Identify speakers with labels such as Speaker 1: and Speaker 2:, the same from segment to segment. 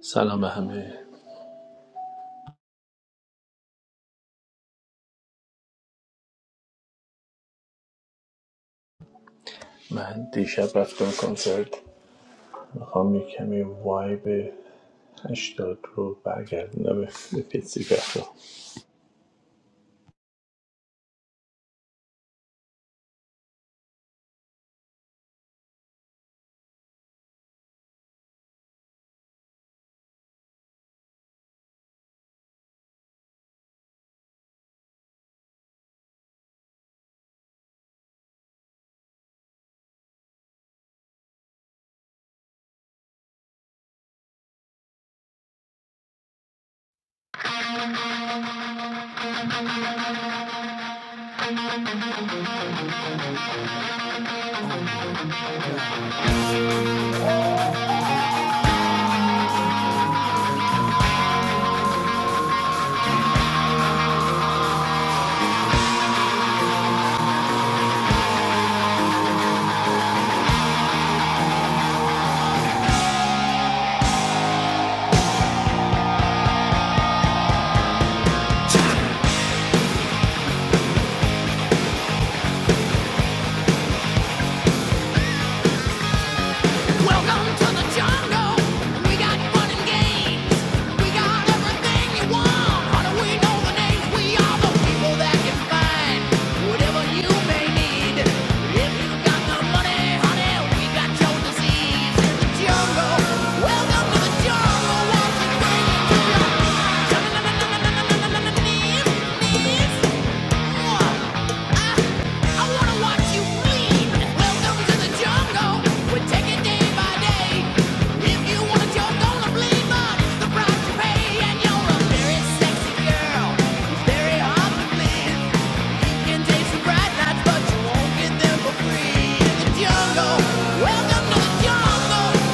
Speaker 1: سلام به همه من دیشب رفتم کنسرت میخوام یه کمی وایب هشتاد رو برگردونم به فیتسیفر رو
Speaker 2: Welcome to the jungle. We got fun and games. We got everything you want. How do we know the names? We are the people that can find whatever you may need. If you got the money, honey, we got your disease in the jungle. Welcome to the jungle. Won't bring it your knees, knees? Welcome to the jungle,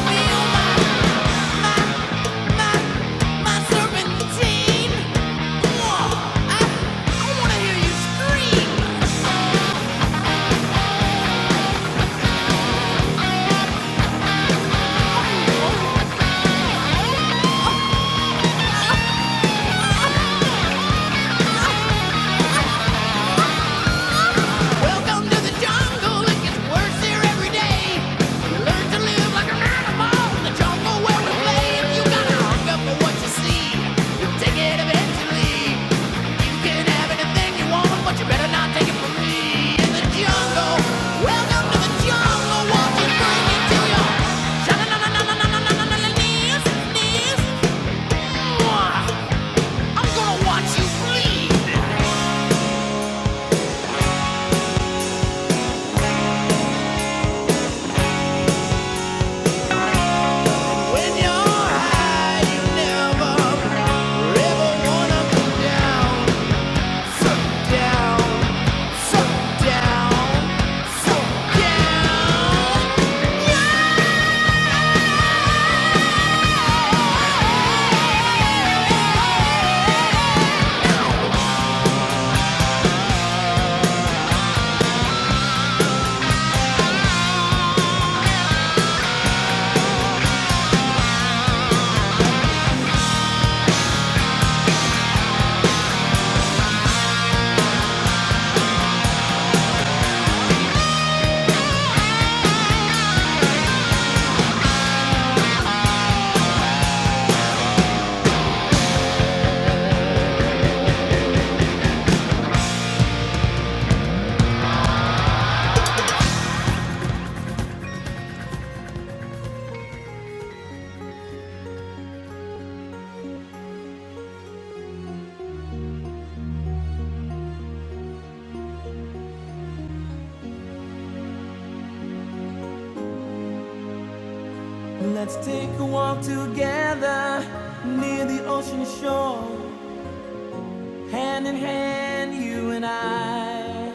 Speaker 2: feel my I wanna hear you scream! Welcome to the jungle. It gets worse here every day. You learn to live like an animal the jungle where we play. If you got a hung for what you see, you'll take it eventually. You can have anything you want, but you better not take it from me. In the jungle. Welcome to the jungle. Won't bring it to your knees, knees? I'm gonna watch you bleed. When you're high, you never ever wanna come down. So down, so down, so down. Let's take a walk together near the ocean shore, hand in hand, you and I.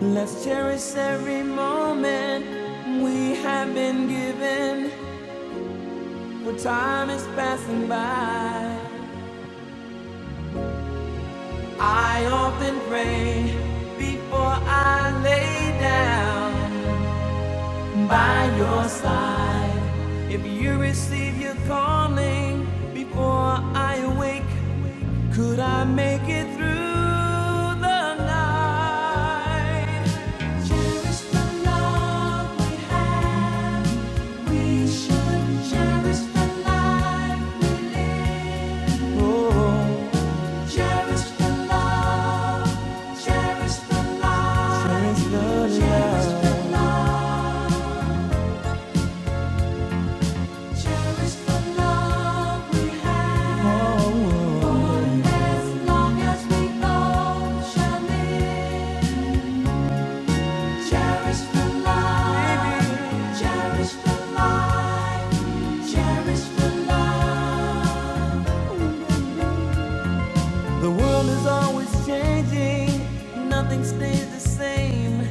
Speaker 2: Let's cherish every moment we have been given. When time is passing by, I often pray before I lay down by your side. If you receive your calling before I awake, could I make it through the night? Cherish the love we have. We should cherish the life we live. Oh. Cherish the love, cherish the love, cherish the love, cherish the love we have. For as long as we both shall live, cherish the love, cherish the life, cherish the love. The world is always changing, nothing stays the same.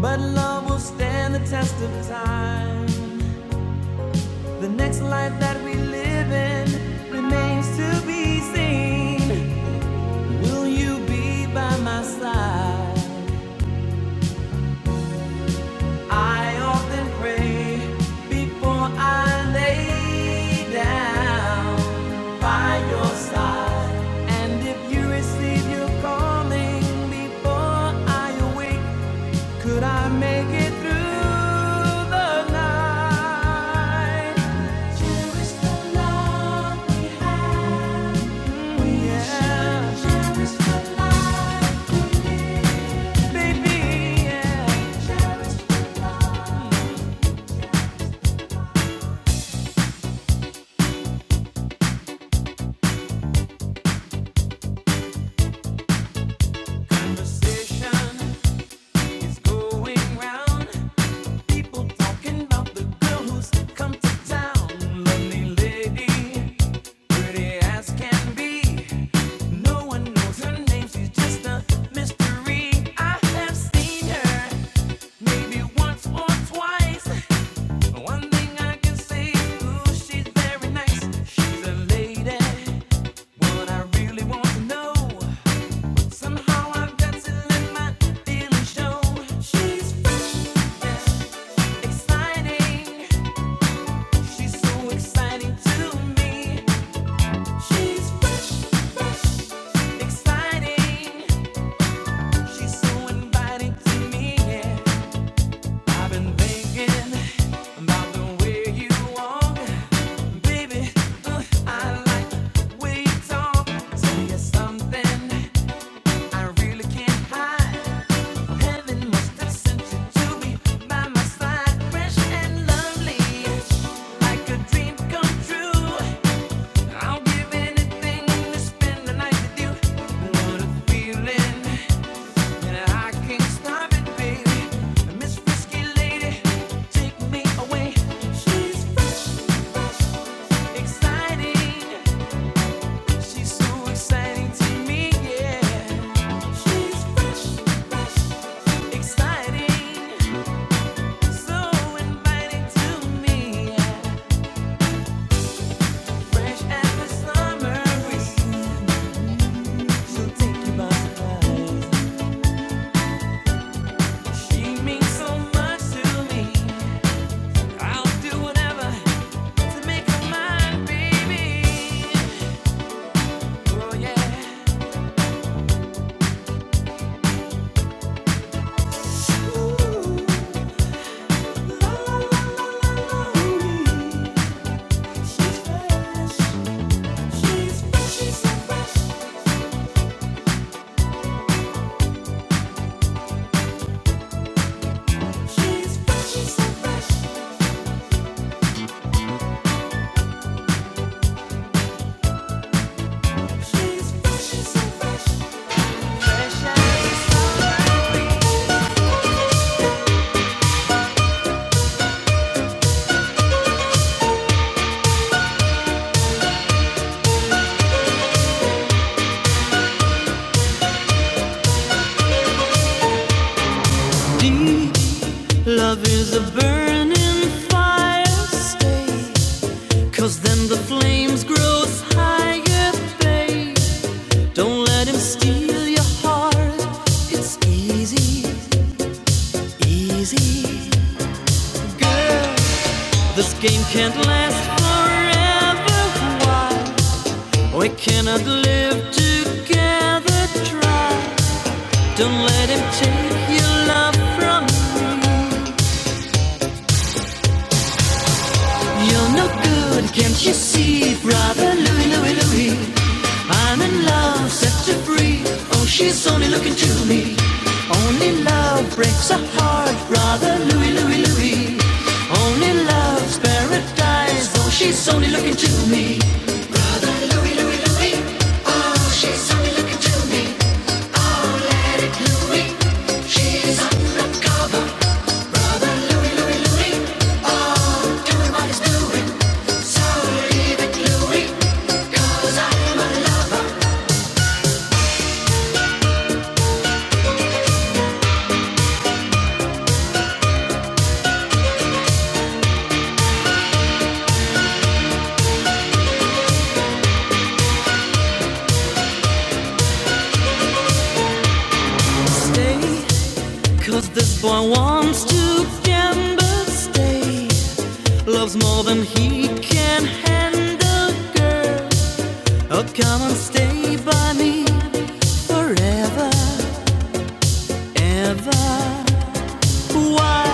Speaker 2: But love will stand the test of time. The next life that we live in remains to be seen. Will you be by my side? I often pray before I lay down by your side. And if you receive your calling before I awake, Could I make it through the night? Cherish the love we had. Yeah, should Cherish the life we live. baby, yeah. Cherish the love. Conversation is going round. Somehow I've got to let my feelings show. She's fresh, yeah. Exciting, she's so exciting to me. She's fresh, fresh, exciting. She's so inviting to me. yeah. I've been thinking the way you walk, baby. uh, I like way you talk. Say something I really can't hide. Heaven must have sent you to be by my side, fresh and lovely, like a dream come true. I'll give anything to spend the night with you. What a feeling, and I can't stop it, baby. Miss Frisky Lady, take me away. She's fresh, exciting. She's so exciting to me, yeah. She's fresh, fresh, exciting. She's fresh, she's so fresh, she's fresh, she's so fresh. Deep love is a burning fire. Stay, cause then the flames grow higher, babe. Don't let him steal your heart. It's easy, easy, girl. This game can't last forever. Why? We cannot live together. Try. Don't let him take your love from me. You're no good, can't you see, brother Louie, Louie, Louie? I'm in love, set her free. Oh, she's only looking to me. Only love breaks a heart, brother Louie, Louie, Louie. Only love's paradise. Oh, she's only looking to me. Stay, cause this boy wants to gamble. Stay, loves more than he can handle, girl. Oh, come and stay by me. forever, ever. Why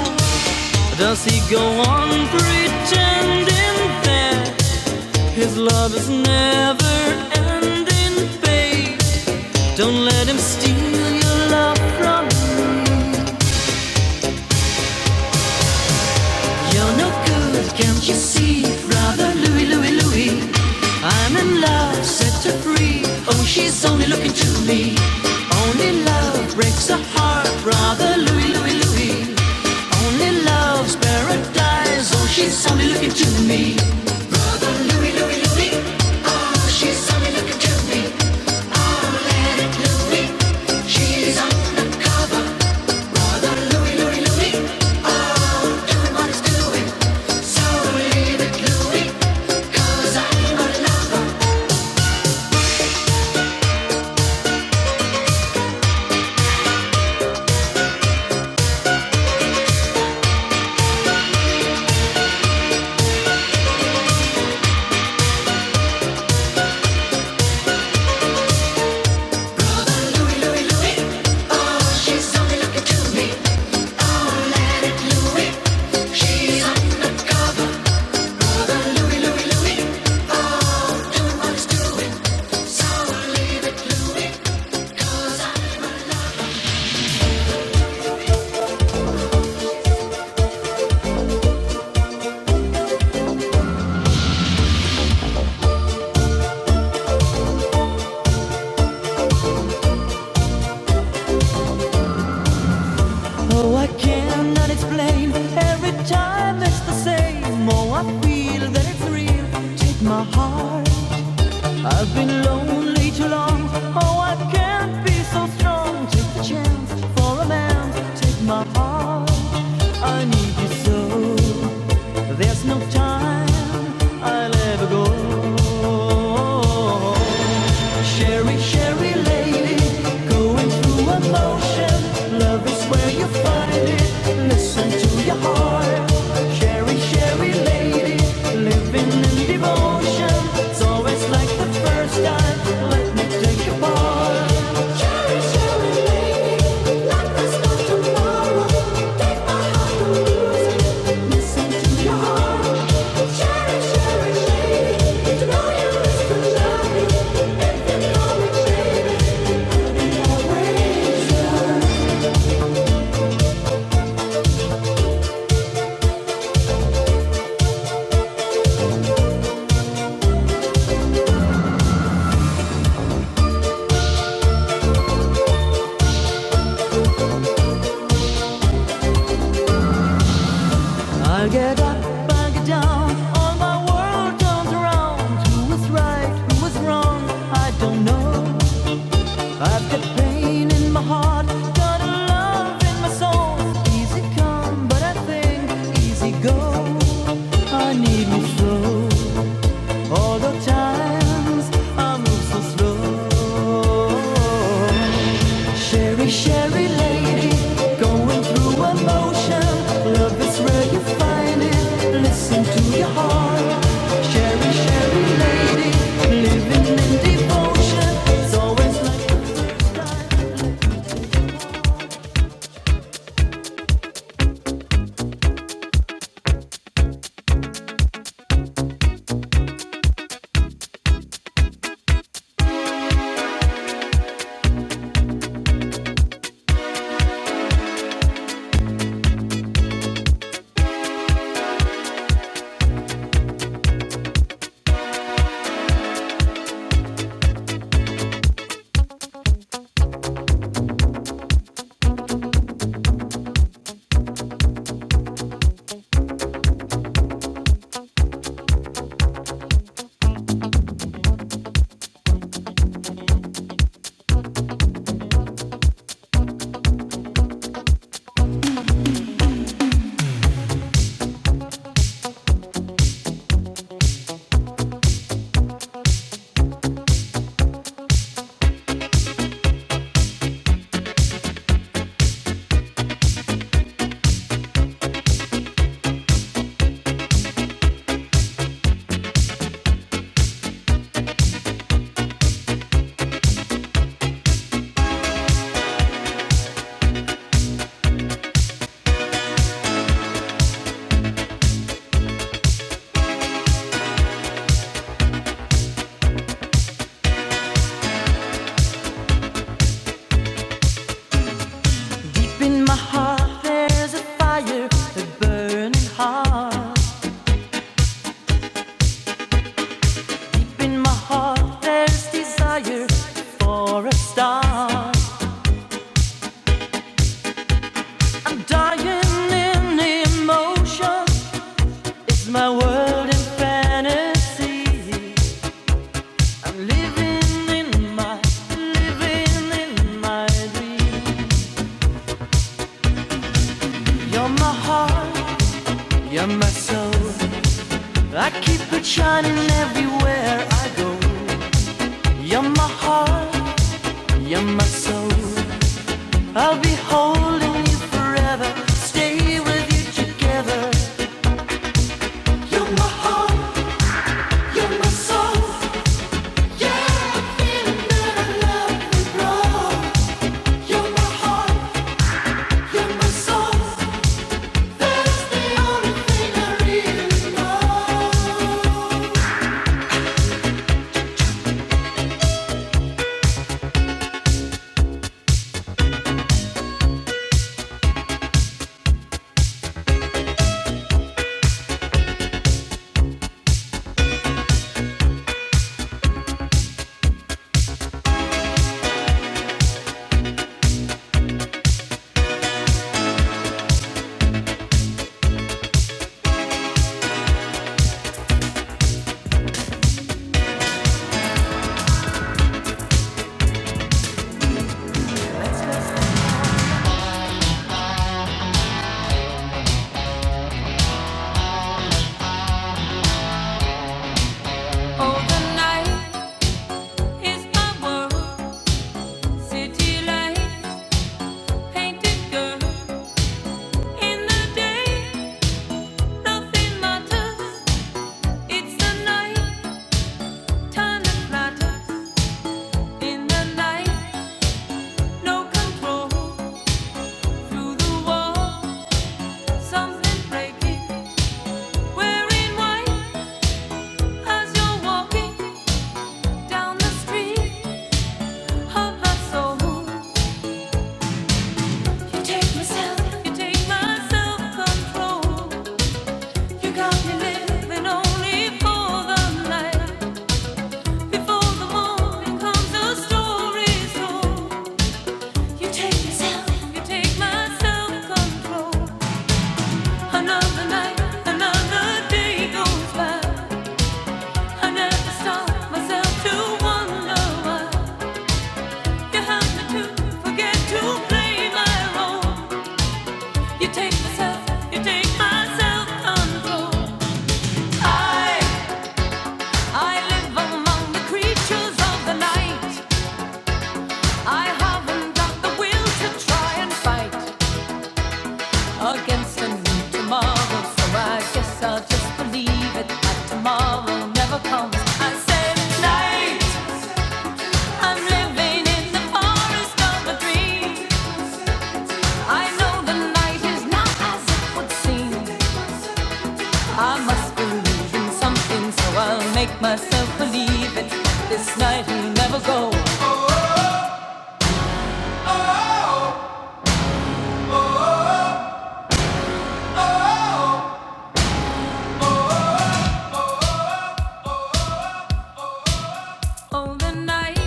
Speaker 2: does he go on pretending that his love is never ending, babe? Don't let him steal your love from me. You're no good, can't you see, brother Louie, Louie, Louie? I'm in love, set her free. Oh, she's only looking to me. Only love breaks a heart, brother Louie, Louie, Louie. Only love's paradise. Oh, she's only looking to me. Oh, I cannot explain. Every time it's the same. Oh, I feel that it's real. Take my heart. I've been lonely too long. Oh, I can't be so strong. Take the chance for a man. Take my heart. I need you so. There's no time I'll ever go. Sherry, Sherry lady, going through emotion. Love is where you find it. Listen to your heart. Sherry, Sherry lady, living in devotion. It's always like the first time. Let me take your part. I get up, I get down, all my world turns around. Who was right, who was wrong, I don't know. I've got pain in my heart, got a love in my soul. Easy come, but I think easy go. I need me slow. All the times I move so slow. Sherry, Sherry lady, going through emotion. Love is where you find it. Listen to your heart. Sherry, Sherry lady, living in devotion. It's always like the first time. Deep in my heart, there's a fire, a burning heart. Deep in my heart, there's desire for a star. I'm dying in emotion. My world in fantasy. I'm living in my, living in my dream. You're my heart, you're my soul. I keep it shining everywhere I go. You're my heart, you're my soul. I'll be holding you forever. Stay with you together. You're my heart, you're my soul. Yeah, the feeling that I love and grow. You're my heart. Wearing white as you're walking down the street. heart, heart, soul. You take myself, you take my self-control. You got me living only for the night. Before the morning comes, a story's told. You take myself, you take my self-control. Another night, another day goes by. I never stop myself to wonder why you help me to forget to play my role. You take myself, you take my self I, I live among the creatures of the night. I haven't got the will to try and fight against a new tomorrow. So I guess I'll just believe it that tomorrow never comes. I said night, I'm living in the forest of a dream. I know the night is not as it would seem. I must believe in something, so I'll make myself believe it. This night will never go. Oh, the night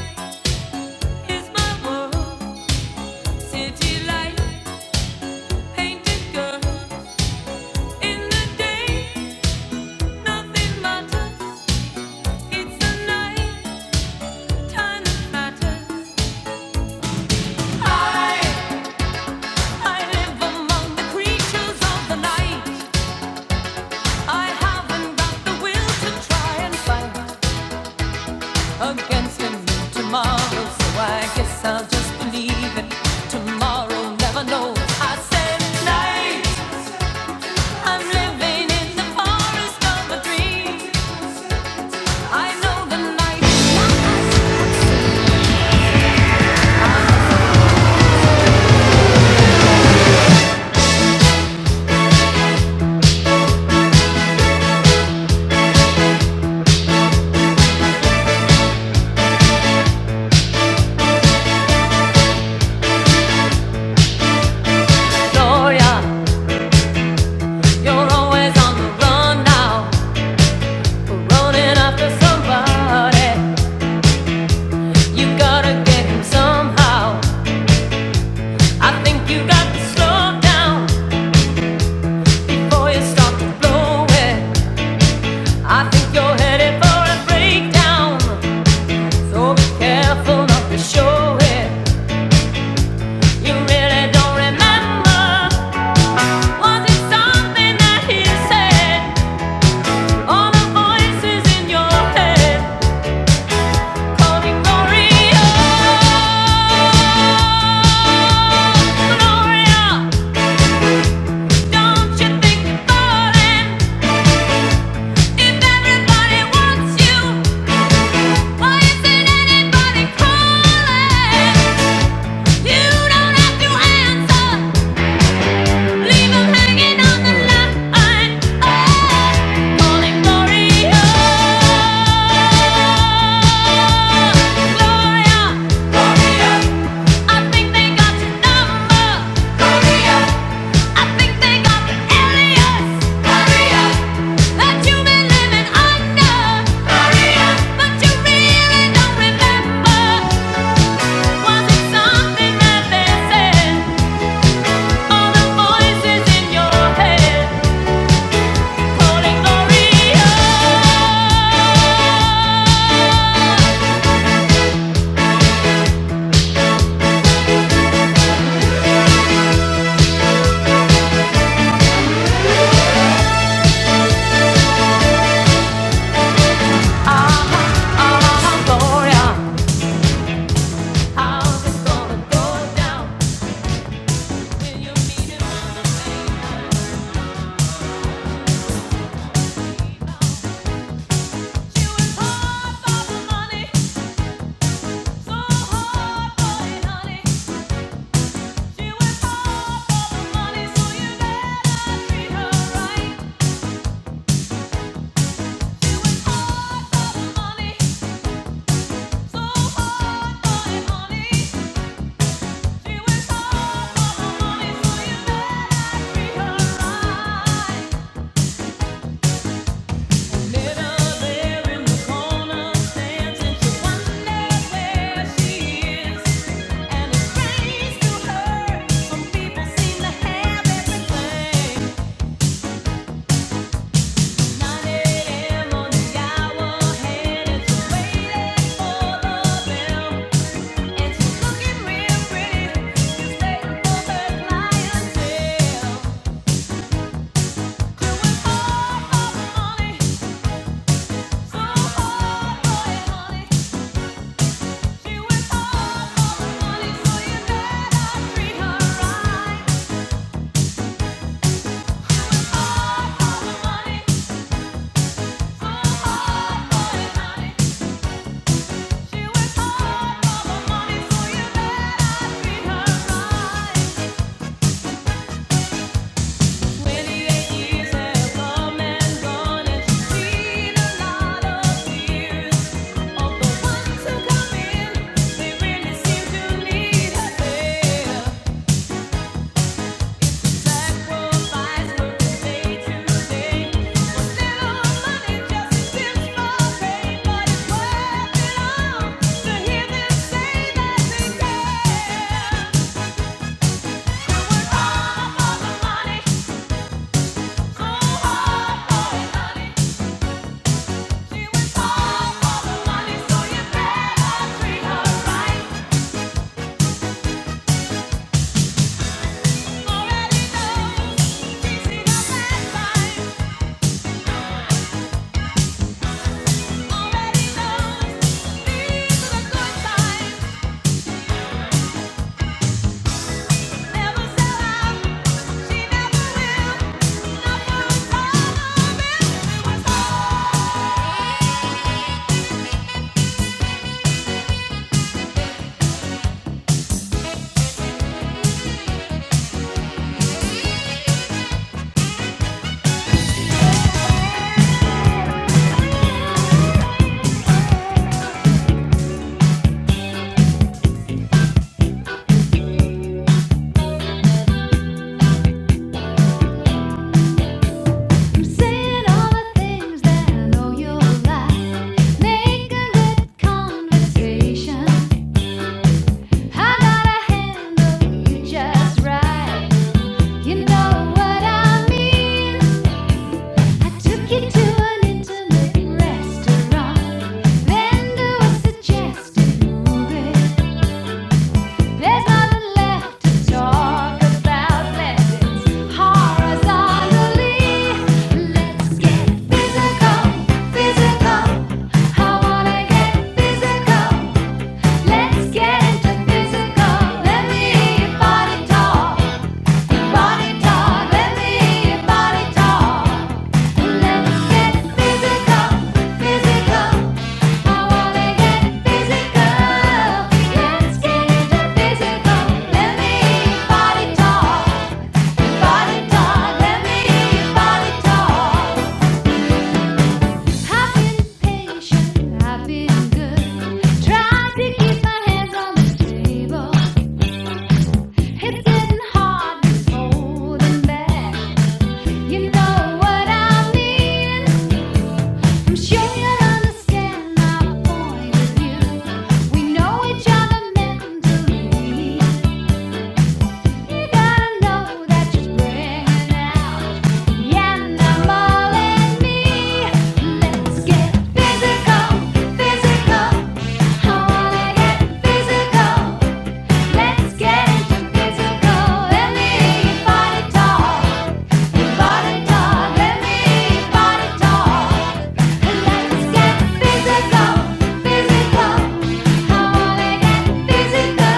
Speaker 2: is my world. City light, painted girl. In the day, nothing matters. It's the night, time that matters. I, I live among the creatures of the night. I haven't got the will to try and fight. against a new tomorrow. So I guess I'll just believe it. Tomorrow never knows. I said tonight I'm living in the forest of a dream. I know the night is not Gloria, you're always on the run now, running after somebody. You gotta get him somehow. I think you got to slow down before you start to blow it. I think you're headed for a breakdown. So be careful not to show it. You really don't remember. Was it something that he said? All the voices in your head calling Gloria, Gloria. Don't you think you're falling? If everybody wants you, why isn't anybody calling? You don't have to answer. Leave 'em hanging on the line, oh, calling Gloria, Gloria, Gloria. I think they got your number, Gloria. I think they got the alias, Gloria. That you've been living under, Gloria. But you really don't remember. Was it something that they said? All the voices in your head. Right. Doing all for the money, so hard for your honey. Although ones who come in, they really seem to need her there. Already knows these are the good times. Saying all the things that I know you'll like. Making good conversation. I gotta handle you just right. You know what I mean. I took you to an intimate restaurant, then to a suggested movie. There's nothing left to talk about. Let's dance horizontally. Let's get physical, physical. I wanna get physical. Let's get into physical. Let me hear your body talk let me body talk. Let's get physical, physical. I want get physical. Let's get physical. Let me body talk, body talk. Let me body talk. I've been patient, I've been good. Trying to keep my hands on the table. It's getting hard, it's holding back. You know what I mean. I'm sure you understand my point of view. We know each other mentally. You gotta know that you're out the animal in me. Let's get physical, physical. I wanna get physical. Let's get physical. Let me body talk. Body talk. Let me body talk. Let's get physical, physical. I wanna get physical.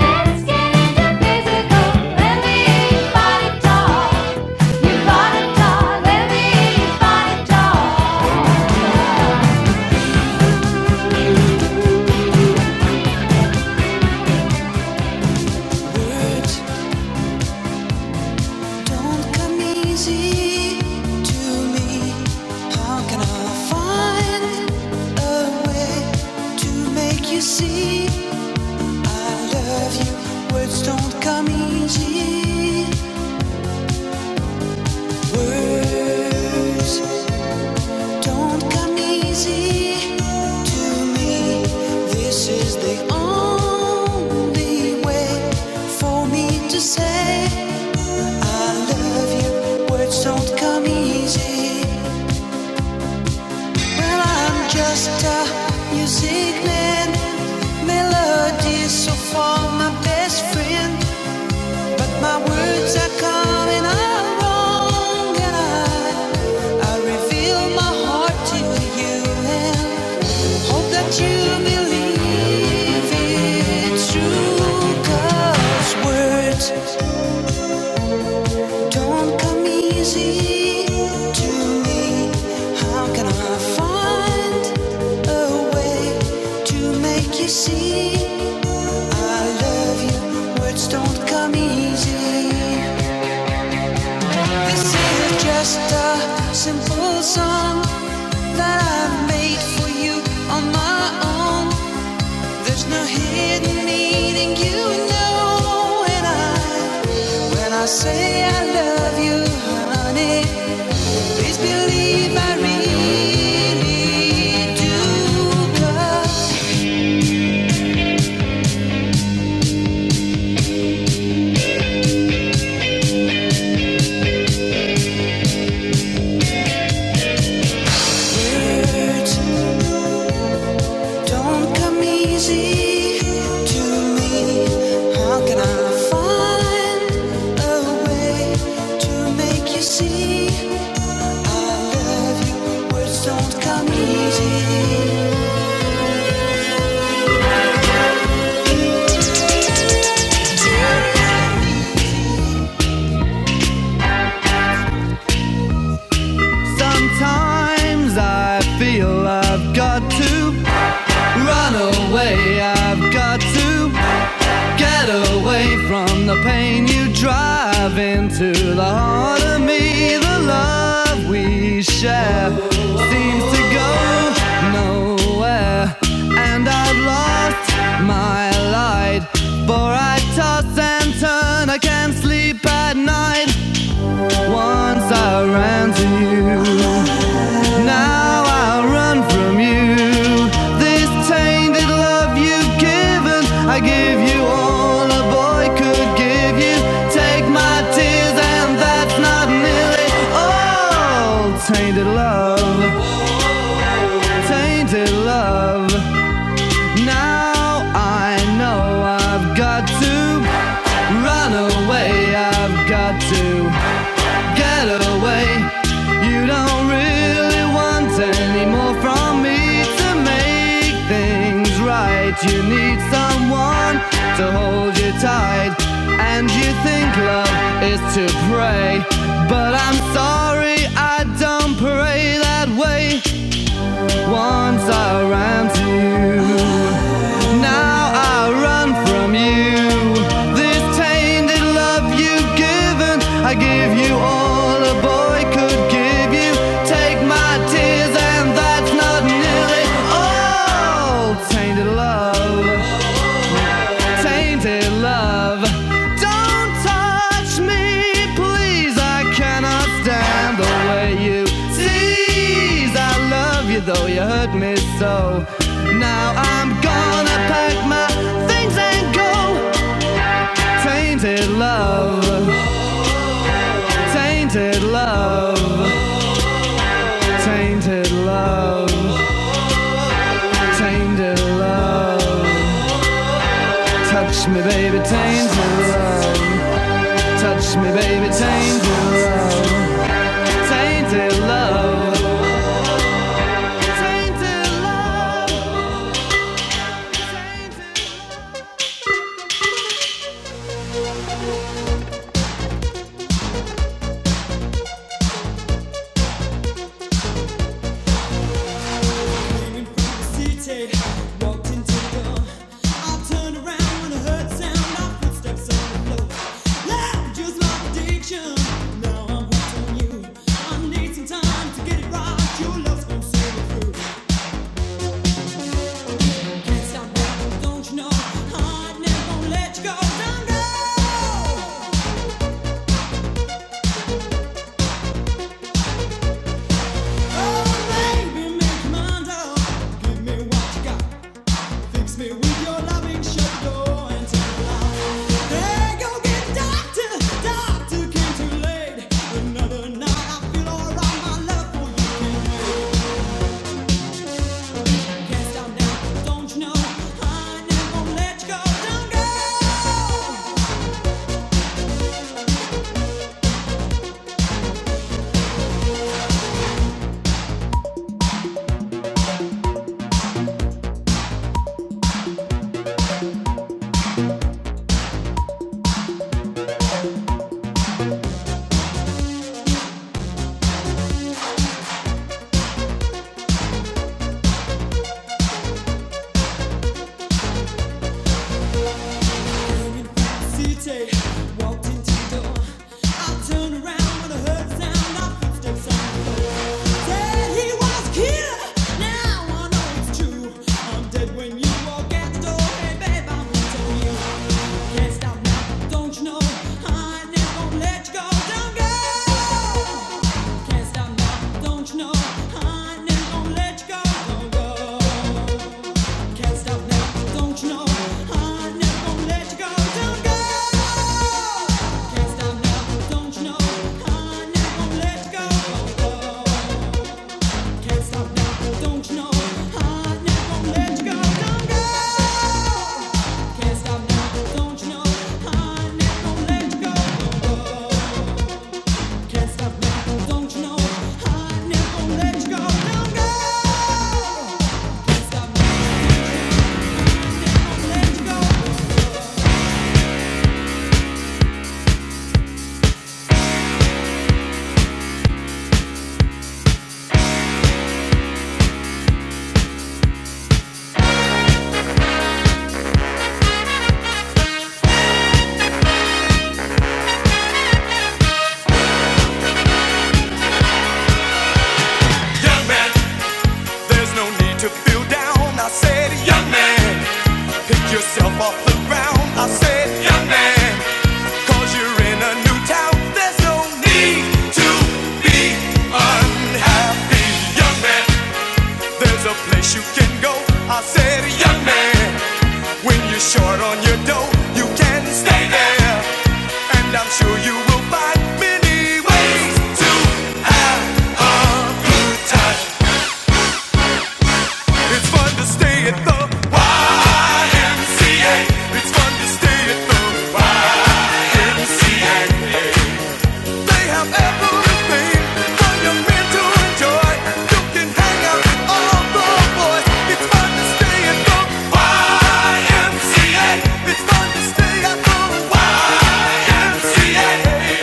Speaker 2: Let's get into physical. Let me body talk. You body talk. Let me body talk. Words Don't come easy to me. How can I find a way to make you see I love you? Words don't come easy. Words don't come easy to me. This is the only way for me to say I love you. Words don't come easy. Well, I'm just a music man. Melodies so far my best friend. But my words are coming out wrong. And I, I reveal my heart to you and hope that you believe it's true. 'Cause words. Don't come easy to me. How can I find a way to make you see I love you? Words don't come easy. This is just a simple song that I made for you on my own. There's no hidden meaning, you know, and I. When I say I love you, honey, Please believe I really do. 'cause words don't come easy to me. How can I find a way to make you see? words don't come easy. Sometimes I feel I've got to run away. I've got to Get away from the pain you drive into the heart of me. The love we share seems to go nowhere. And I've lost my light, for I toss and turn. I can't sleep at night once I ran to you. Now I'll run from you. This tainted love you've given, I give you all a boy could give you. Take my tears, and that's not nearly all. Tainted love, tainted love. Now I know I've got to run away, I've got to. Get away. You don't really want any more from me to make things right. You need someone to hold you tight. And you think love is to pray. But I'm sorry, I don't pray that way. Once I ran to you. Now I run from you. This tainted love you've given, I give you all a boy could give you. Take my tears, and that's not nearly all. Tainted love tainted love. Don't touch me, please. I cannot stand the way you tease. I love you though you hurt me so. Now I'm gonna pack my things and go. Tainted love, tainted love, tainted love, tainted love. Touch me, baby, tainted love. Touch me, baby, tainted love. Tainted love. Tainted love. Screaming from the city, I walked into the door. I turned around when I heard the sound of footsteps on the floor. Love just my addiction. Now I'm hooked on you. I need some time to get it right. Your love's gonna see me through. Can't stop now, don't you know? I never gonna let you go. Don't go. Oh, baby, make your mind up. Give me what you got. Fix me with your loving shadow and tell her, Hey, go get doctor, doctor came too late. Another night, I feel alright, my love for you can wait. Can't stop now, don't you know? I never let you go, don't go. Can't stop now, don't you know? I never gonna let you go, don't go. Can't stop now, don't you know? I'm never gonna let you go, don't go. Can't stop now, don't you know? I'm never gonna let you go, don't go. Can't stop now, don't you know? I'm never gonna let you go, don't go. Can't stop now, don't you know? I'm never gonna let you go, don't go. Can't stop now, don't you know? I'm never gonna let you go, don't go. Young man, There's no need to feel down. I said, young man, pick yourself off the ground. I said, young man, cause you're in a new town. There's no need to be unhappy, young man. There's a place you can go. I said, young man, when you're short on your dough, you can stay there. And I'm sure you will find many ways to have a time. It's fun to stay at the YMCA. It's fun to stay at the YMCA. They have everything for young men to enjoy. You can hang out with all the boys. It's fun to stay at the YMCA. It's fun to stay at the YMCA.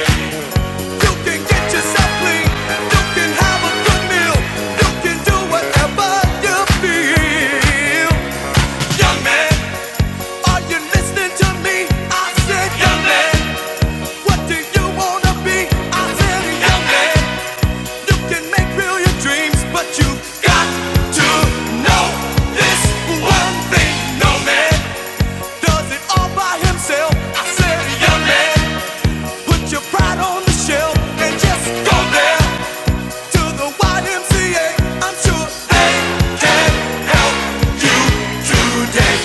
Speaker 2: You can get yourself clean. You can have a good meal. You can do whatever you feel. Young man, are you listening to me? I said, Young man, what do you wanna be? I said, Young man, you can make brilliant dreams, but you got to know this one thing. No man does it all by himself. I said, Young man, put your pride on the shelf and just go there to the YMCA. I'm sure they can help you today.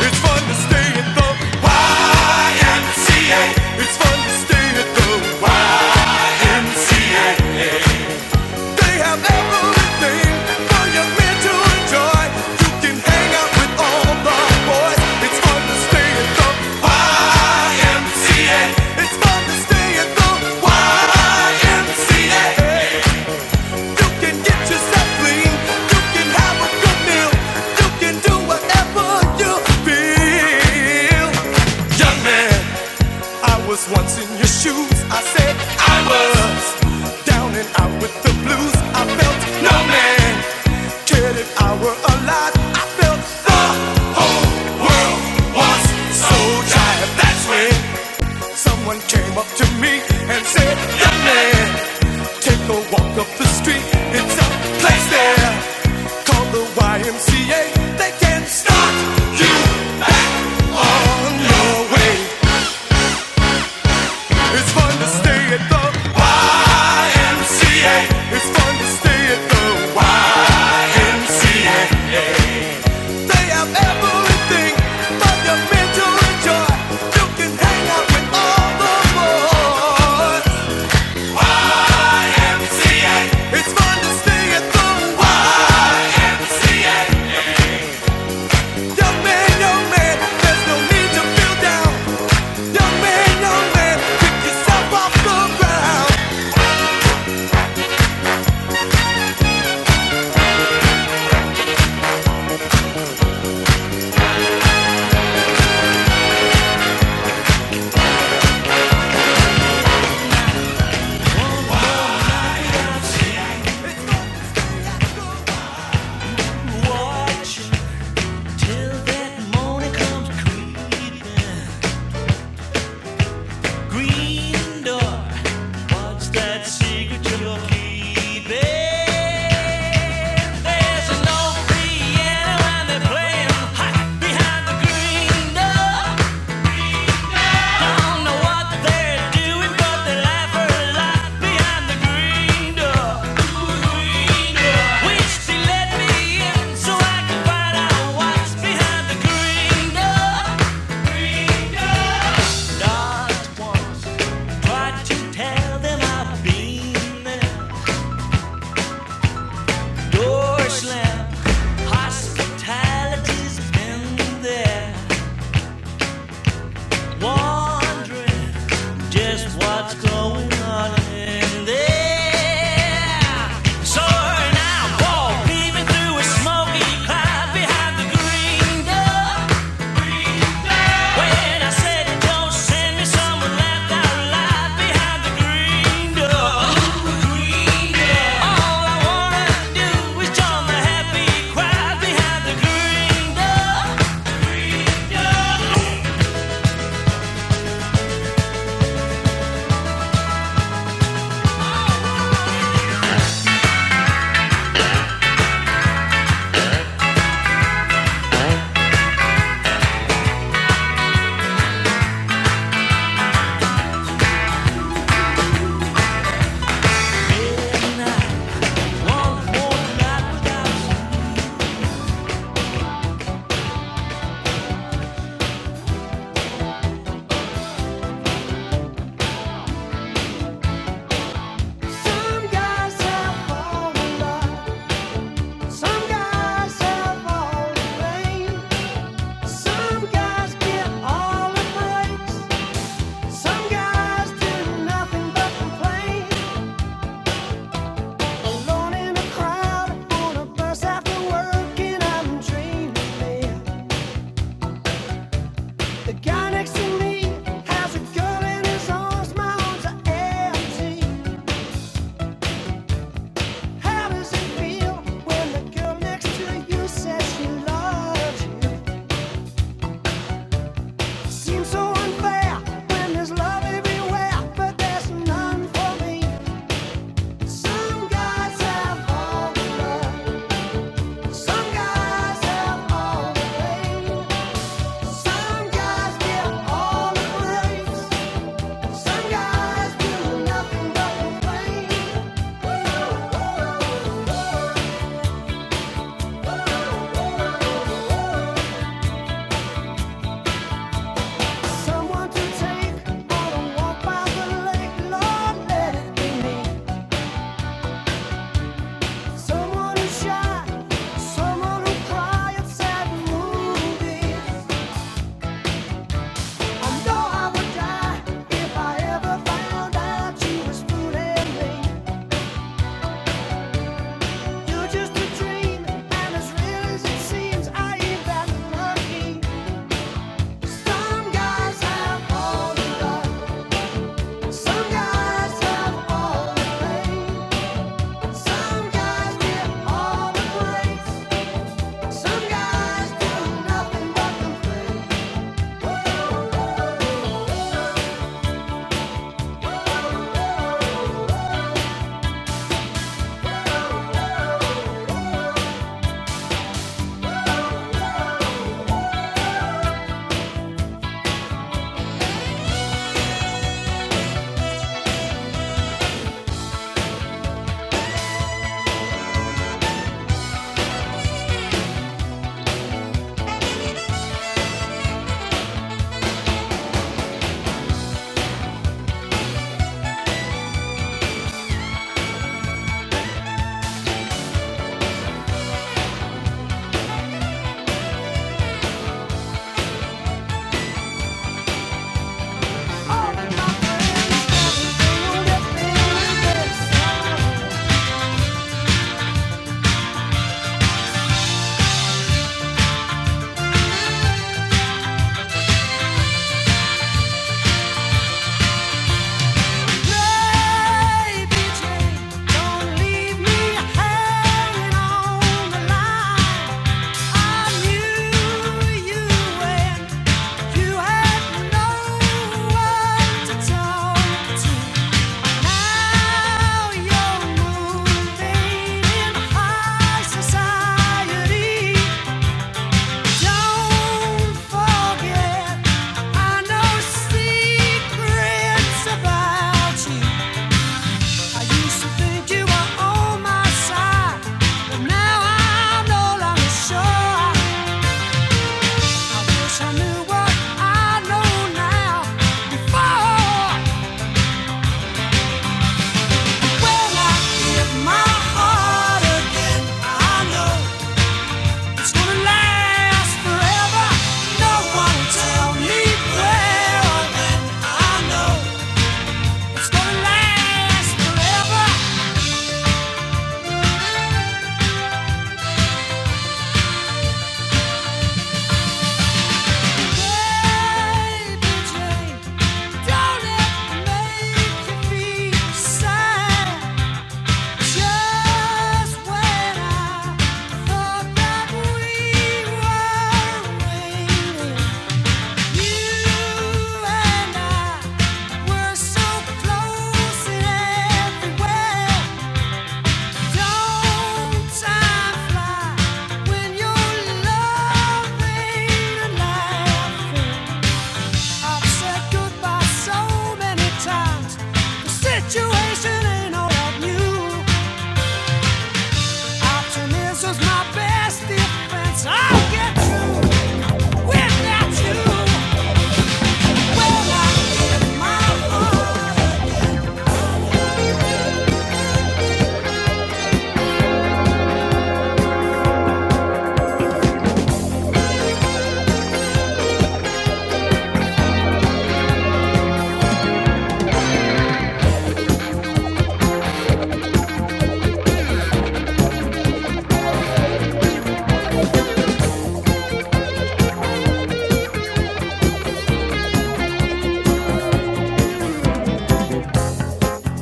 Speaker 2: It's fun to stay at the YMCA. It's fun to stay at the YMCA. They have everything for young men to enjoy. You can hang out with all the boys. It's fun to stay at the YMCA. It's fun to stay at the YMCA. Once in your shoes, I said I was down and out with the blues. I felt no man cared if I were alive. I felt the whole world was so tired. That's when. Someone came up to me and said, Young man, take a walk up the street. It's a place there called the YMCA. They can start you back on your way. It's fun to stay at the YMCA. It's fun to stay at the YMCA. They have everything from your mental joy. You can hang out with all the boys. There's an old piano and they're playing hot behind the green door. Don't know what they're doing, but they laugh a lot behind the green door. Wish let me in so I could find out what's behind the green door. Not try to tell them I've been there. Door slam, hospitality's been there. Wondering just what's going on in there. So now walk, leaving through a smoky cloud behind the green door. When I said don't send me, someone laughed out loud behind the green door. Green door. All I wanna do is join the happy crowd behind the green door. Some guys have fallen in love. Some guys have all the pain. Some guys get all the breaks. Some guys do nothing but complain. Alone in a crowd on a bus after work, and I'm dreaming. The guy next to me has a girl in his arms. My arms are empty. How does it feel when the girl next to you says she loves you? Seems so unfair when there's love everywhere, but there's none for me. Some guys have all the love, some guys have all the pain. Some guys give all the grace, some guys do nothing but complain. Someone to take on a walk by the lake, Lord, let it be me. Someone who shy, someone who cry at sad movies. I know I would die if I ever found out you was fooling me. You're just a dream, and as real as it seems, I ain't that lucky. Some guys have all the love, some guys have all the pain, some guys get all the praise, some guys do nothing but complain. Think you are all right. I'm no longer sure. I wish I knew what I know now. Before, when I give my heart again, I know it's gonna last forever. No, tell me where I've I know it's gonna last forever. Baby Jane, don't it make you feel sad? Just when I thought that we were winning, you and I were so close in every Don't time fly when you're loving and I've said goodbye so many times. The situation ain't all of you. Optimism's my best defense. I'll get through without you. All I need my love.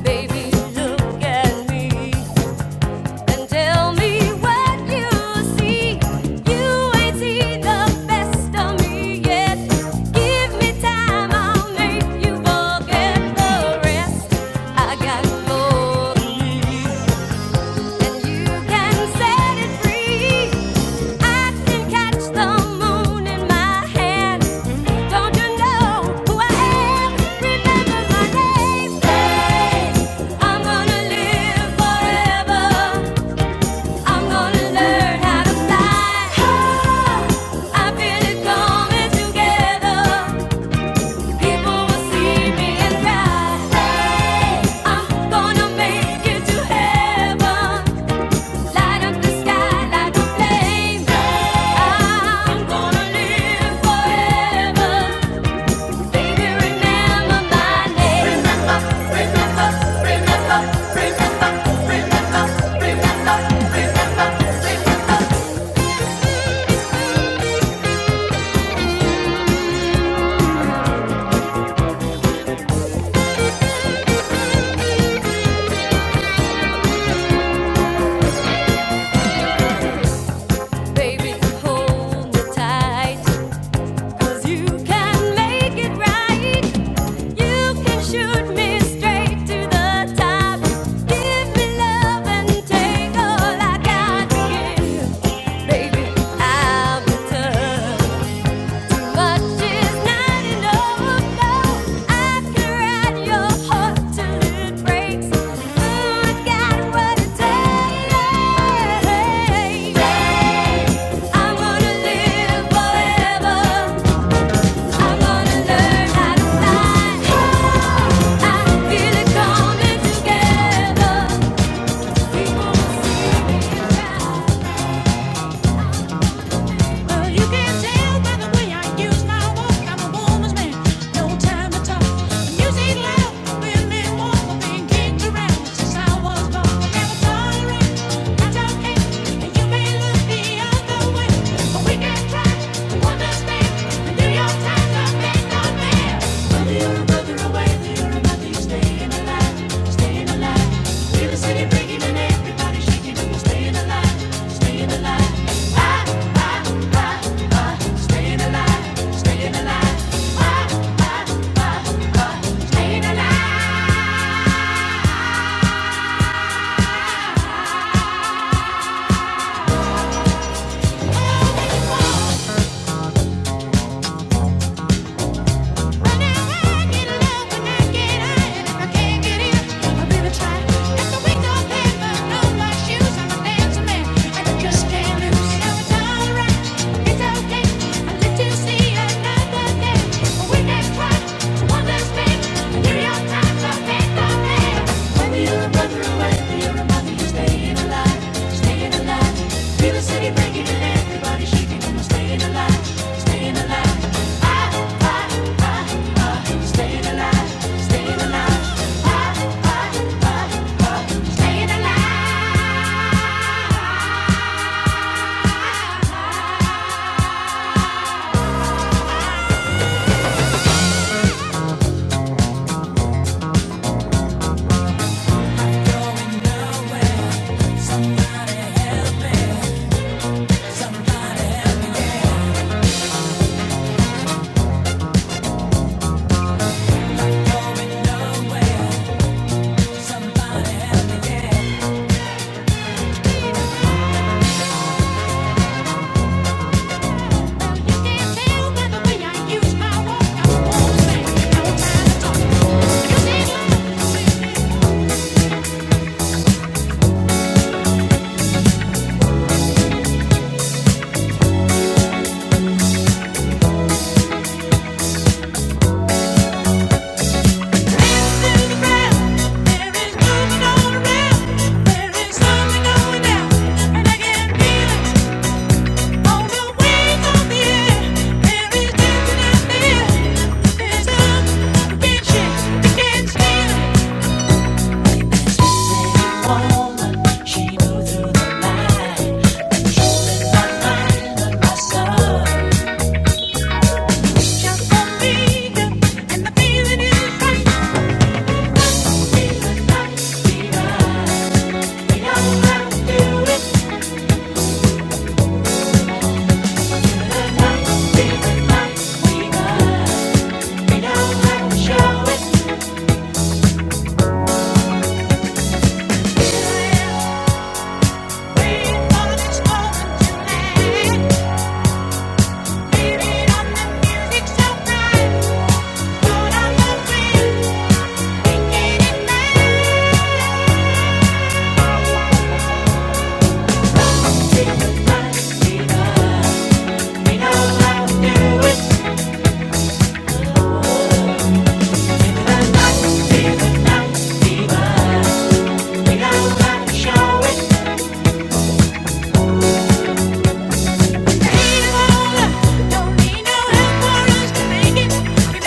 Speaker 2: Baby, look at me. and tell me what you see. You ain't seen the best of me yet. Give me time, I'll make you forget the rest. I got more to lose, and you can set it free. I can catch the moon in my hand. Don't you know who I am? Remember my name. Hey, I'm gonna live forever. I'm gonna learn how to fly. I feel it coming together. People will see me and cry. Hey! I'm gonna make it to heaven. Light up the sky like a flame. Hey! I'm gonna live forever. Baby, remember my name. Baby, hold me tight, 'cause you can make it right. You can shoot me straight to the top. Give me love and take all I got to give. Baby, I'll be tough. Much is not enough. No, I can ride your heart till it breaks. Ooh, I got what it takes. I'm to live forever. I'm gonna learn how to fly. I feel it coming together. People see me rise. You can tell by the way I use my walk. I'm a woman's man, no time to talk. The music loud, women walk, but being kicked around since I was born. Never tolerate, that's okay. And you may look the other way, but we can try to understand. The New York Times are made no man. Staying alive, staying alive. Right.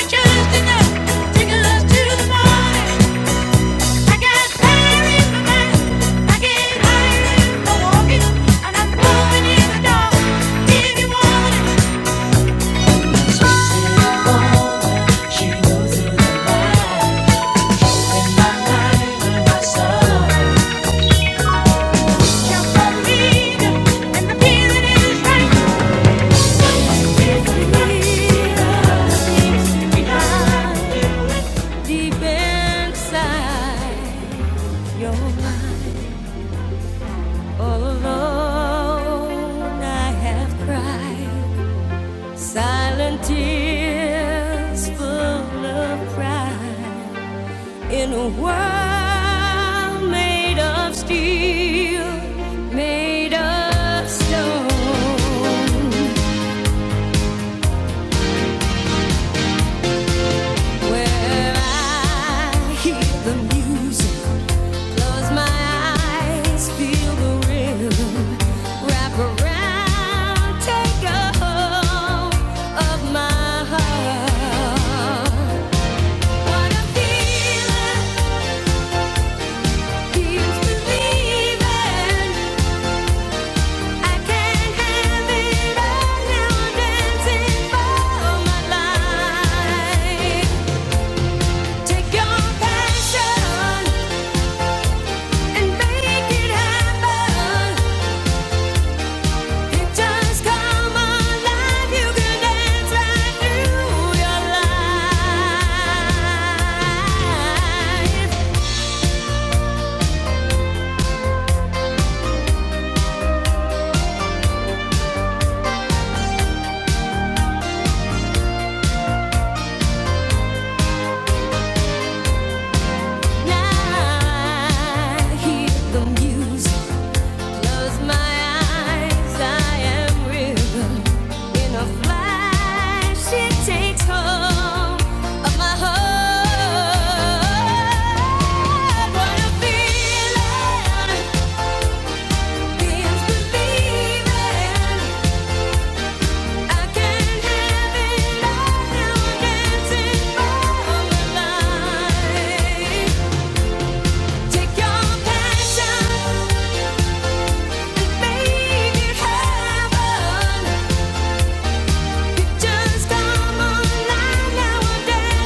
Speaker 2: Just enough, take us to the morning. Deep inside your mind, all alone, I have cried silent tears full of pride. In a world made of steel, made of stone, where I hear the music, close my eyes, feel the rhythm, wrap around, take a hold of my heart. What a feeling, keeps believing. I can't have it all now. I'm dancing for my life. Take your passion and make it happen. All my life, you can dance right through your life. I hear the music. Close my eyes, I am risen. In a flash, it takes hold of my heart. What a feeling! Feels believing. I can have it all. Now I'm dancing for my life. Take your passion and make it heaven. Pictures come alive, you can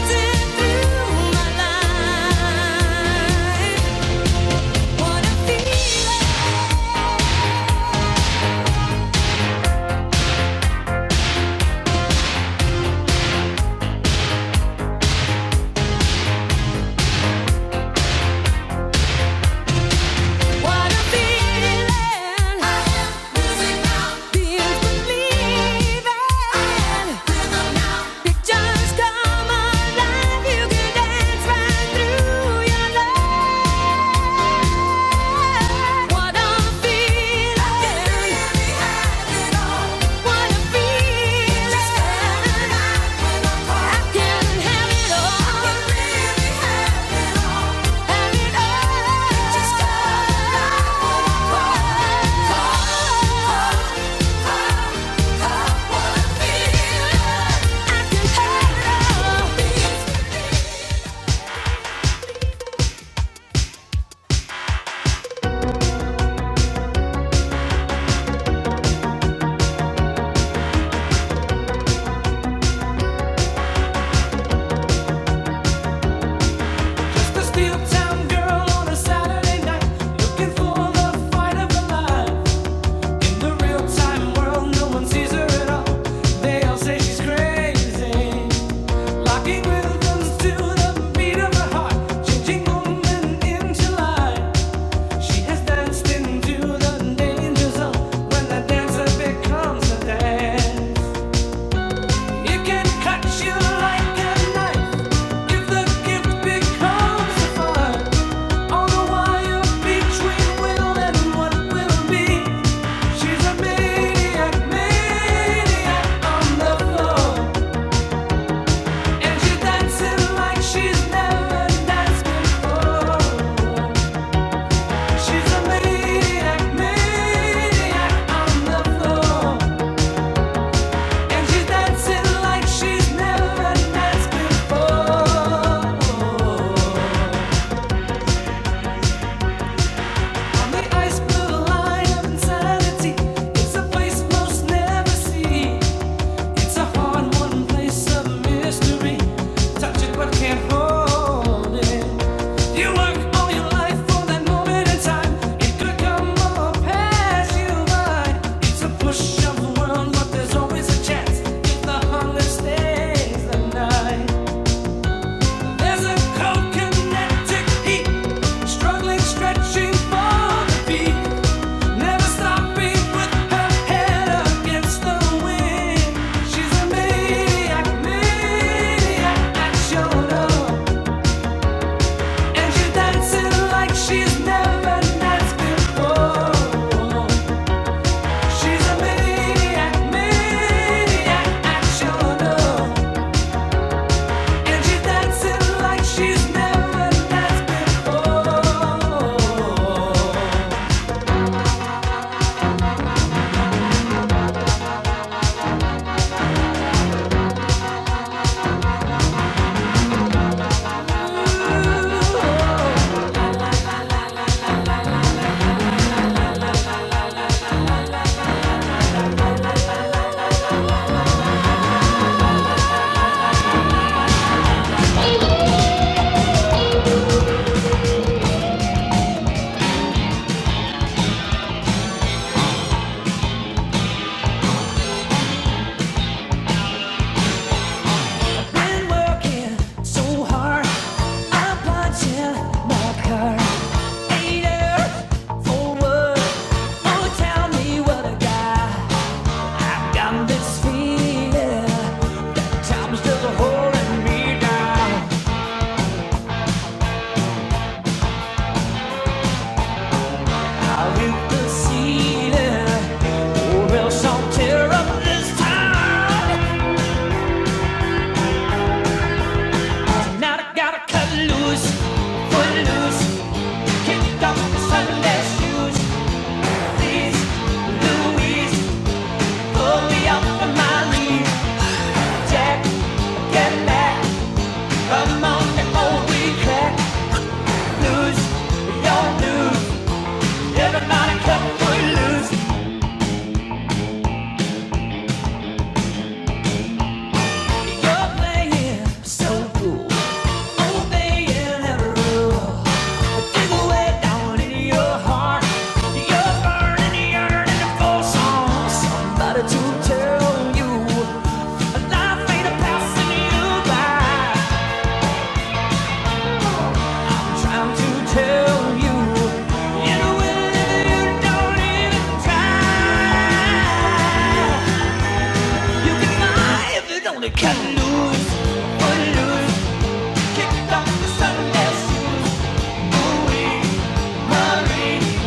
Speaker 2: dance right through your love. What I'm feeling. What I'm feeling. I can have it all. Have it all. I can have it all. Cut you like a knife if the gift becomes a fire. On the wire between will and what will be. She's a maniac, maniac on the floor, and she's dancing like she's never danced before. She's a maniac, maniac on the floor, and she's dancing like she's never danced before. On the ice blue line of insanity, it's a place most never see. It's a hard won place of mystery. Touch it but can't hold it. You work all your life for that moment in time. It could come or pass you by. It's a push of the world, but there's always a chance if the hunger stays the night. There's a kinetic heat, struggling, stretching for the beat, never stopping with her head against the wind. She's a maniac, maniac at your love, and she's dancing like she's never danced before. She's a maniac, maniac at your love. And she's dancing like she's never danced before. Been working so hard, I'm punching my card. Ain't there Oh, tell me what I got. Got this feeling, time's just holding me down. I'll hit the ceiling, or else I'll tear up this town. Now I gotta cut loose, foot loose, kick off the Sunday shoes. Please, Louise, pull me up from my knees. Jack, get back, come on before we crack. Loose, you're loose, everybody cut foot loose. You're playing so cool, obeying every rule. Can lose, but lose, kicked off the Sunday shoes. Marie,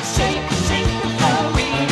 Speaker 2: shake, shake, Marie.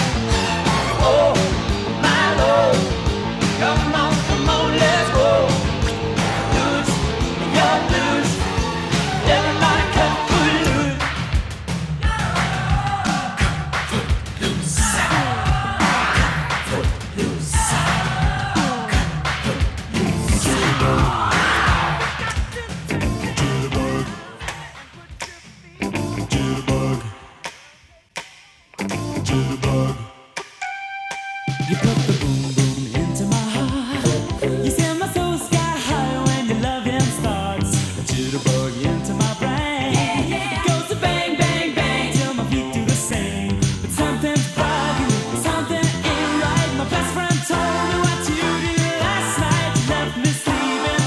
Speaker 2: Something ain't right. My best friend told me what you did last night. You left me sleeping.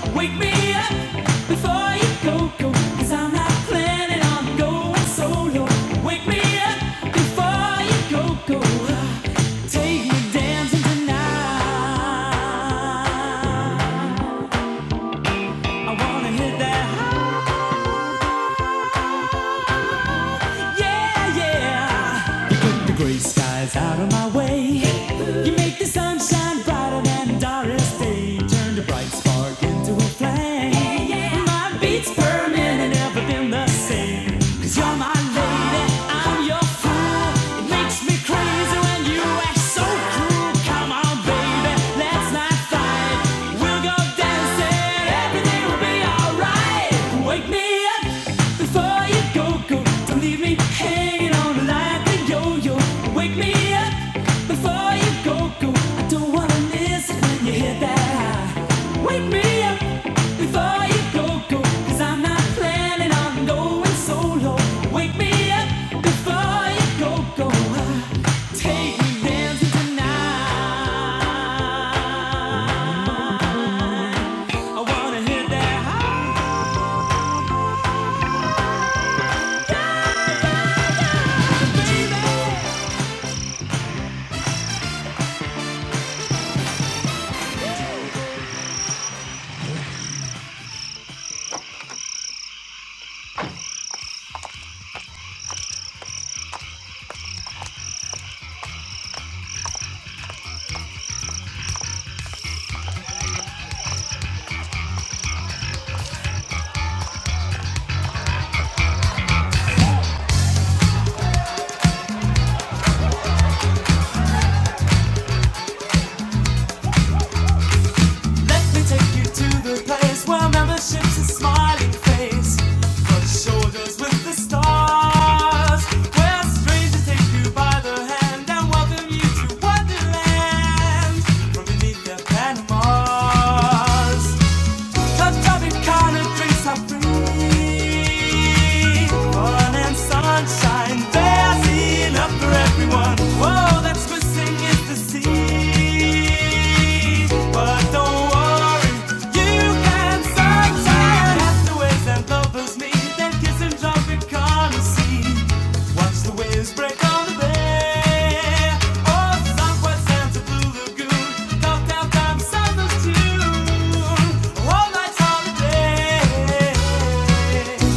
Speaker 2: Wake me up before you go, go, cause I'm not planning on going solo. Wake me up before you go, go. Take me dancing tonight. I wanna hit that high. Yeah, yeah. put the gray skies out of my way. You make the sunshine brighter than Doris Day. Turned a bright spark into a flame. My beats per minute never been the same. Cause you're my lady, I'm your fool. It makes me crazy when you act so cruel. Come on, baby, let's not fight. We'll go dancing every Take me dancing tonight. I wanna hit that high. Let me take you to the place where membership's a smiling face. Touch shoulders with the stars. Where strangers take you by the hand and welcome you to Wonderland. From beneath their Panamas. The chubby kind of drinks are free. Fun and sunshine, there's enough for everyone. Whoa, that's missing is the sea. All night's holiday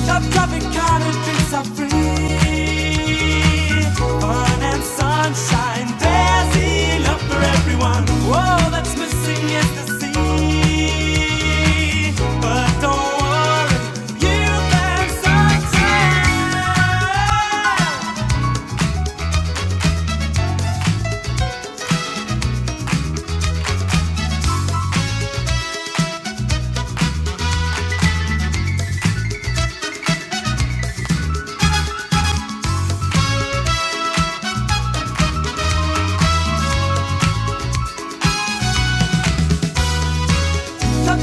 Speaker 2: Top traffic kind of drinks are free. Fun and sunshine, there's enough for everyone. Whoa, that's missing is the sea. But don't worry, you can sunshine. Oh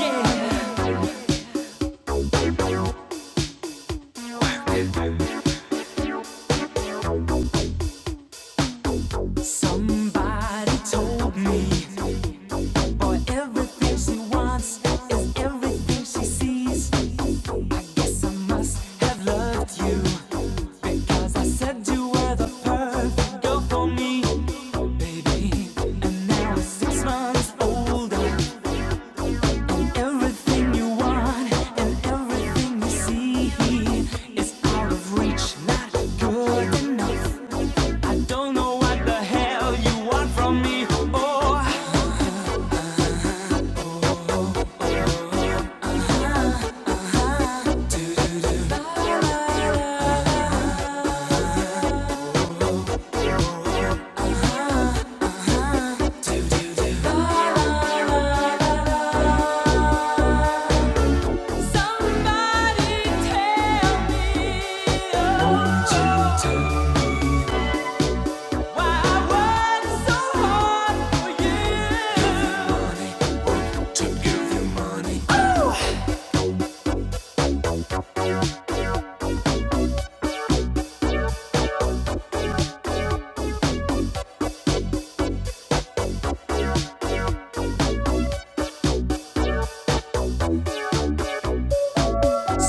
Speaker 2: yeah! Somebody told me boy everything she wants is everything she sees. Yes, I must have loved you, 'cause I said you were the perfect girl for me, baby. And now it's six months older. Everything you want and everything you see is out of reach, not good enough. I don't know what the hell you want from me. Oh, somebody.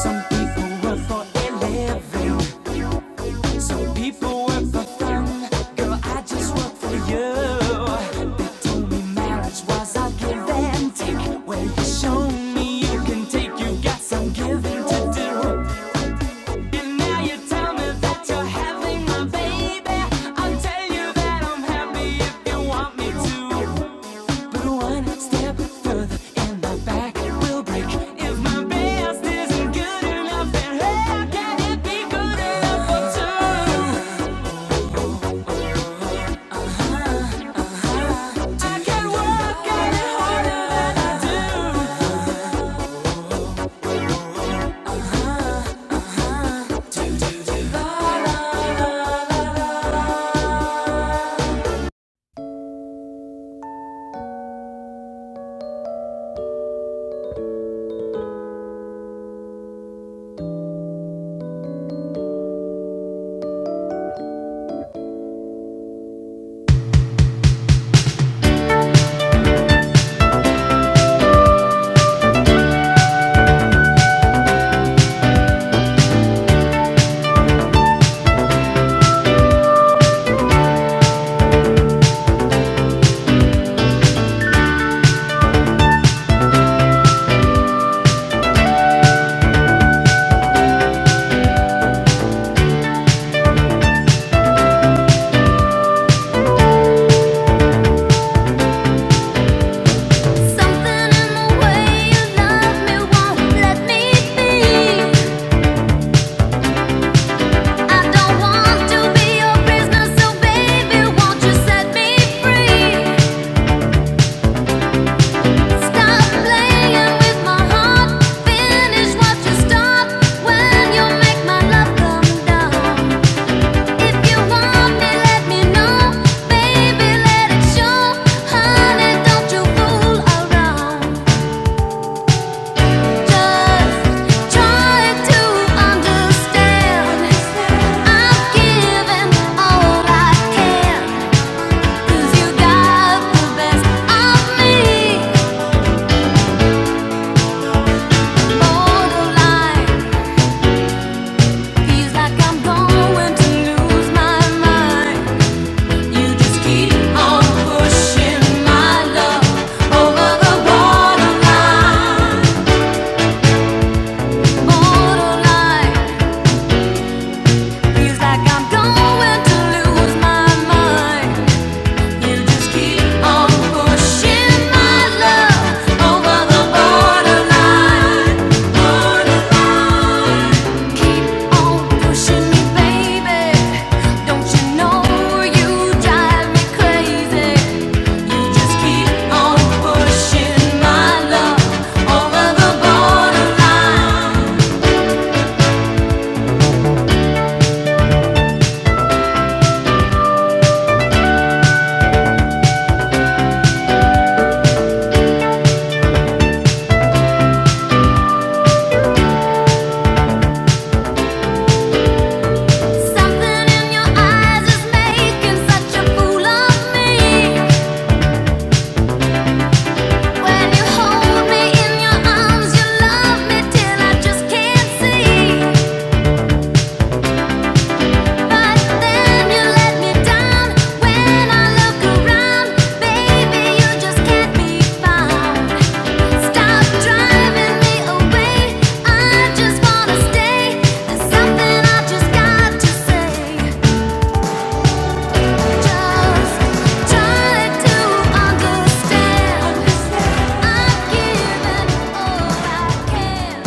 Speaker 2: Some people work for living. Some people work for fun. Girl, I just work for you. They told me marriage was a give Well, you show me you can take. You got some giving to do. And now you tell me that you're having my baby. I'll tell you that I'm happy if you want me to. But one step further and my back will break. If my best isn't good enough, then how can it be good enough for two? Something in the way you love me won't let me be. I don't want to be your prisoner, so baby, won't you set me free? Stop playing with my heart. Finish what you start when you make my love come down. Feels like I'm going to lose my mind You just keep on pushing my love over the borderline, borderline. Feels like I'm going to lose my mind. Something in your eyes is making such a fool of me. When you hold me in your arms, you love me till I just can't see. But then you let me down when I look around, baby, you just can't be found. Stop driving me away. I just wanna stay. There's something I just got to say. Just try to understand. I'm giving all I can.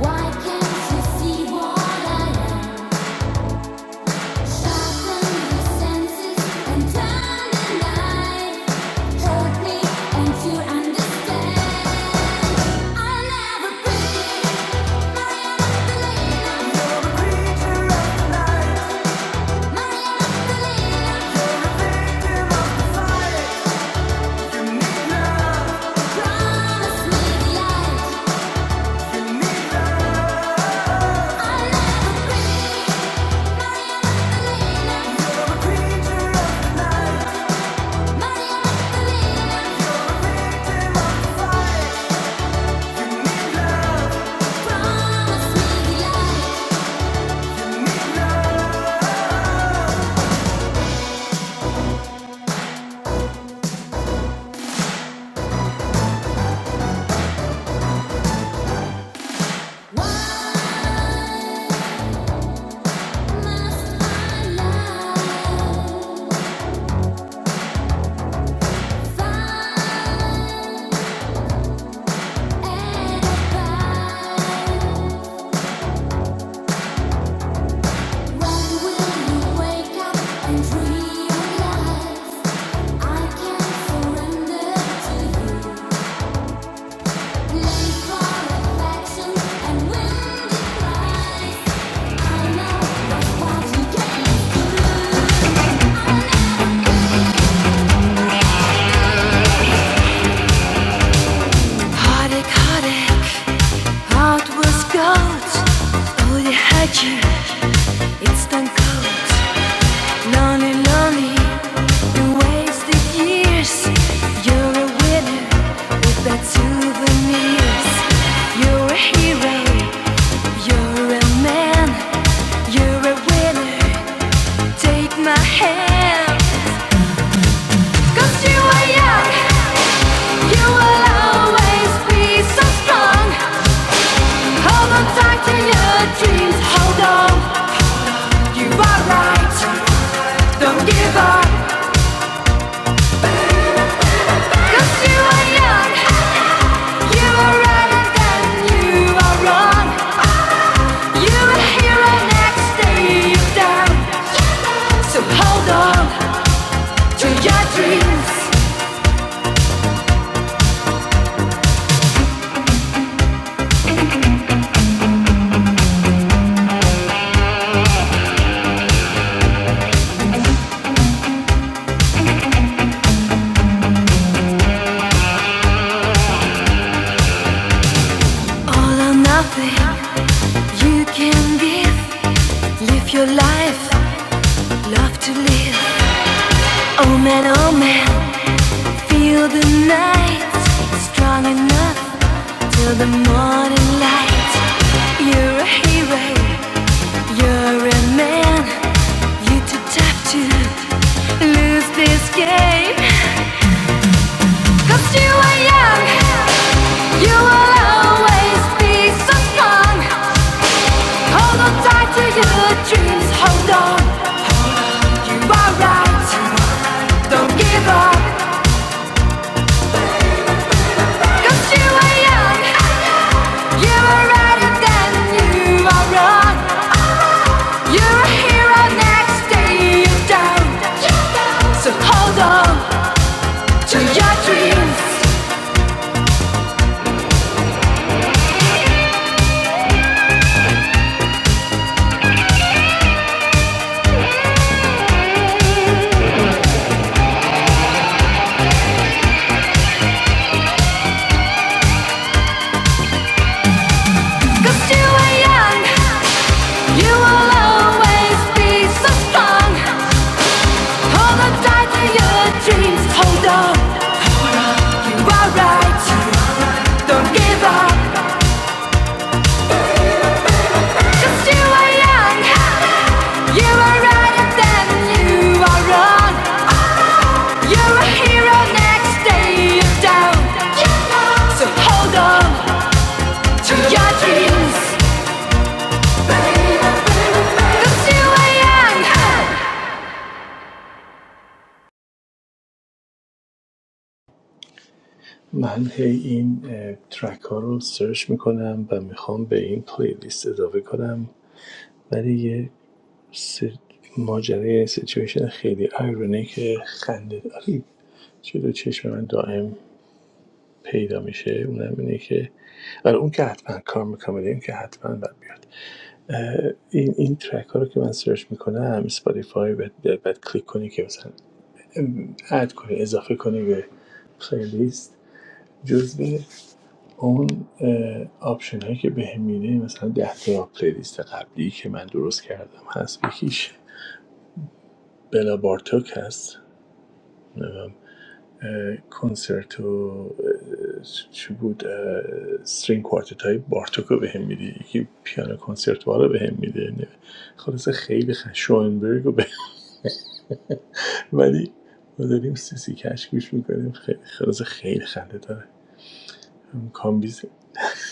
Speaker 2: Why can't you see what I am? Promise me life. It's done cold. Lonely, lonely, you wasted years. You're a winner with that souvenirs. You're a hero, you're a man. You're a winner, take my hand. 'Cause you are young, you will always be so strong. Hold on tight to your dreams, hold on, you are right. 'Cause you are young, you are right and you are wrong. Your life, love to live. Oh man, oh man, feel the night. Strong enough till the morning light. You're a hero, you're a man. You too tough to lose this game. Cause you are young, you will always be so strong. Hold on tight to your dreams, hold on. Cause you are young, you will always be so strong. Hold on tight to your dreams.
Speaker 1: من هی این اه، ترک ها رو سرچ میکنم و میخوام به این پلیلیست اضافه کنم ولی یه ماجرای یه سیچویشن خیلی آیرونه که خنده داری جلو چشم من دائم پیدا میشه اونم اینه که آره اون که حتما کار میکنم اون که حتما باید بیاد این این ترک ها رو که من سرچ میکنم اسپاتیفای باید, باید, باید کلیک کنی که مثلا اد کنی اضافه کنی به پلیلیست جزو اون آپشن هایی که بهم میده مثلا ده تا پلیلیست قبلی که من درست کردم هست یکیش بلا بارتوک هست نمیدونم، اه، کنسرت و اه، چی بود اه، کوارتت های بارتوک رو بهم میده یکی پیانو کنسرت وار رو بهم میده خلاصه خیلی خ... شوئنبرگ رو بهم ولی ما داریم سیسی کش گوش میکنیم خیلی خلاصه خیلی خنده داره هم کامبیز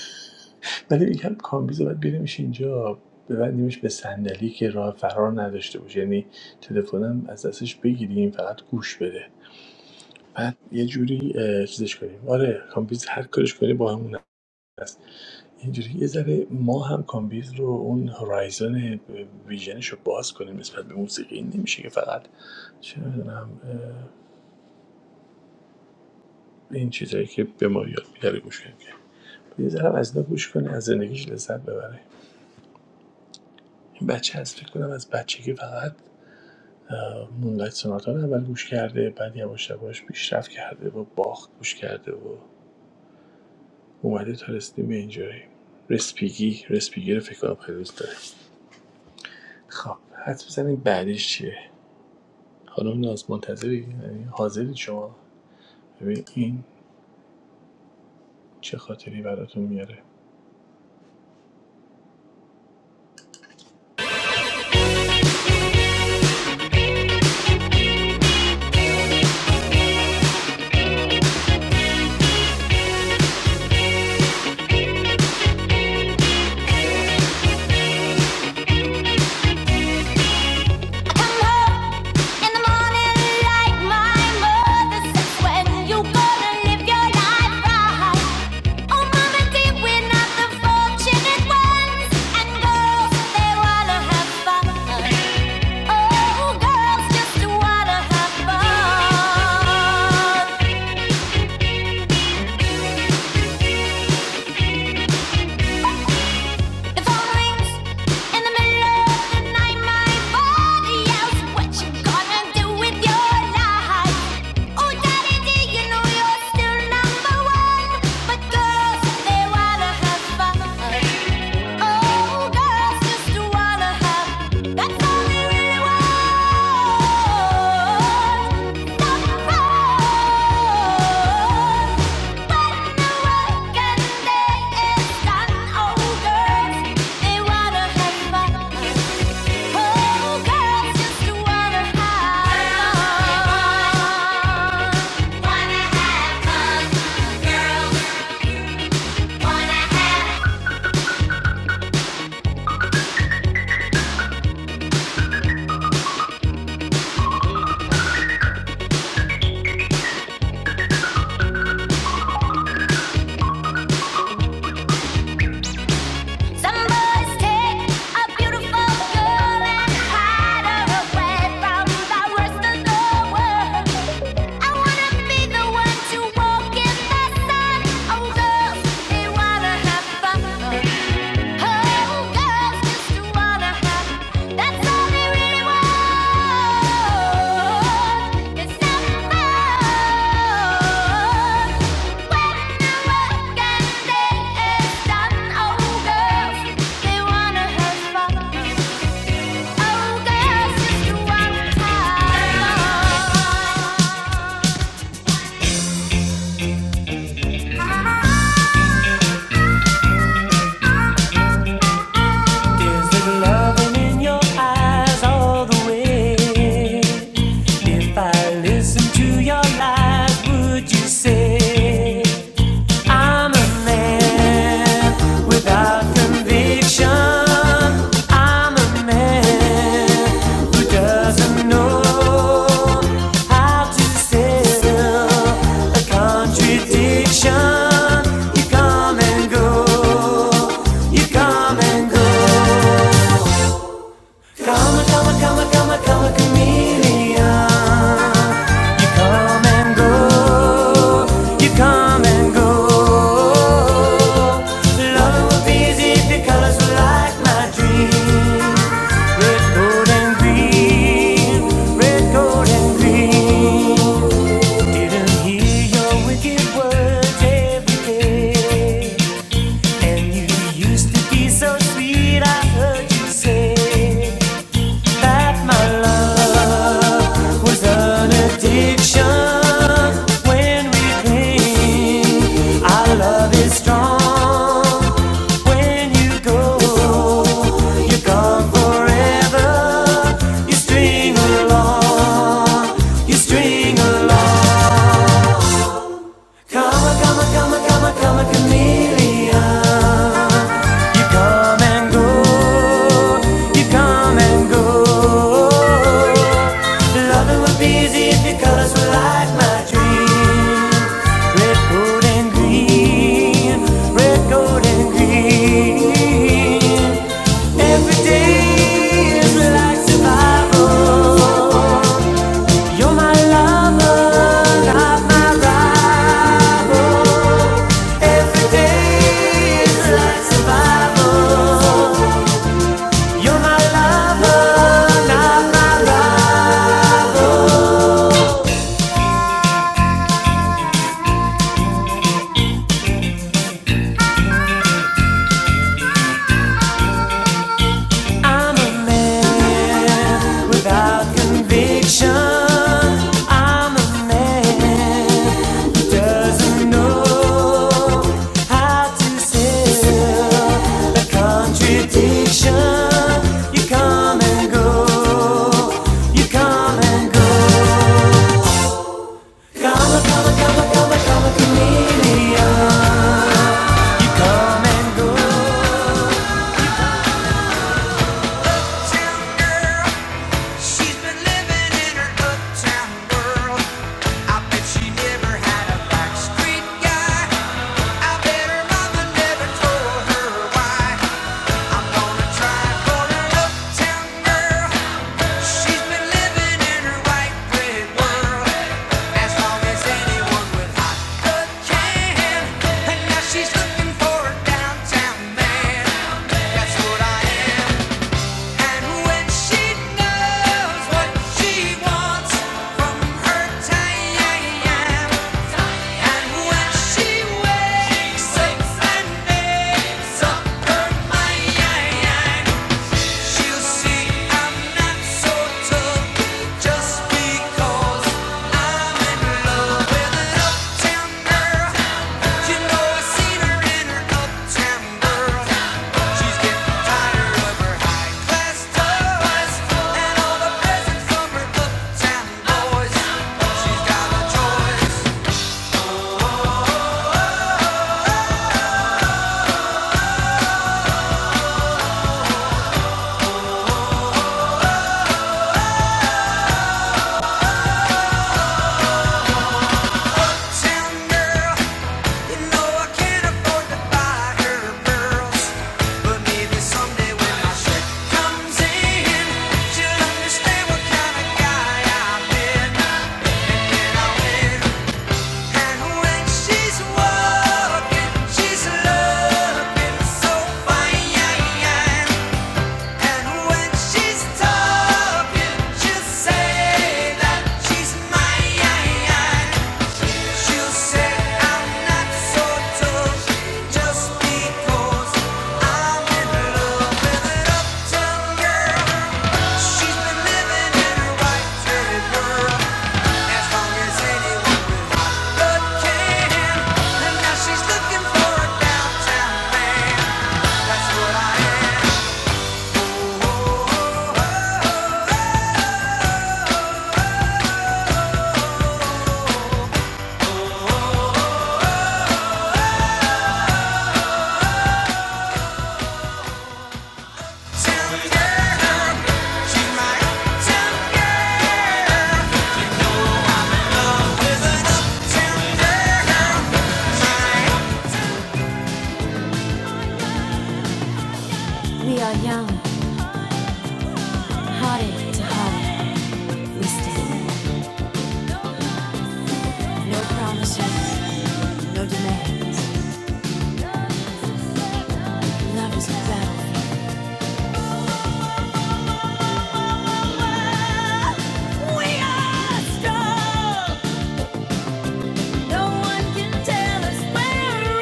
Speaker 1: ولی میگم کامبیز رو باید بیاریمش اینجا ببندیمش به صندلی که راه فرار نداشته باشه یعنی تلفنم از دستش بگیریم فقط گوش بده بعد یه جوری اه، چیزش کنیم آره کامبیز هر کارش کنی با همون هست اینجوری یه ذره ما هم کامبیز رو اون هورایزن ویژنش رو باز کنیم نسبت به موسیقی این نمیشه که فقط چه میدونم این چیزایی که به ما یاد میده رو گوش کنیم که یه ذره از اینا گوش کنه از زندگیش لذت ببره این بچه از فکر کنم از بچگی فقط اه، مونلایت سوناتا رو اول گوش کرده بعد یواش یواش پیشرفت کرده و باخت گوش کرده و اومده تا رسیدیم به اینجایی رسپیگی رسپیگی رو فکر کنم خیلی دوست داره خب حد بزنیم بعدش چیه خانم ناز منتظری یعنی حاضری شما ببین این چه خاطری براتون میاره
Speaker 2: You come home in the morning like my mother says when you gonna live your life right. Oh, mama, dear, we're not the fortunate ones. And girls, they wanna have fun. Oh, girls just wanna have fun. The phone rings in the middle of the night. My body yells, "What you gonna do with your life?" Oh, daddy, do you know you're still number one? But girls, they wanna have fun. Oh, girls just wanna have. That's all they really want. Some fun. Wanna have fun, girls. Wanna have Some boys take a beautiful girl and hide her away from the rest of the world. I wanna be the one to walk in the sun. Oh girls, they wanna have fun. Oh girls, Oh There's little loving in your eyes all the way. If I listen to your lies, would you say I'm a man without conviction. I'm a man who doesn't know how to settle a contradiction. You come and go, you come and go. Kama kama kama kama kama chameleon. You come and go, you come and go. Loving would be easy if your colors were like my dream. Red, gold and green, red, gold and green. Didn't hear your wicked words every day, and you used to be so sweet. I heard you say that my love was an addiction when we cling. Our love is strong when you go. You're gone forever. You string along, you string along. Come, come, come, come, come, a chameleon. You come and go, you come and go. Loving would be easy if your colors were like my dreams. Red, gold, and green, red, gold, and green. Every day is like survival. You're my lover, not my rival. Every day is like survival. You're my lover, not my rival. I'm a man without conviction. I'm a man who doesn't know how to sell a contradiction. You come and go, you come and go. Come, come, come, come, come, chameleon. She's been living in her uptown world. I bet she never had a backstreet guy. I bet her mother never told her why. I'm gonna try for an uptown girl. She's been living in her white bread world. As long as anyone with hot blood can. And now she's looking for a downtown man. That's what I am. Yeah. She's got a choice. Say that she's mine no one can tell us where we're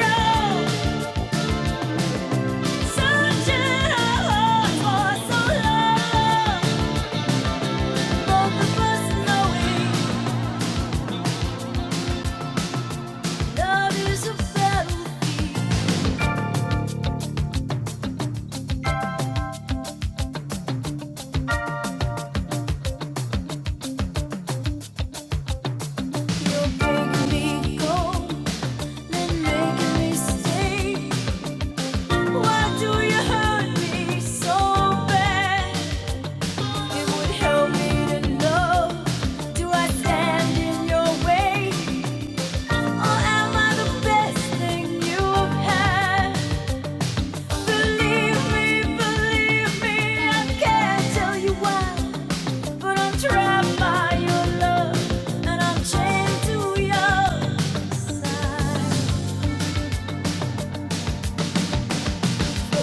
Speaker 2: Believe me, believe me, I can't tell you why. But I'm trapped by your love, and I'm chained to your side.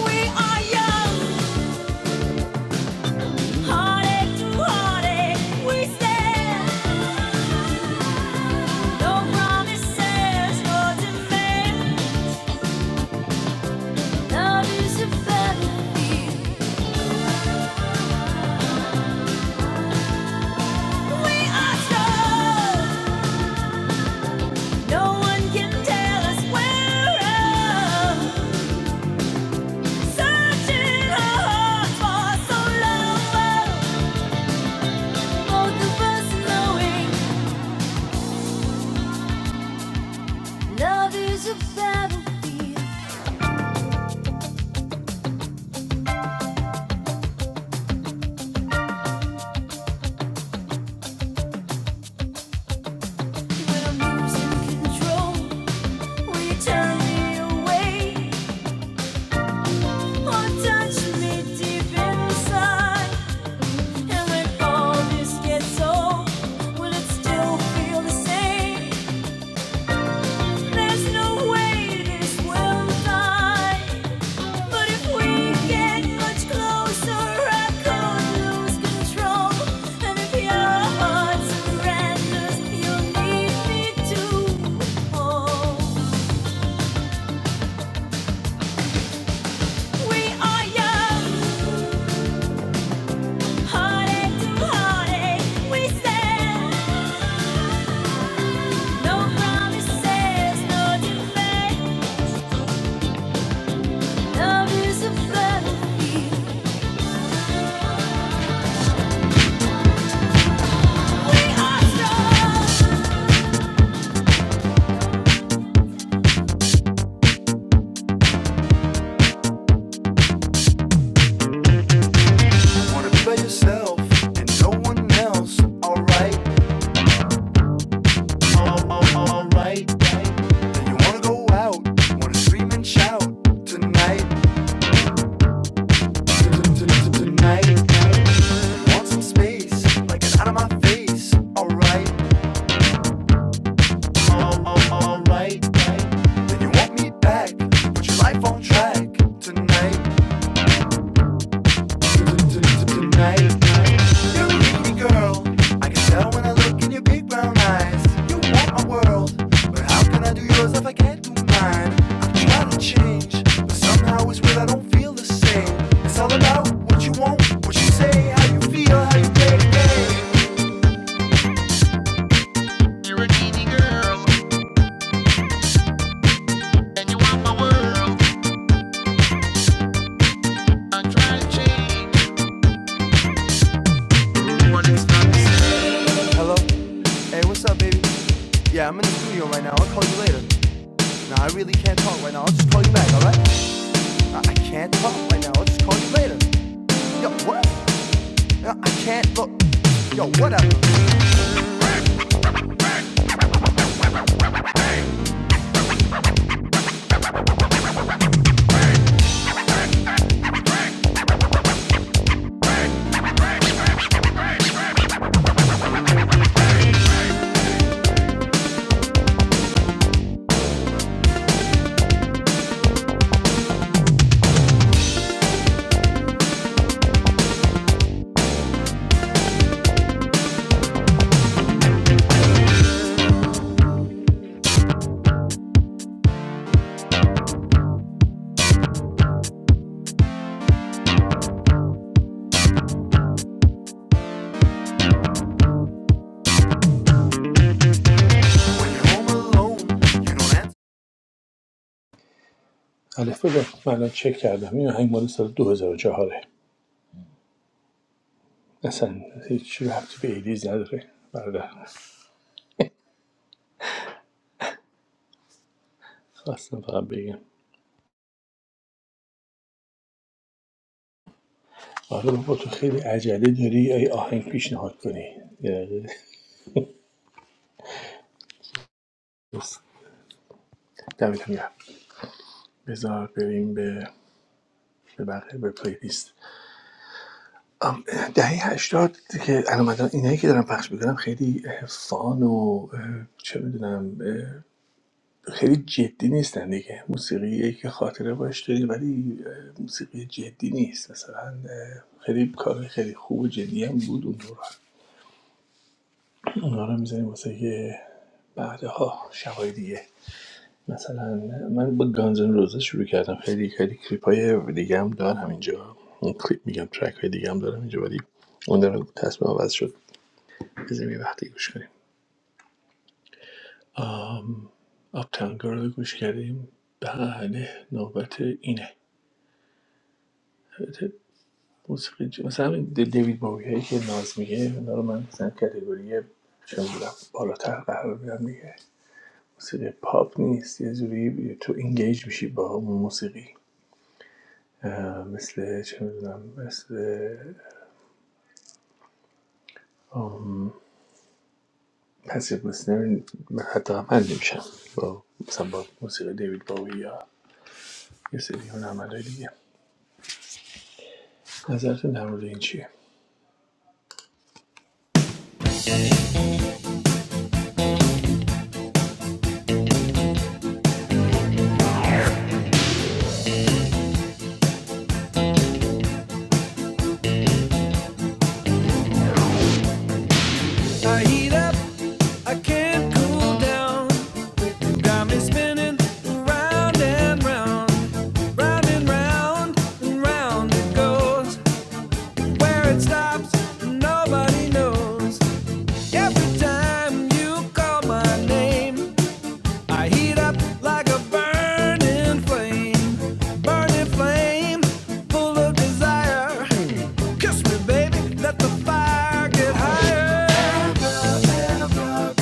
Speaker 2: We are young, heartache to heartache, we stand. No promises or demand. Love is a battlefield. We are strong. No one can tell us we're wrong. Searching our hearts for so long. Hold the bus knowing love is a battle control. Will turn me or touch me deep inside? And when all this gets old, will it still feel the same? There's no way this will die. But if we get much closer, I could lose control. And if your heart surrenders, you'll need me to hold. We are young, heartache to heartache. We stand, no promises, no debate. Love is a battle. Wanna play yourself and no one else, alright? Right? You wanna go out, wanna scream it out tonight, tonight. Want some space, like an out of my face, alright. You want what you like tonight, tonight. You're a girl, I can tell when I look in your big brown eyes. You want my world, but how can I do yours if I can't do mine? I'm to change, but somehow it's real, I don't feel the same. It's all about what you want, what you say, how you feel, how you play the game. Hello? Hey, what's up, baby? Yeah, I'm in the studio right now. I'll call you later. Nah, I really can't talk right now. I'll just call you later. Yo, what? Nah, I can't. Look, yo, whatever.
Speaker 1: الف بذار من الان چک کردم این آهنگ مال سال 2004 ه اصلا هیچی ربطی به ایدیز نداره برادر خواستم فقط بگم آره بابا تو خیلی عجله داری ای آهنگ پیشنهاد کنی یه دقیقه. بس. دمتون گرم بذار بریم به به بقیه به پلیلیست آم، دهه هشتاد که الان اینایی که دارم پخش میکنم خیلی اه، فان و چه میدونم خیلی جدی نیستن دیگه موسیقی که خاطره باش داری ولی موسیقی جدی نیست مثلا خیلی کار خیلی خوب و جدی هم بود اون دوران اونا رو می‌ذاریم واسه یه بعدها شبای دیگه مثلا من با گانزن روزه شروع کردم خیلی خیلی کلیپ های دیگه هم دارم اینجا اون کلیپ میگم ترک های دیگه هم دارم اینجا ولی اون داره تصمیم عوض شد بزنیم یه وقتی گوش کنیم آم آپتاون گرل رو گوش کردیم بله نوبت اینه البته موسیقی جو- مثلا همین دیوید باوی هایی که ناز میگه اونا رو من مثلا کتگوری چون بودم بالاتر قرار میدم دیگه موسیقی پاپ نیست یه جوری تو انگیج میشی با موسیقی مثل چه میدونم مثل پسیو لسنر حتی هم حل نمیشم با مثلا با موسیقی دیوید باوی یا یه سری اون عملای دیگه نظرتون در مورد این چیه
Speaker 2: I heat up, I can't cool down. Got me spinning round and round, round and round and round it goes. Where it stops, nobody knows. Every time you call my name, I heat up like a burning flame, burning flame, full of desire. Kiss me, baby, let the fire get higher. Abracadabra,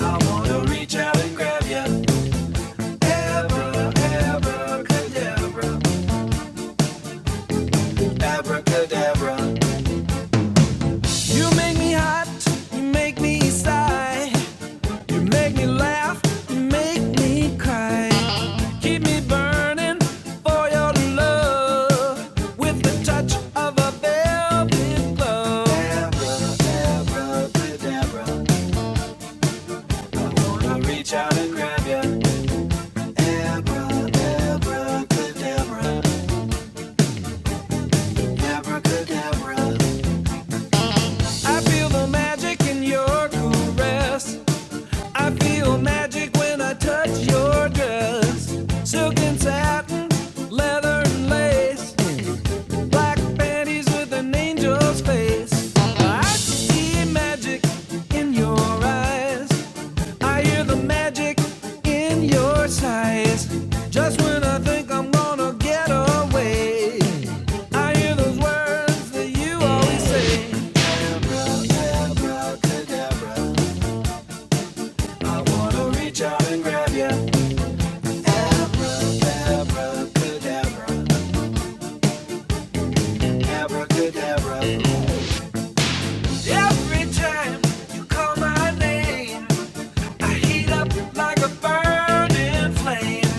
Speaker 2: I wanna reach out and grab ya. Abra, abracadabra, abracadabra. You make me hot, you make me sigh, you make me laugh, you make me cry. Keep me burning for your love with the touch of a velvet glove. Abracadabra, I'll reach out and grab you. I feel the magic in your caress. I feel magic when I touch your dress. Silk and satin, leather and lace. black panties with an angel's face. I see magic in your eyes. I hear the magic in your sighs. Just when I think I'm gonna get away, I hear those words that you always say. I wanna reach out and grab ya. Abracadabra. Every time you call my name,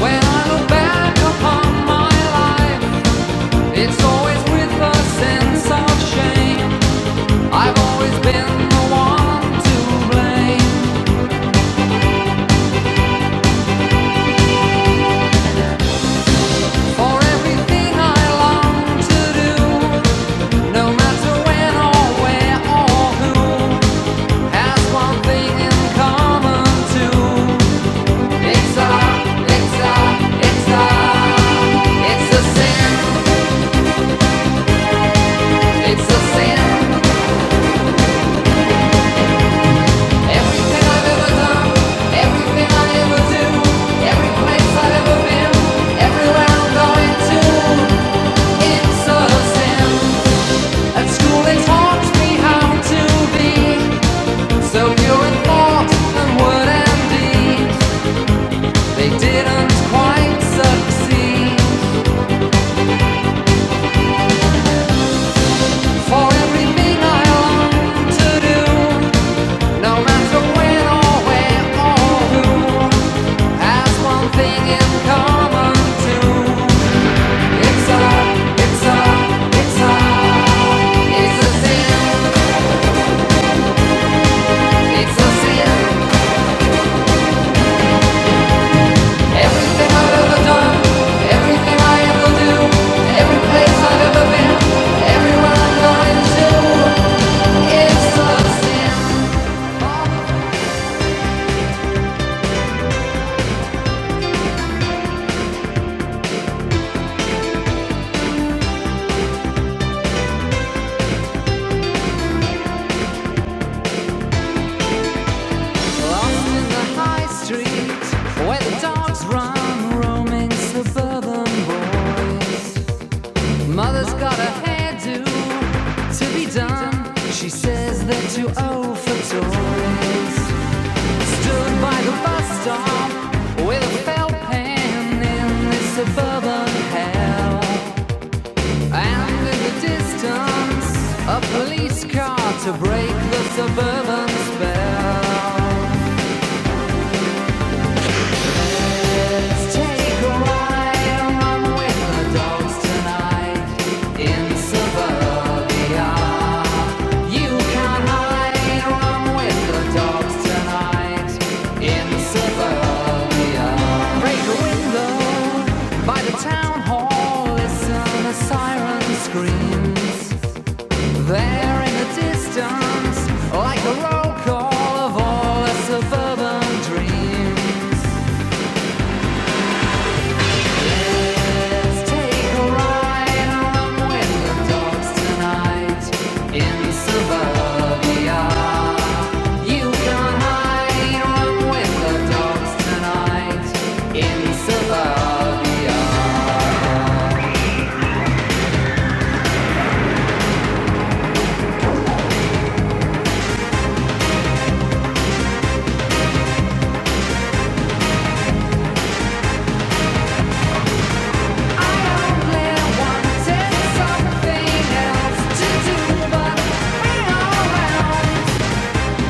Speaker 2: When I look back upon my life, it's always with a sense of shame. I've always been the one to blame for everything I long to do. No matter when or where or who has one thing in common too. It's a, it's a, it's a, it's a sin. It's a sin. Everything I've ever done, everything I ever do, every place I've ever been, everywhere I'm going to, it's a sin. At school they taught me how to be so pure in thought and word and deed. They didn't quite succeed. For everything I long to do, no matter when or where or who, has one thing in common too. It's a, it's a, it's a, it's a sin, it's a sin. Everything I've ever done, everything I ever do, every place I've ever been, everywhere I'm going to, it's a sin. Lost in the high street, where the dogs run, roaming suburban boys. Mother's got a hairdo to be done. She says they're too old for toys. Stood by the bus stop with a felt pen in this suburban hell. And in the distance, a police car to break the suburban spell. Let's take a ride along with the dogs tonight in suburbia. You can't hide from with the dogs tonight in suburbia. Break a window by the town hall, listen the siren screams. There in the distance, like the roll call of all the suburban dreams. Take a ride around with the dogs tonight in suburbia. You can hide around with the dogs tonight in suburbia. I only wanted something else to do, but hang around.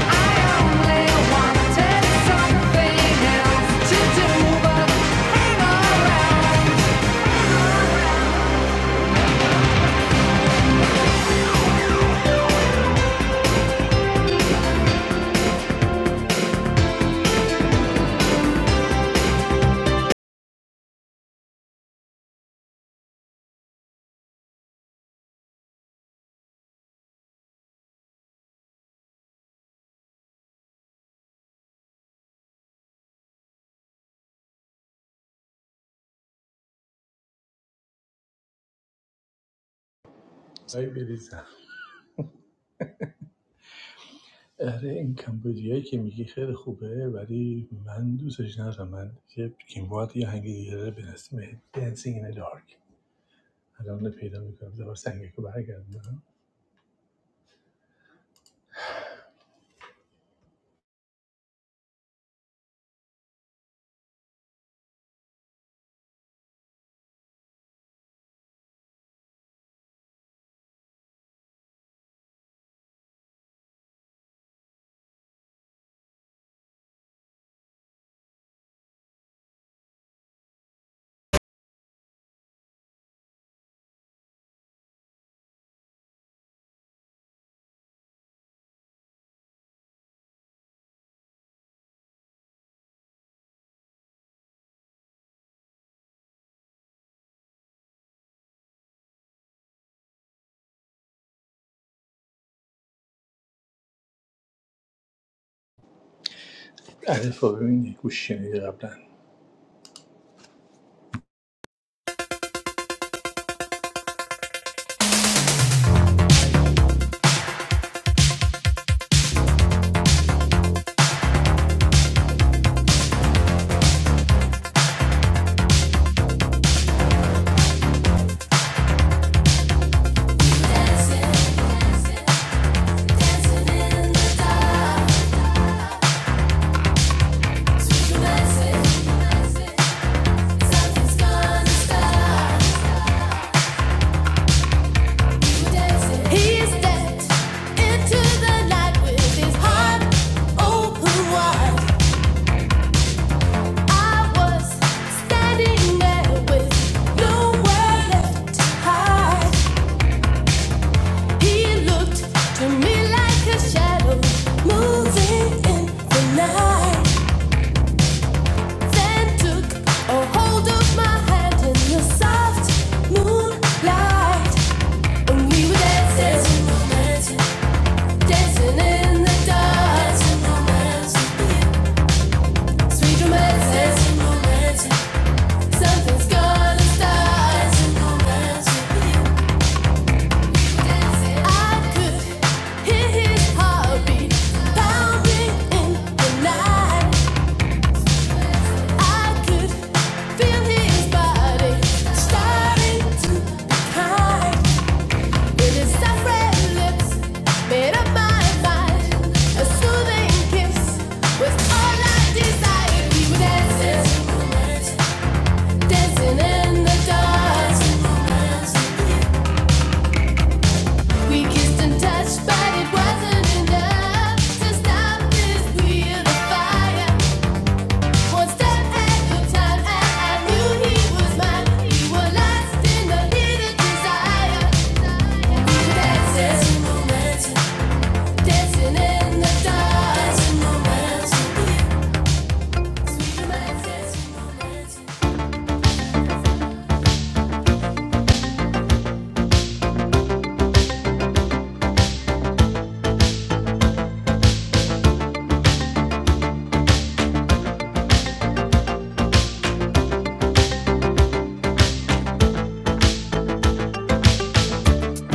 Speaker 2: I only wanted something else to do, but.
Speaker 1: آی بریزم آره این کمبودیایی که میگی خیلی خوبه ولی من دوستش ندارم من یه این باید یه هنگی دیگه داره به اسم این in the Dark الان پیدا میکنم دوباره سنگه که برگردم الفا ببینی گوش شنیدی قبلا
Speaker 2: Dancing in the dark, dancing romance, sweet romance, dancing romance. Something's gonna start. I could hear his heartbeat pounding in the night. I could feel his body starting to decline. With his soft red lips made up my mind. A soothing kiss was all I desired. We were dancing, dancing in the dark. We kissed and touched, but it wasn't enough to stop this wheel of fire. One step at a time, and I knew he was mine. We were lost in the hidden desire. dancing, in the dark. Dancing momentum, sweet dancing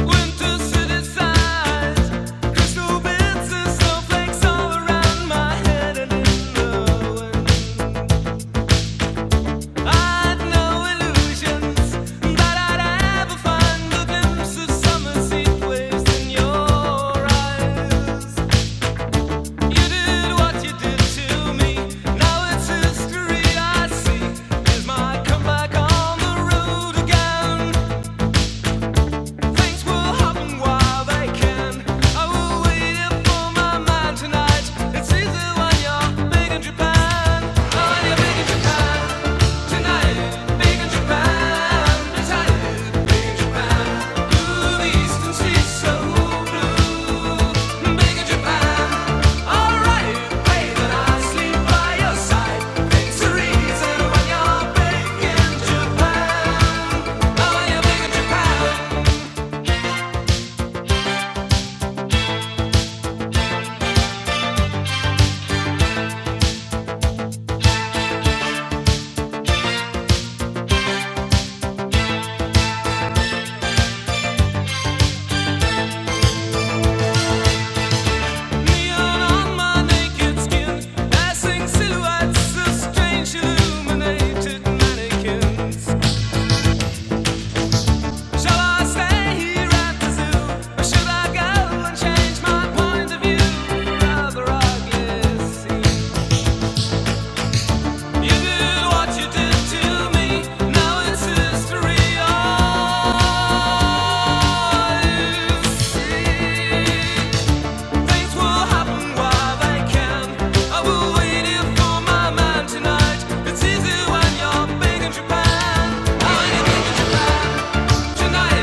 Speaker 2: Winter city sighs, crystal bits and snowflakes all around my head and in the wind. I'd no illusions that I'd ever find a glimpse of summer seed waves in your eyes. You did what you did to me. Now it's history I see. Is my comeback on the road again? Things will happen while they can. I will wait for my man tonight. It's easy when you're big Japan. Oh, when you're big Japan. Silhouettes of strange illuminated mannequins. Shall I stay here at the zoo, or should I go and change my point of view? Rather, I guess you did what you did to me. Now it's history. I see things will happen while they can. I will wait here for my man tonight. It's easy when you're big Japan. I'm big Japan. Japan.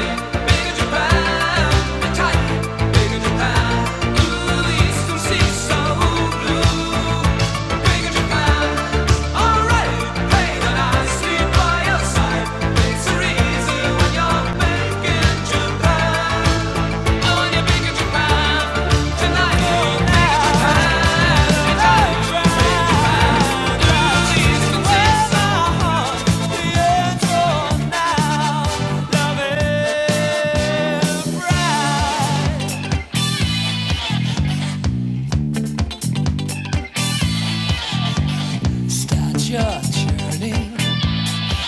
Speaker 2: Start your journey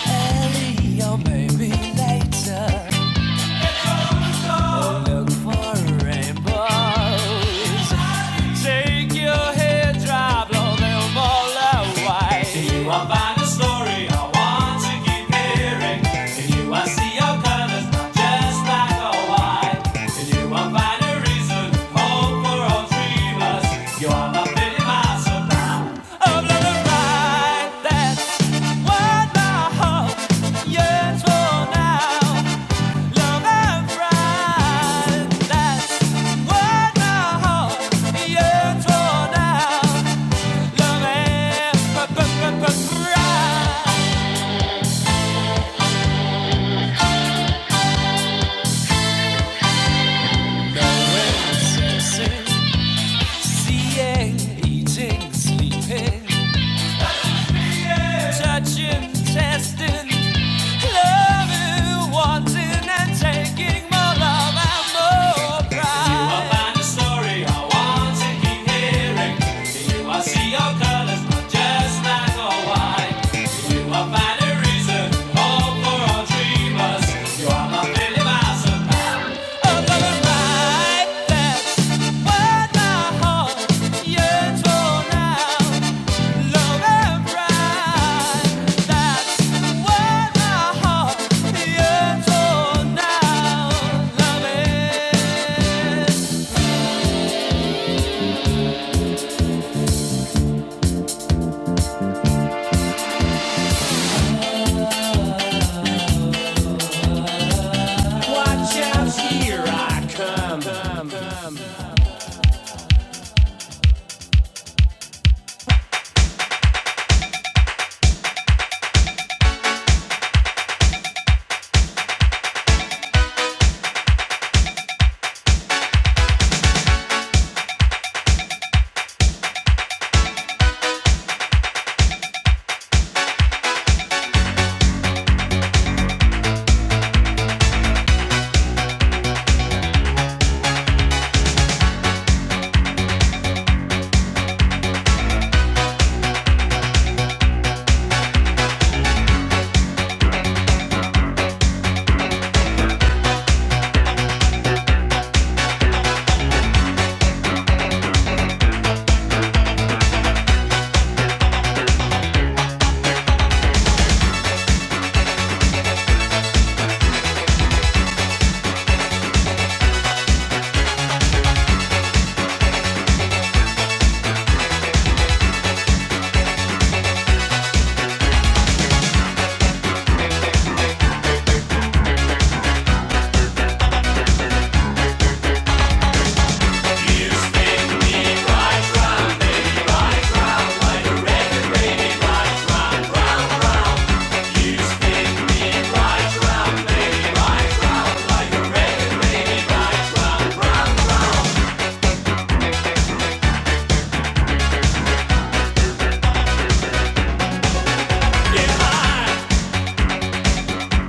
Speaker 2: early or maybe later. Look for rainbows. Take your hairdryer, blow them all away. you I find a story I want to keep hearing. you I see your colors, not just black or white. you I find a reason, hope for all three You are my fitting Of love and pride, that's what my heart yearns for now. Seeing, eating, sleeping. Touching, testing, loving, wanting, and taking more love and more pride. You You You find a story I want to keep hearing. are colors, not just black or white. You I find a reason, hope for all dreamers. Up on the right, that's what my heart yearns for now.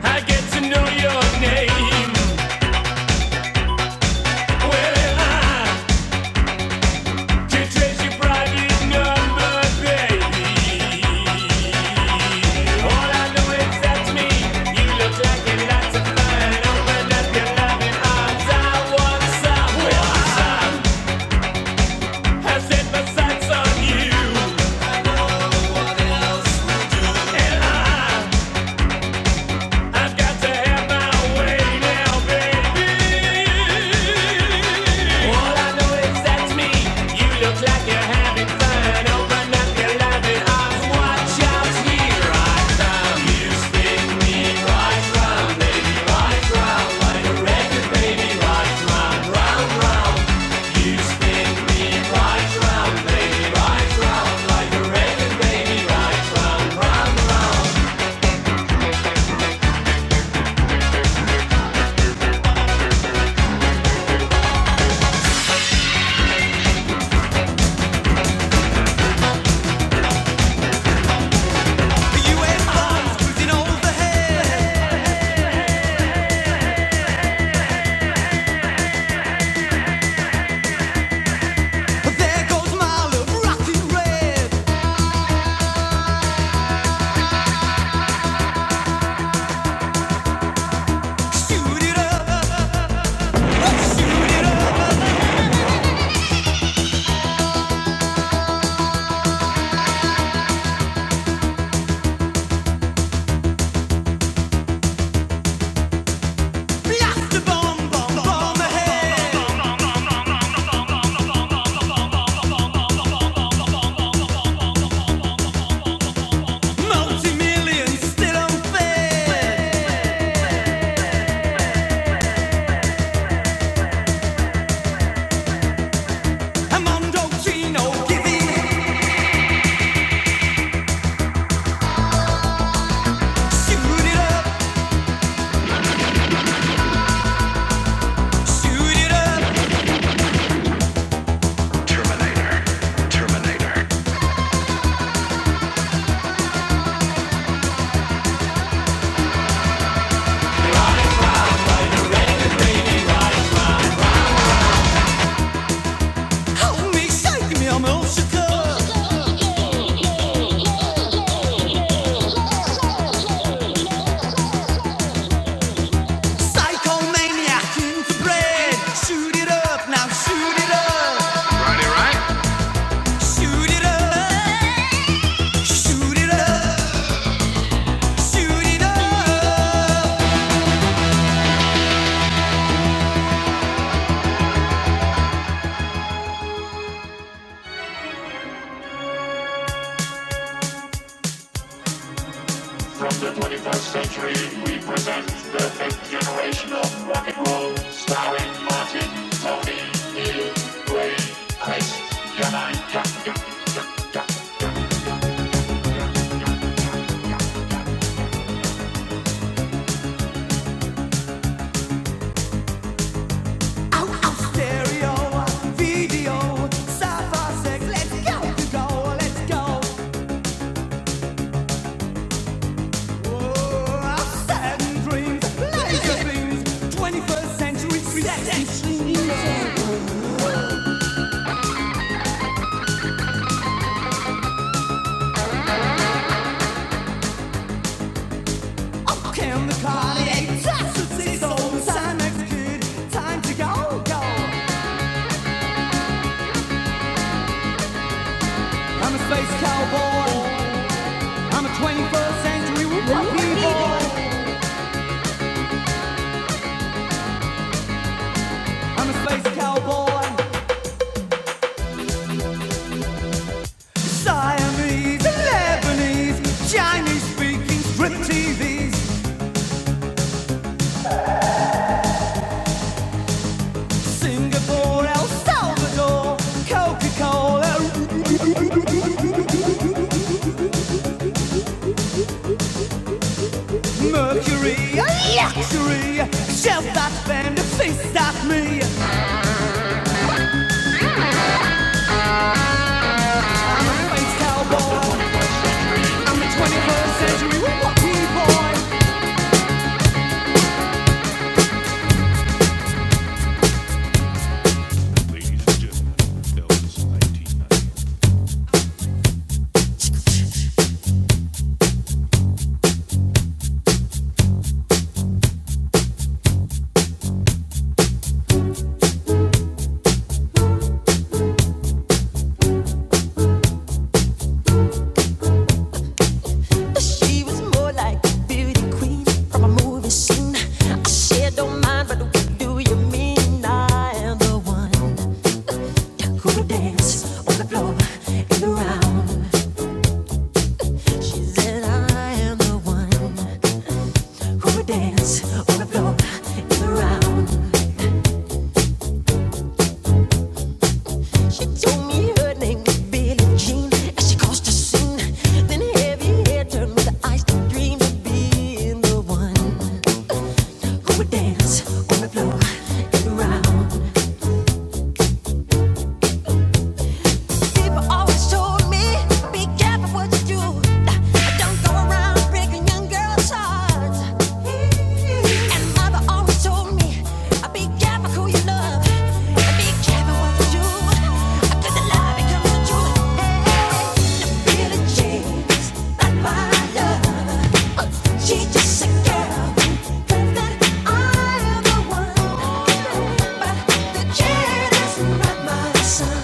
Speaker 2: I get to know your name. Well, I Set my sights on you, and I I've got to have my way now, baby. All I know is that's me. You look like you're having fun. Open up your loving arms. Watch out, here I come. You spin me right round, baby, right round like a record, baby, right. You spin me right. The U.S. cruising overhead. There goes my love, rocking red. Shoot it up from the head. Dreams, laser beams, 21st century creative. so I'm a space cowboy. I'm a 21st century whoopie boy. I'm a space cowboy. Siamese, Lebanese, Chinese speaking, strip TVs, Singapore, El Salvador, Coca-Cola, Mercury, luxury. Shell that band, a fist at me. I'm a space cowboy. 21st century boy. She was more like a beauty queen from a movie scene. I said, don't mind, but what do you mean? I am the one who would dance on the floor in the round. She said, I am the one who would dance on the floor in the round. She told me her name was Billie Jean as she crossed the scene. Then heavy hair turned with the eyes to dream of being the one. On my dance, on my floor, and around. People always told me, be careful what you do. Nah, Don't go around breaking young girls' hearts. And mother always told me, be careful who you love. Be careful what you do. 'Cause the love becomes the truth. Hey, the feeling changes, not my love. She just a girl that I'm the one, but the chair doesn't my son.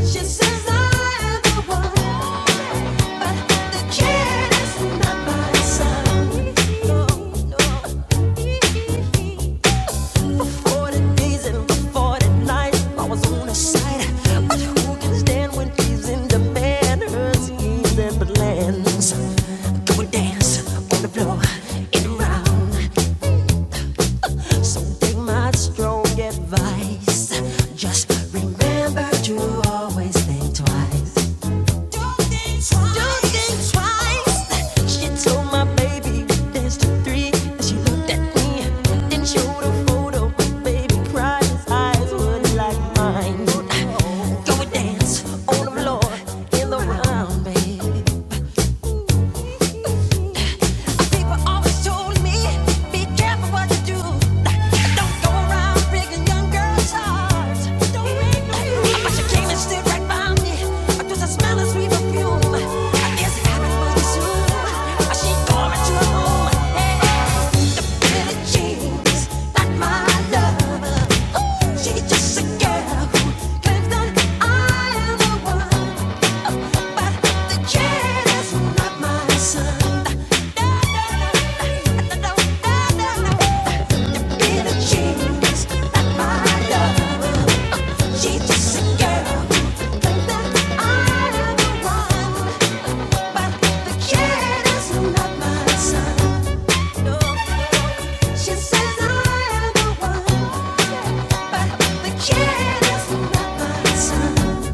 Speaker 2: She says I'm the one, but the chair doesn't my son. No, no. 40 days and 40 nights, I was on a side. But who can stand when he's in demand? Her schemes and plans. Go and dance on the floor in the round. So take my strong advice. Just remember to always think twice. Go and dance on the floor in the round, babe. People always told me, be careful what you do. Don't go around breaking young girls' hearts. no But you came and stood right by me. I just a perfume. I guess it happened soon. She going to her home. Hey, the pretty jeans, not my love. She's just a girl who claims that I am the one, but the kid is not my son. The is not my love. She's just a girl who claims that I am the one, but the kid is not my son. She says I am the one, but the kid is not my son.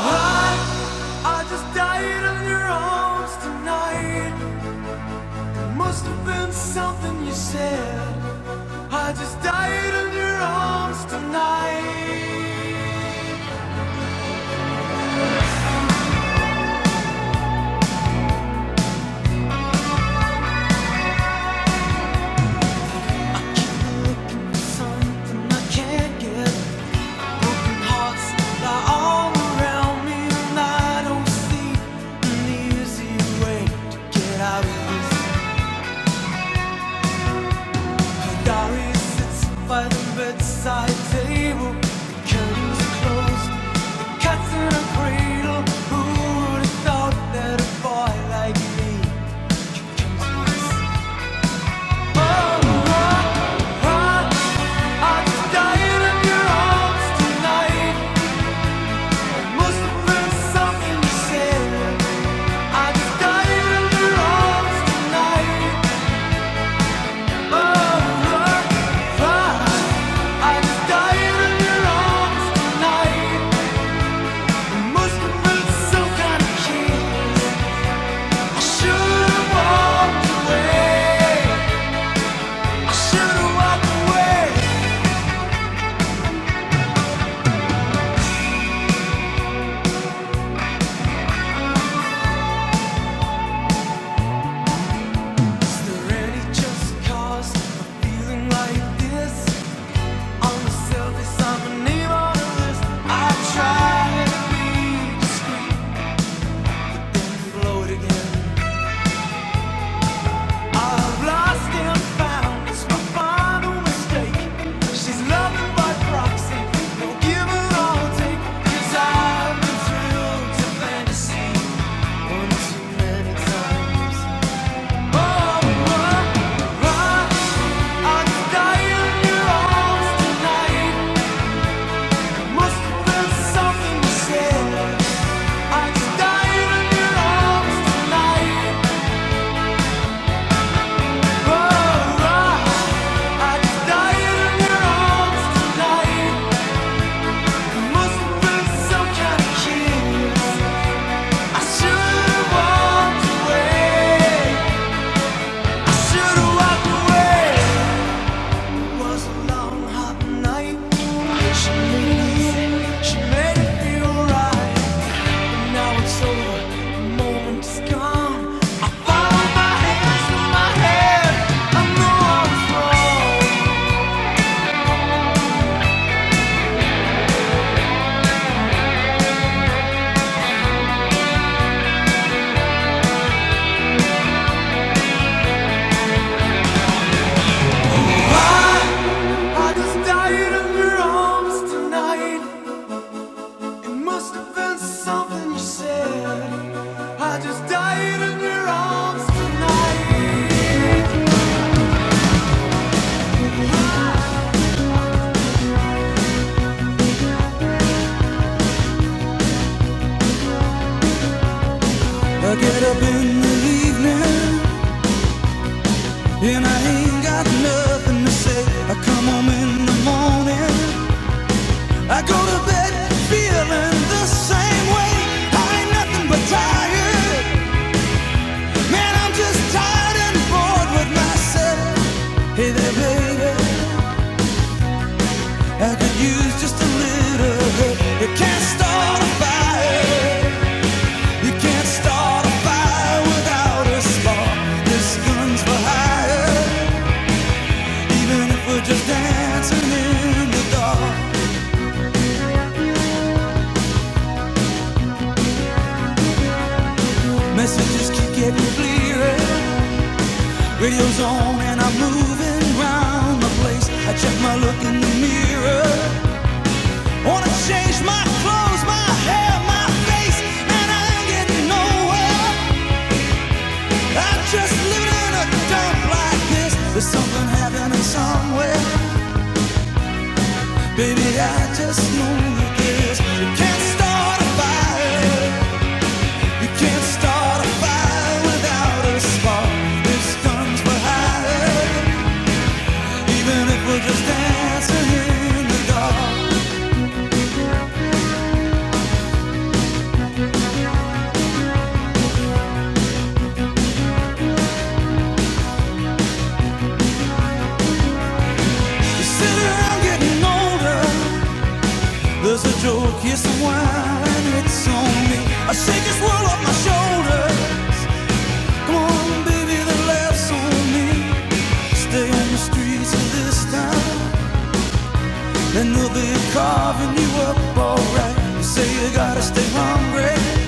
Speaker 2: I just died in your arms tonight. must have been something you said. I just died in your arms tonight. Something I can't get Something you said I just got in your arms tonight. Oh, I just got in your arms tonight. Must have been kind of kid. I should've walked away. I should've walked away. Is there any just cause for feeling like this? On the surface, I'm a name on a list. I try to be discreet, blow it again. Tonight, oh, oh, oh. I, I died in your arms tonight. Something you said I just died in your arms tonight. I get up in the evening and I ain't got nothing to say. I come home in the morning. I go to bed feeling the same way. I ain't nothing but tired. Man, I'm just tired and bored with myself. Hey there, baby. I could use just a little help. You can't start a fire. You can't start a fire without a spark. This gun's for hire, even if we're just dancing in the dark. Messages keep getting clearer. Radio's on and I'm moving round the place. I check my look in the mirror. Wanna change my clothes, my hair, my face, and I ain't getting nowhere. I'm just living in a dump like this. There's something happening somewhere. Baby, I just know you guess you can't start a fire. You can't start a fire without a spark. This guns for hire, even if we're just dancing in the dark. You sit around getting older. There's a joke, yes, a whine, and it's on me. I shake this world off my shoulder. Come on, baby, the laughs on me. Stay on the streets of this town. And they'll be carving you up alright. You say you gotta stay hungry.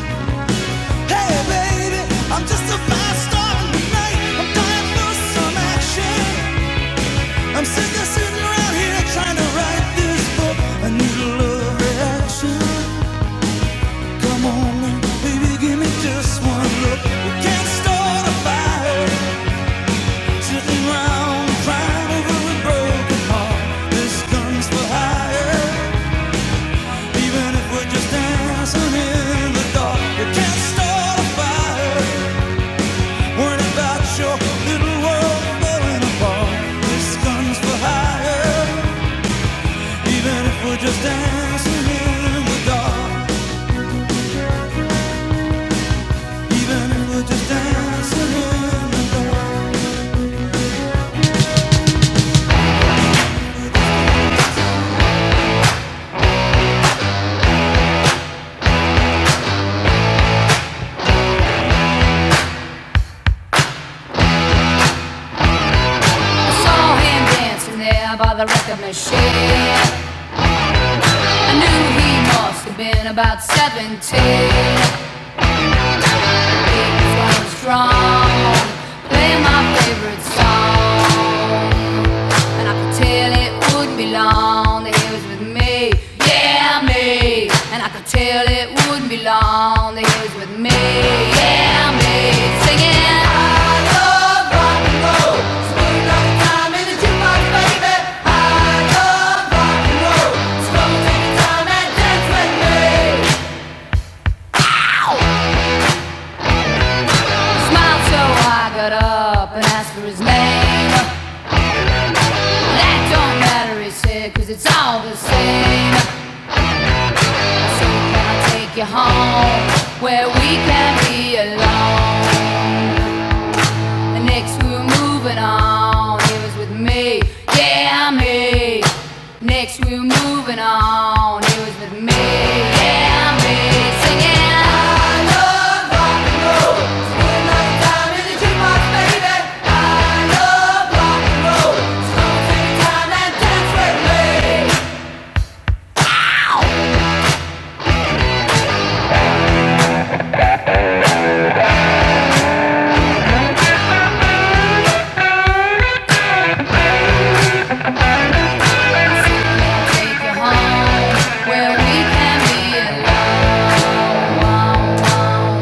Speaker 2: Hey baby, I'm just a fast star in the night. I'm dying for some action. I'm sick of sitting around here trying to write this book. I need a love reaction. Come on, in, baby, give me just one look. We can't start a fire sitting around crying over a broken heart. This gun's for hire. Even if we're just dancing in the dark, you can't start a fire. Worrying your little world falling apart. This gun's for hire. Even if we're just dancing in the dark. Even if we're just dancing in the dark. I saw him dancing there by the record machine. I knew he must have been about 17. He He was and I I it wouldn't wouldn't be long. they was with A M A Singing, He smiled so So got up and asked for his name. That don't matter, he said, cause it's all the same. So can I take you home where we can be alone. The next we were moving on, it was with me, yeah me. Next we were moving on, it was with me, yeah me. Singing, I love rock and roll. Spend another time in the jukebox, baby. I love rock and roll. Take time and dance with me. Take you home where we can be alone.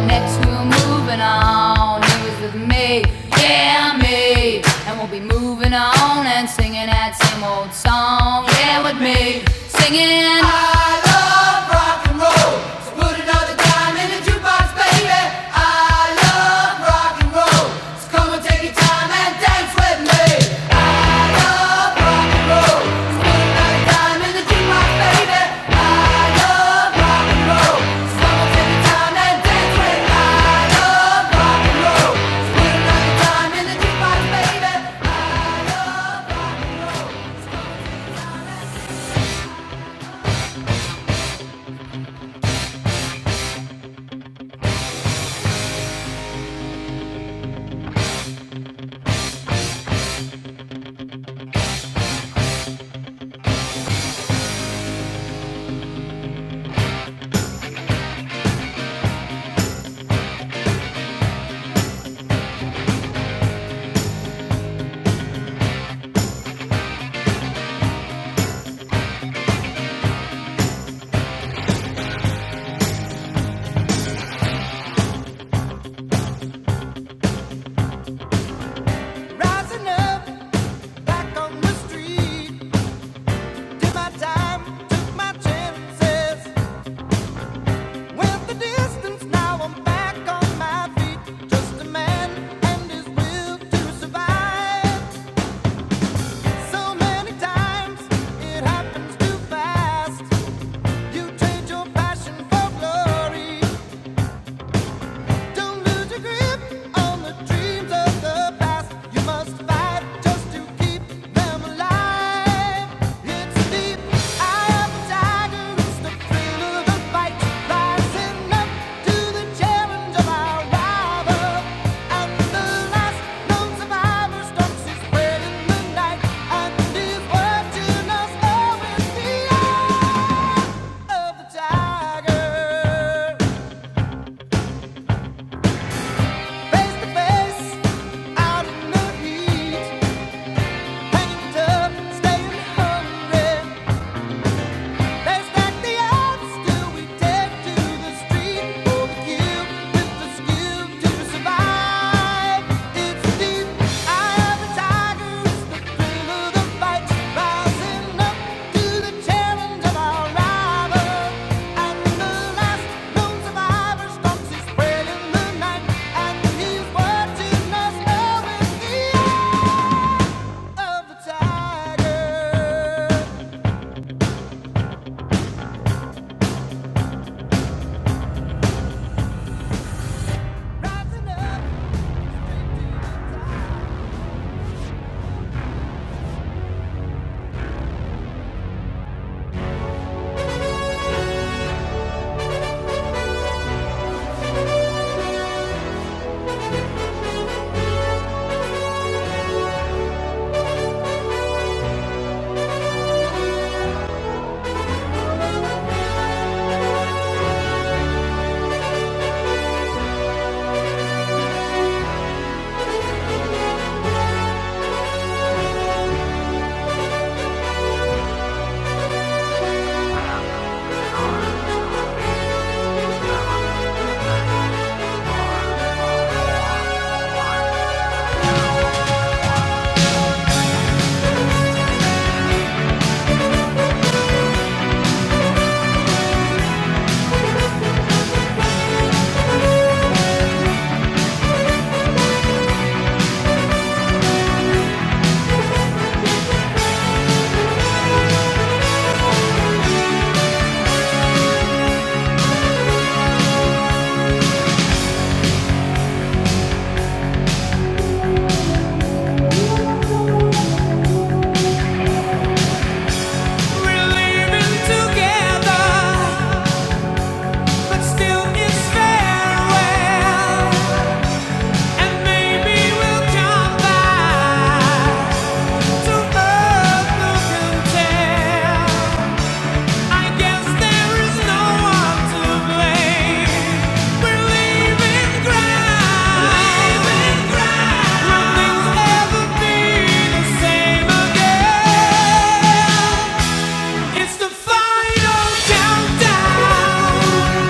Speaker 2: Next we're moving on. He was with me, yeah me, and we'll be moving on and singing that same old song. Yeah with me, singing. Rising up, back on the street, did my time, took my chances. Went the distance, now I'm back on my feet. Just a man and his will to survive. So many times it happens too fast. You trade your passion for glory. Don't lose your grip on the dreams of the past. You must fight just to keep them alive. It's deep eye of the tiger. It's the thrill of the fight. Rising up to the challenge of our rival. And the last known survivor stalks his prey in the night and is watching us all in the eye. Face-to-face, out in the heat, hanging tough, staying hungry. They stack the odds till we take to the street for the kill with the skill to survive. It's deep. Eye of the tiger is the thrill of the fight, rising up to the challenge of our rival. And the last known survivor stalks his prey in the night, and he's watching us over We're living together. But still it's farewell, and maybe we'll come back to earth who can I guess there is no one to blame. We're leaving ground, will things ever be the same again? It's the final countdown.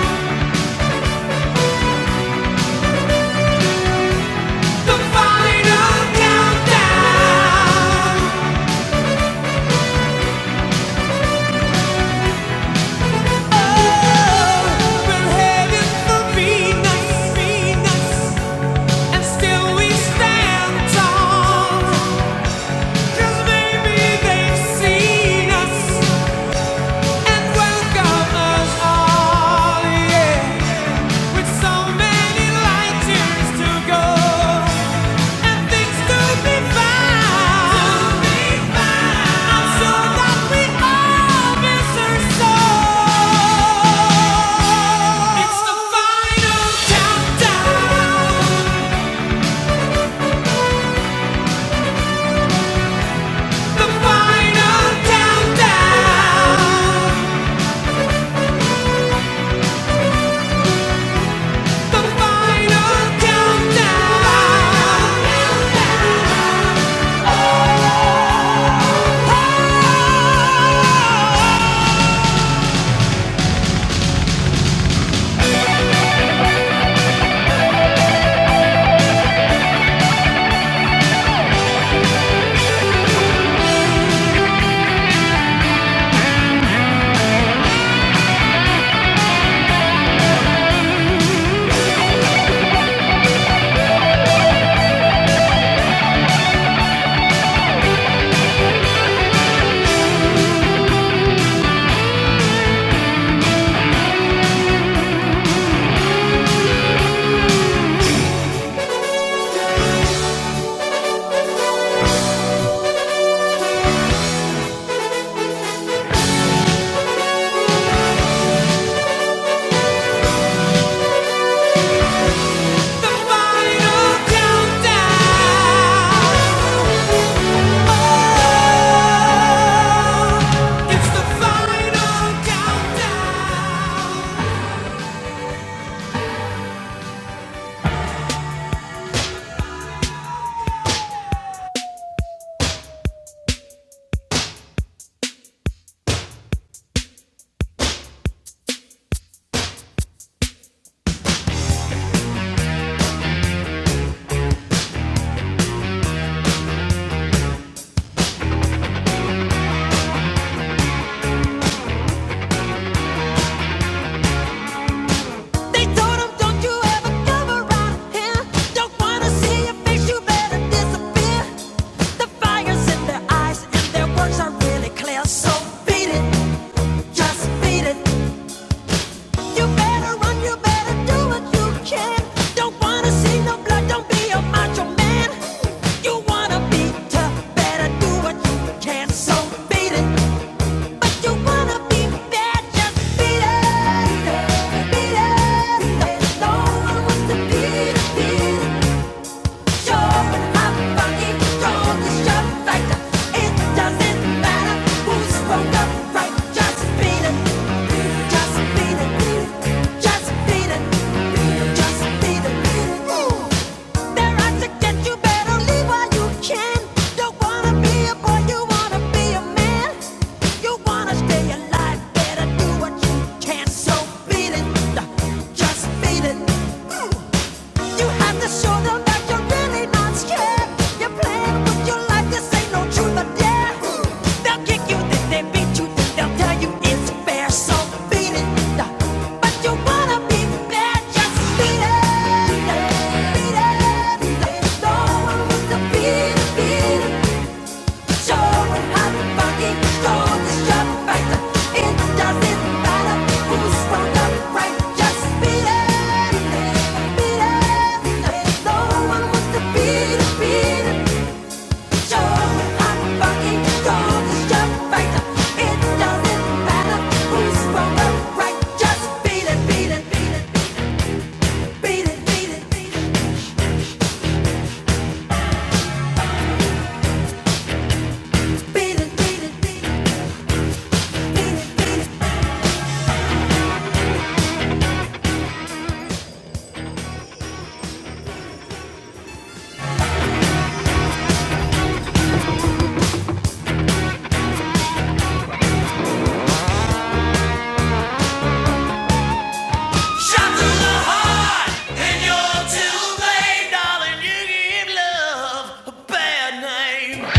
Speaker 2: Cause maybe they've seen us Countdown! They told him, don't you ever come around here. Don't wanna see your face, you better disappear. The fire's in their eyes and their words are really clear. So beat it. Gonna see no need to better do beat it. Beat it, beat it. Your life, this ain't no Truth or dare, now you bear some feeling. Beat it, beat it, beat it, beat it, beat it, beat it, beat it. Shot through the heart, and you're too late, darling. You give love a bad name.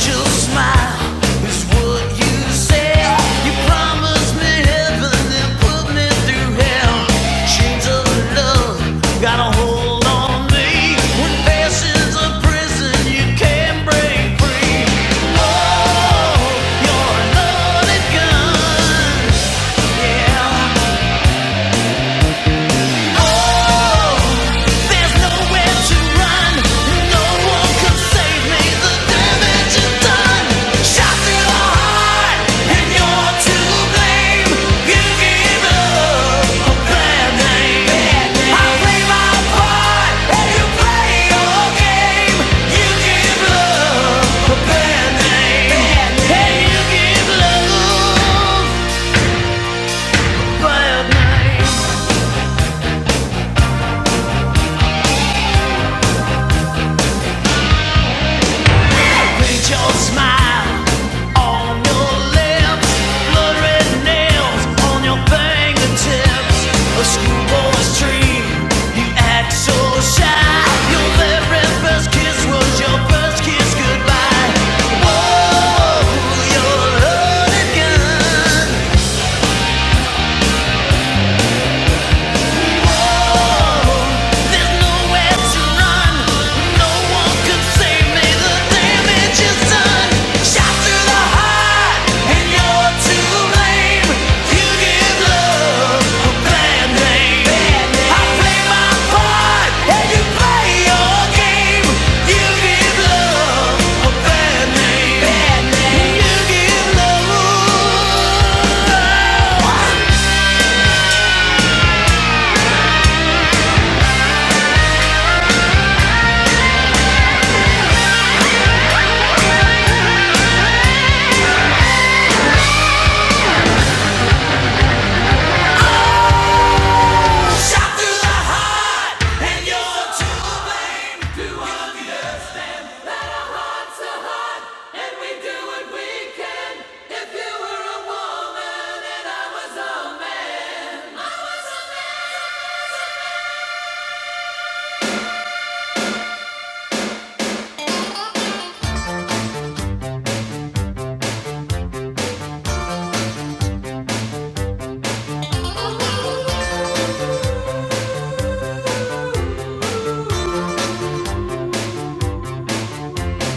Speaker 2: Just smile is what you said. You promised me heaven and put me through hell. Chains of love got a hold on me. When passion's a prison, you can't break free. Oh, you're a loaded gun. Yeah. There's nowhere to run. No one can save me. The damage is done. Shot in and you're to blame. You give up bad name. I play my part, and you play your game. You give up bad name. Hey, you give love bad name. made your smile on your lips, blood red nails on your fingertips. A schoolboy's dream, you act so shy. Your very first kiss was your first kiss goodbye. Oh, you're a hooligan.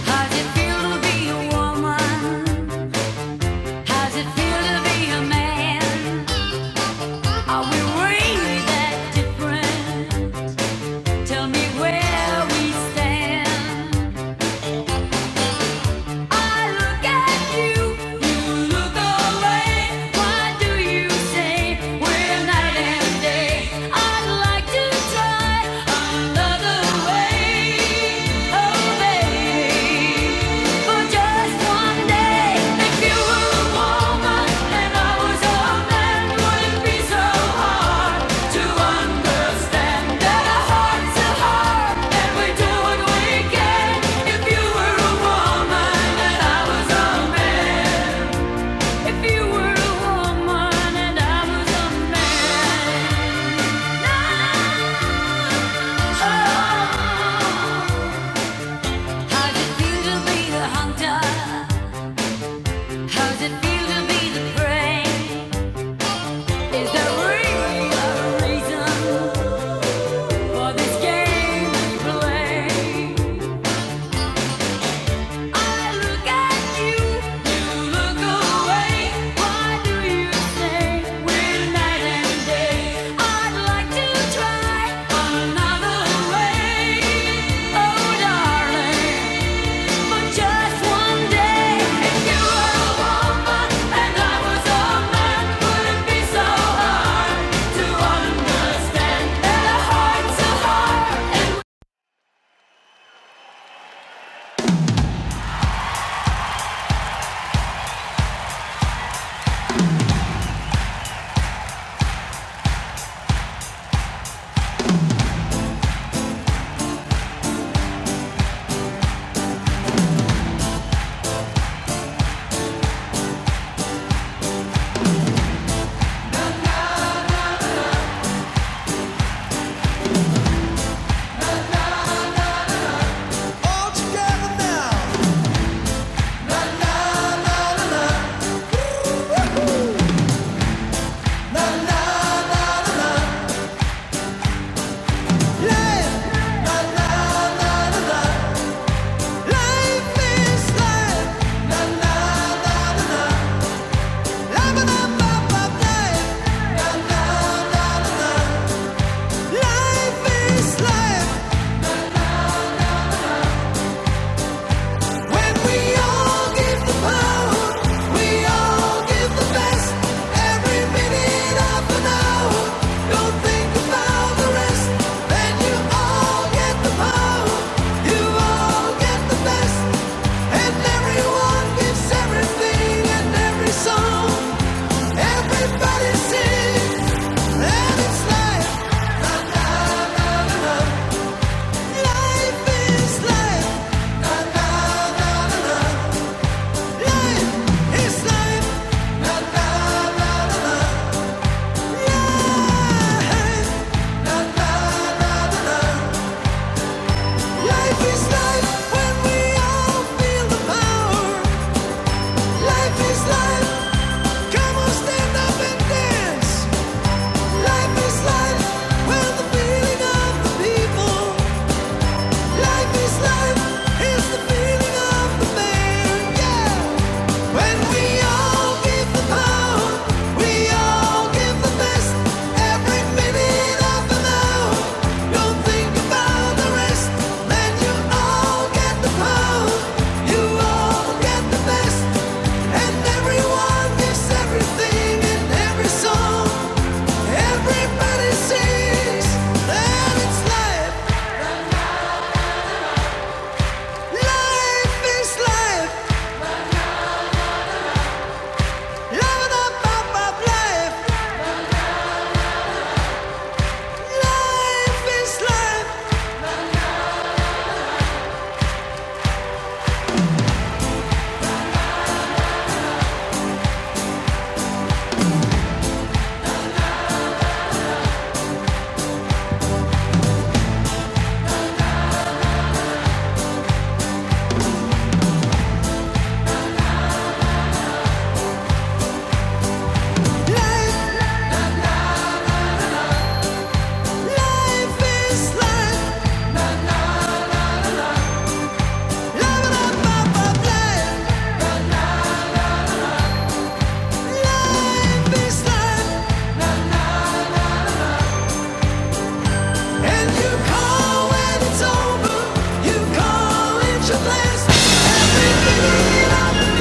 Speaker 2: How's it feel to be a woman? How's it feel to be a man? Are we really that different? Tell me where we stand. I look at you, you look away. Why do you say we're night and day? I'd like to try another way, oh baby, for just one day. How's it feel to be the hunter? How's it feel to be the prey? Is there really a reason for this game we play? I look at you, you look away. Why do you say we're night and day? I'd like to try another way. Oh darling, but just one day, if you were a woman and I was a man, would it be so hard to understand that a heart's a heart? Life is life, la la la la ba ba life. Life is life when we all give the power. Life is life when we all feel the power. Life is life. Come on, stand up and dance. Life is life, well the feeling of the people. Life is life, it's the feeling of the man, yeah. When we all give the power, we all give the best. Every minute of the now, don't think about the rest. Man, you all get the power, you all get the best. And everyone gets everything in every song. Everybody sings that it's life. Life is life. Living up, up, up life. Life is life. life is life. And you call when it's over. You call it your blessing. Everything in our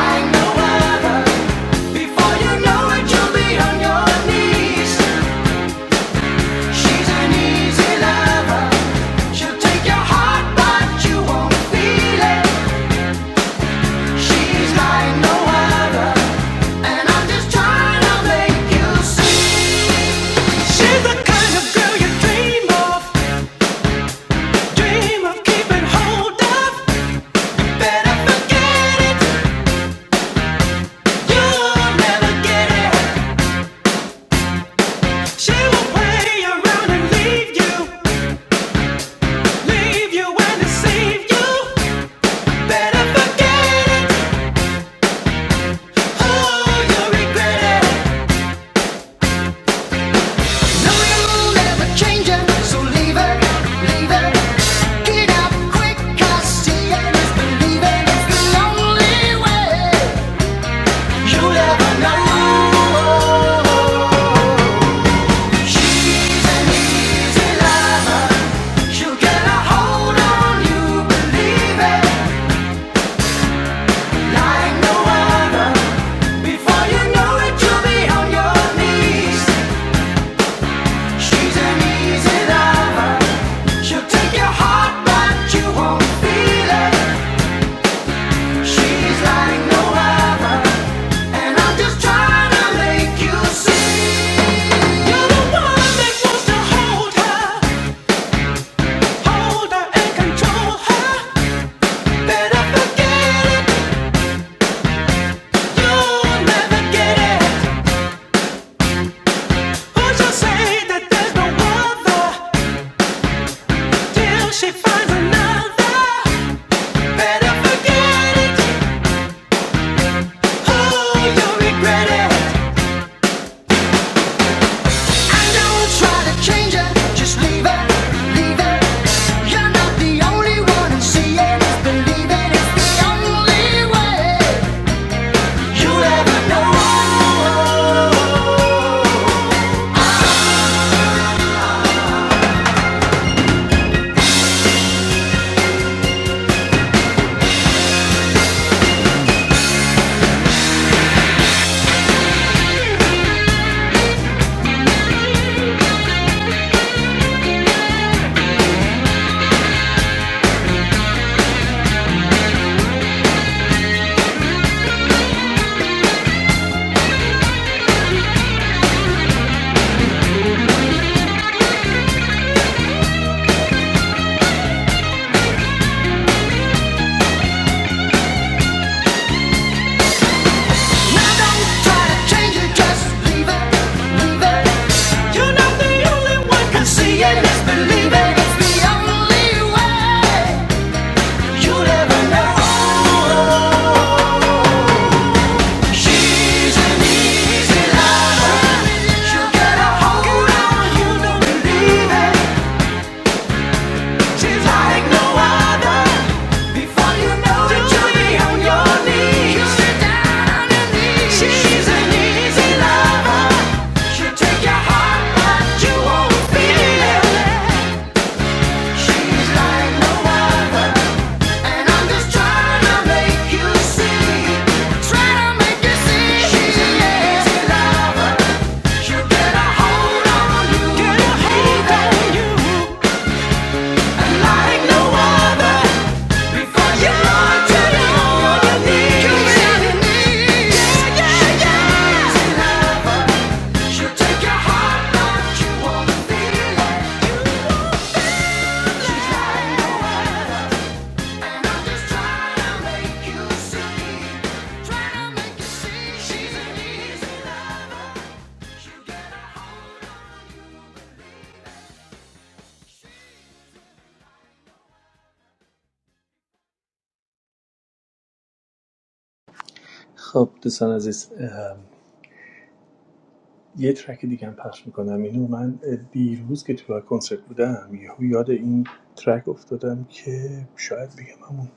Speaker 2: I know what we She's an easy lover. She'll take your heart, but you won't feel it. She's like no other. And I'm just trying to make you see. She's the kind of girl you dream of, dream of keeping hold of. Better forget it, you'll never get it. She will play around and leave you, leave you and deceive you. Better forget it, oh, you'll regret it. You'll never change it, so leave it, leave it out, 'cause you'll never know. You're the one that wants to hold her, hold her and control her. Believe You never know. She's an easy liar. She'll get a hold on you, don't believe it. She's like no other. Before you know it, you'll be on your knees. She's an easy lover. She'll take your heart, but you won't feel it. She's like no other, and I'm just trying to make you see. Trying to make you see. She's an easy lover. She's an easy life. You get a
Speaker 1: خب دوستان عزیز ام، یه ترک دیگه هم پخش میکنم اینو من دیروز که تو کنسرت بودم یهو یاد این ترک افتادم که شاید بگم همون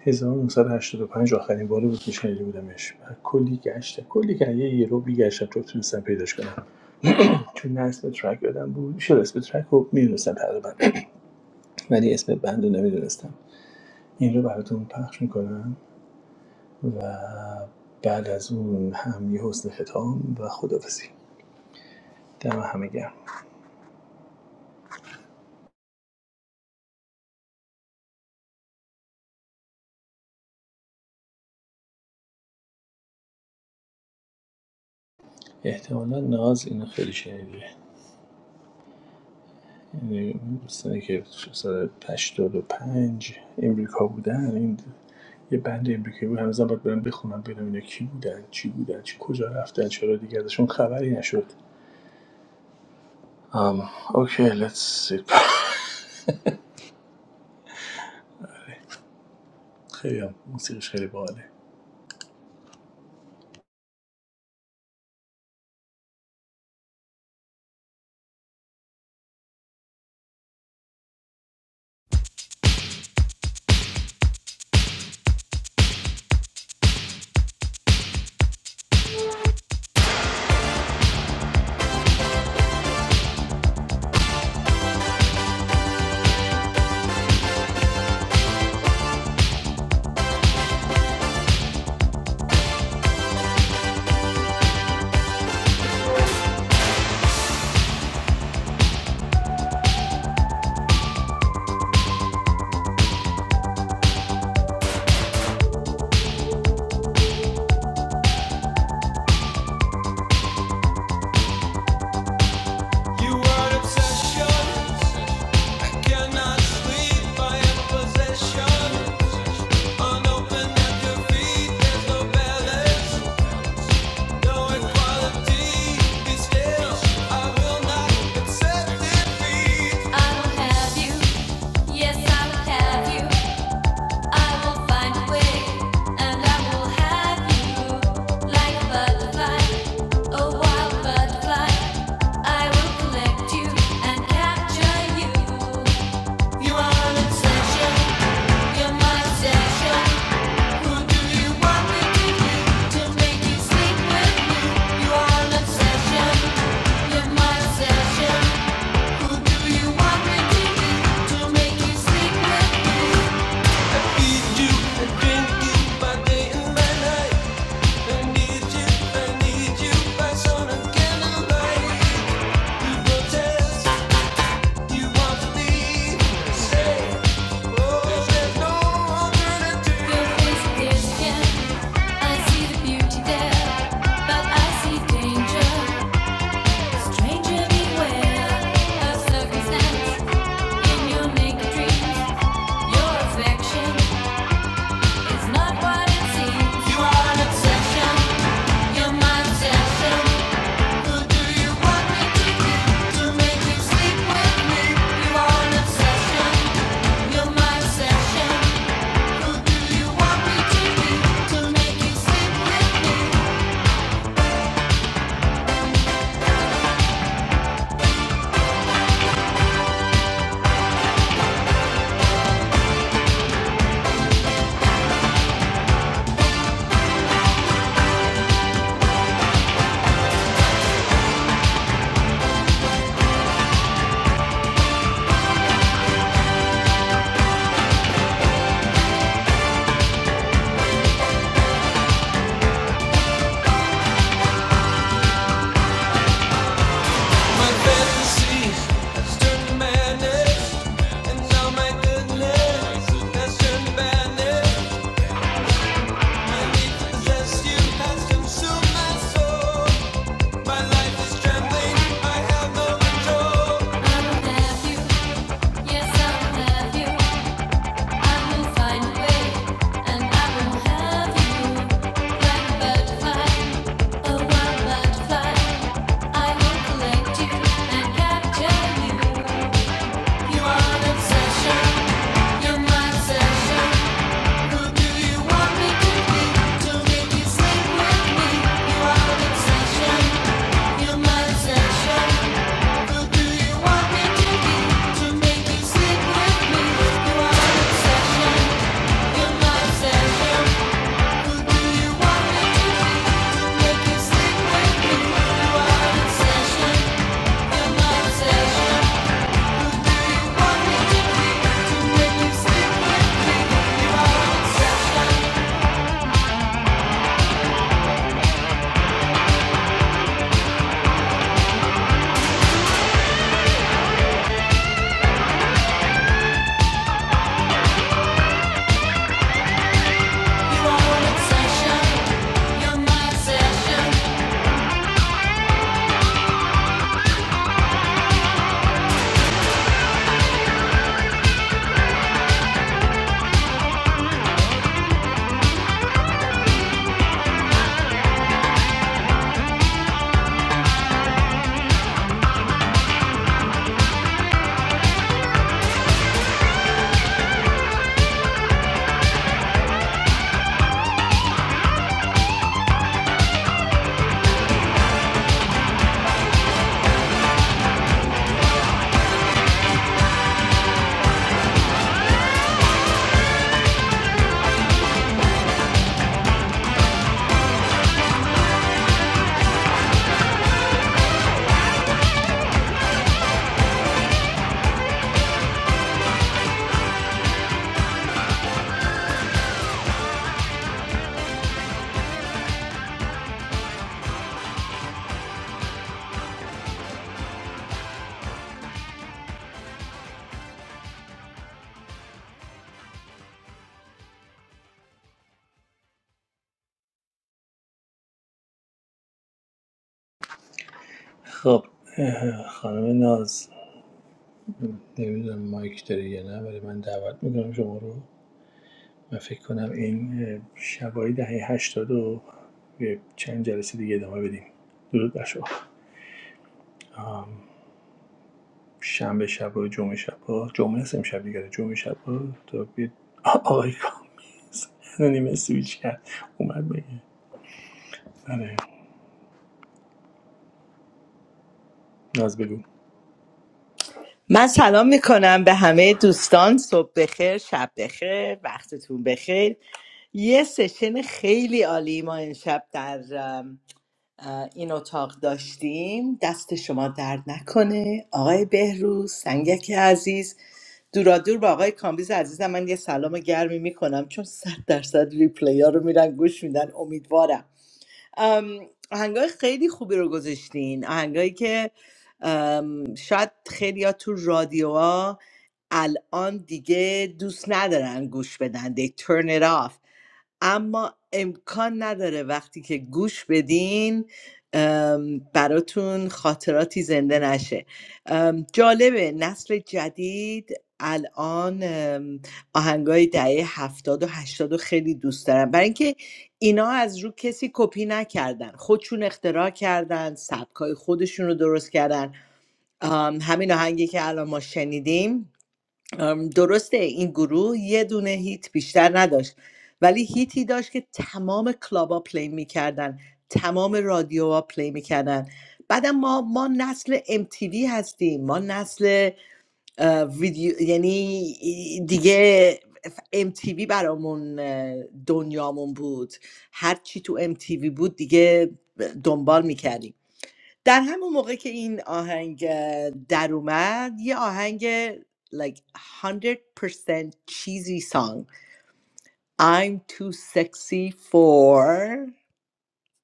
Speaker 1: 1985 آخرین بار بود که شنیده بودمش و کلی گشتم کلی که یه یه رو بیگشتم تا تونستم پیداش کنم چون نه اسم ترک یادم بود شد اسم ترک رو میدونستم تقریبا ولی اسم بند رو نمیدونستم این رو براتون پخش میکنم و بعد از اون هم یه حسن ختام و خدافزی دم همه گرم احتمالا ناز اینو خیلی شنیده یعنی دوستانی که سال 85 امریکا بودن این یه بند امریکایی بود هنوزم باید برم بخونم ببینم اینا کی بودن چی بودن چی کجا رفتن چرا دیگه ازشون خبری نشد ام اوکی لیتس سی خیلی موسیقیش خیلی باله
Speaker 2: You are obsession. I cannot sleep. I am possession. Unopened at your feet. There's no balance, no equality. Be still. I will not accept defeat. I want you, yes, I have you. I need you by sun and candlelight. You protest. You're my obsession. Who do you want me to be? I will collect you and capture you. You're my obsession.
Speaker 1: خب خانم ناز نمیدونم مایک داره یا نه ولی من دعوت میکنم شما رو و فکر کنم این شبای دهه 80 رو چند جلسه دیگه ادامه بدیم درود بر شما شنبه شبا جمعه شبا جمعه هست امشب دیگه جمعه شبا تا بید آقای کامل نیمه سویچ کرد اومد بگه آره ناز بگو
Speaker 3: من سلام میکنم به همه دوستان صبح بخیر شب بخیر وقتتون بخیر یه سشن خیلی عالی ما امشب در ام، اه، این اتاق داشتیم دست شما درد نکنه آقای بهروز سنگک عزیز دورا دور با آقای کامبیز عزیزم من یه سلام گرمی میکنم چون صد درصد ریپلی ها رو میرن گوش میدن امیدوارم ام، آهنگای خیلی خوبی رو گذاشتین آهنگایی که ام، شاید خیلی تو رادیوها الان دیگه دوست ندارن گوش بدن they turn it off اما امکان نداره وقتی که گوش بدین ام، براتون خاطراتی زنده نشه ام، جالبه نسل جدید الان ام، آهنگای دهه هفتاد و هشتاد و خیلی دوست دارن برای اینکه اینا از رو کسی کپی نکردن خودشون اختراع کردن سبکای خودشون رو درست کردن آم، همین آهنگی که الان ما شنیدیم آم، درسته این گروه یه دونه هیت بیشتر نداشت ولی هیتی داشت که تمام کلابا پلی میکردن تمام رادیوها پلی میکردن بعدم ما ما نسل MTV هستیم ما نسل اه، ویدیو یعنی دیگه ام تیوی برامون اه، دنیامون بود هر چی تو ام تیوی بود دیگه دنبال میکردیم در همون موقع که این آهنگ اه، در اومد یه آهنگ like 100% cheesy song I'm too sexy for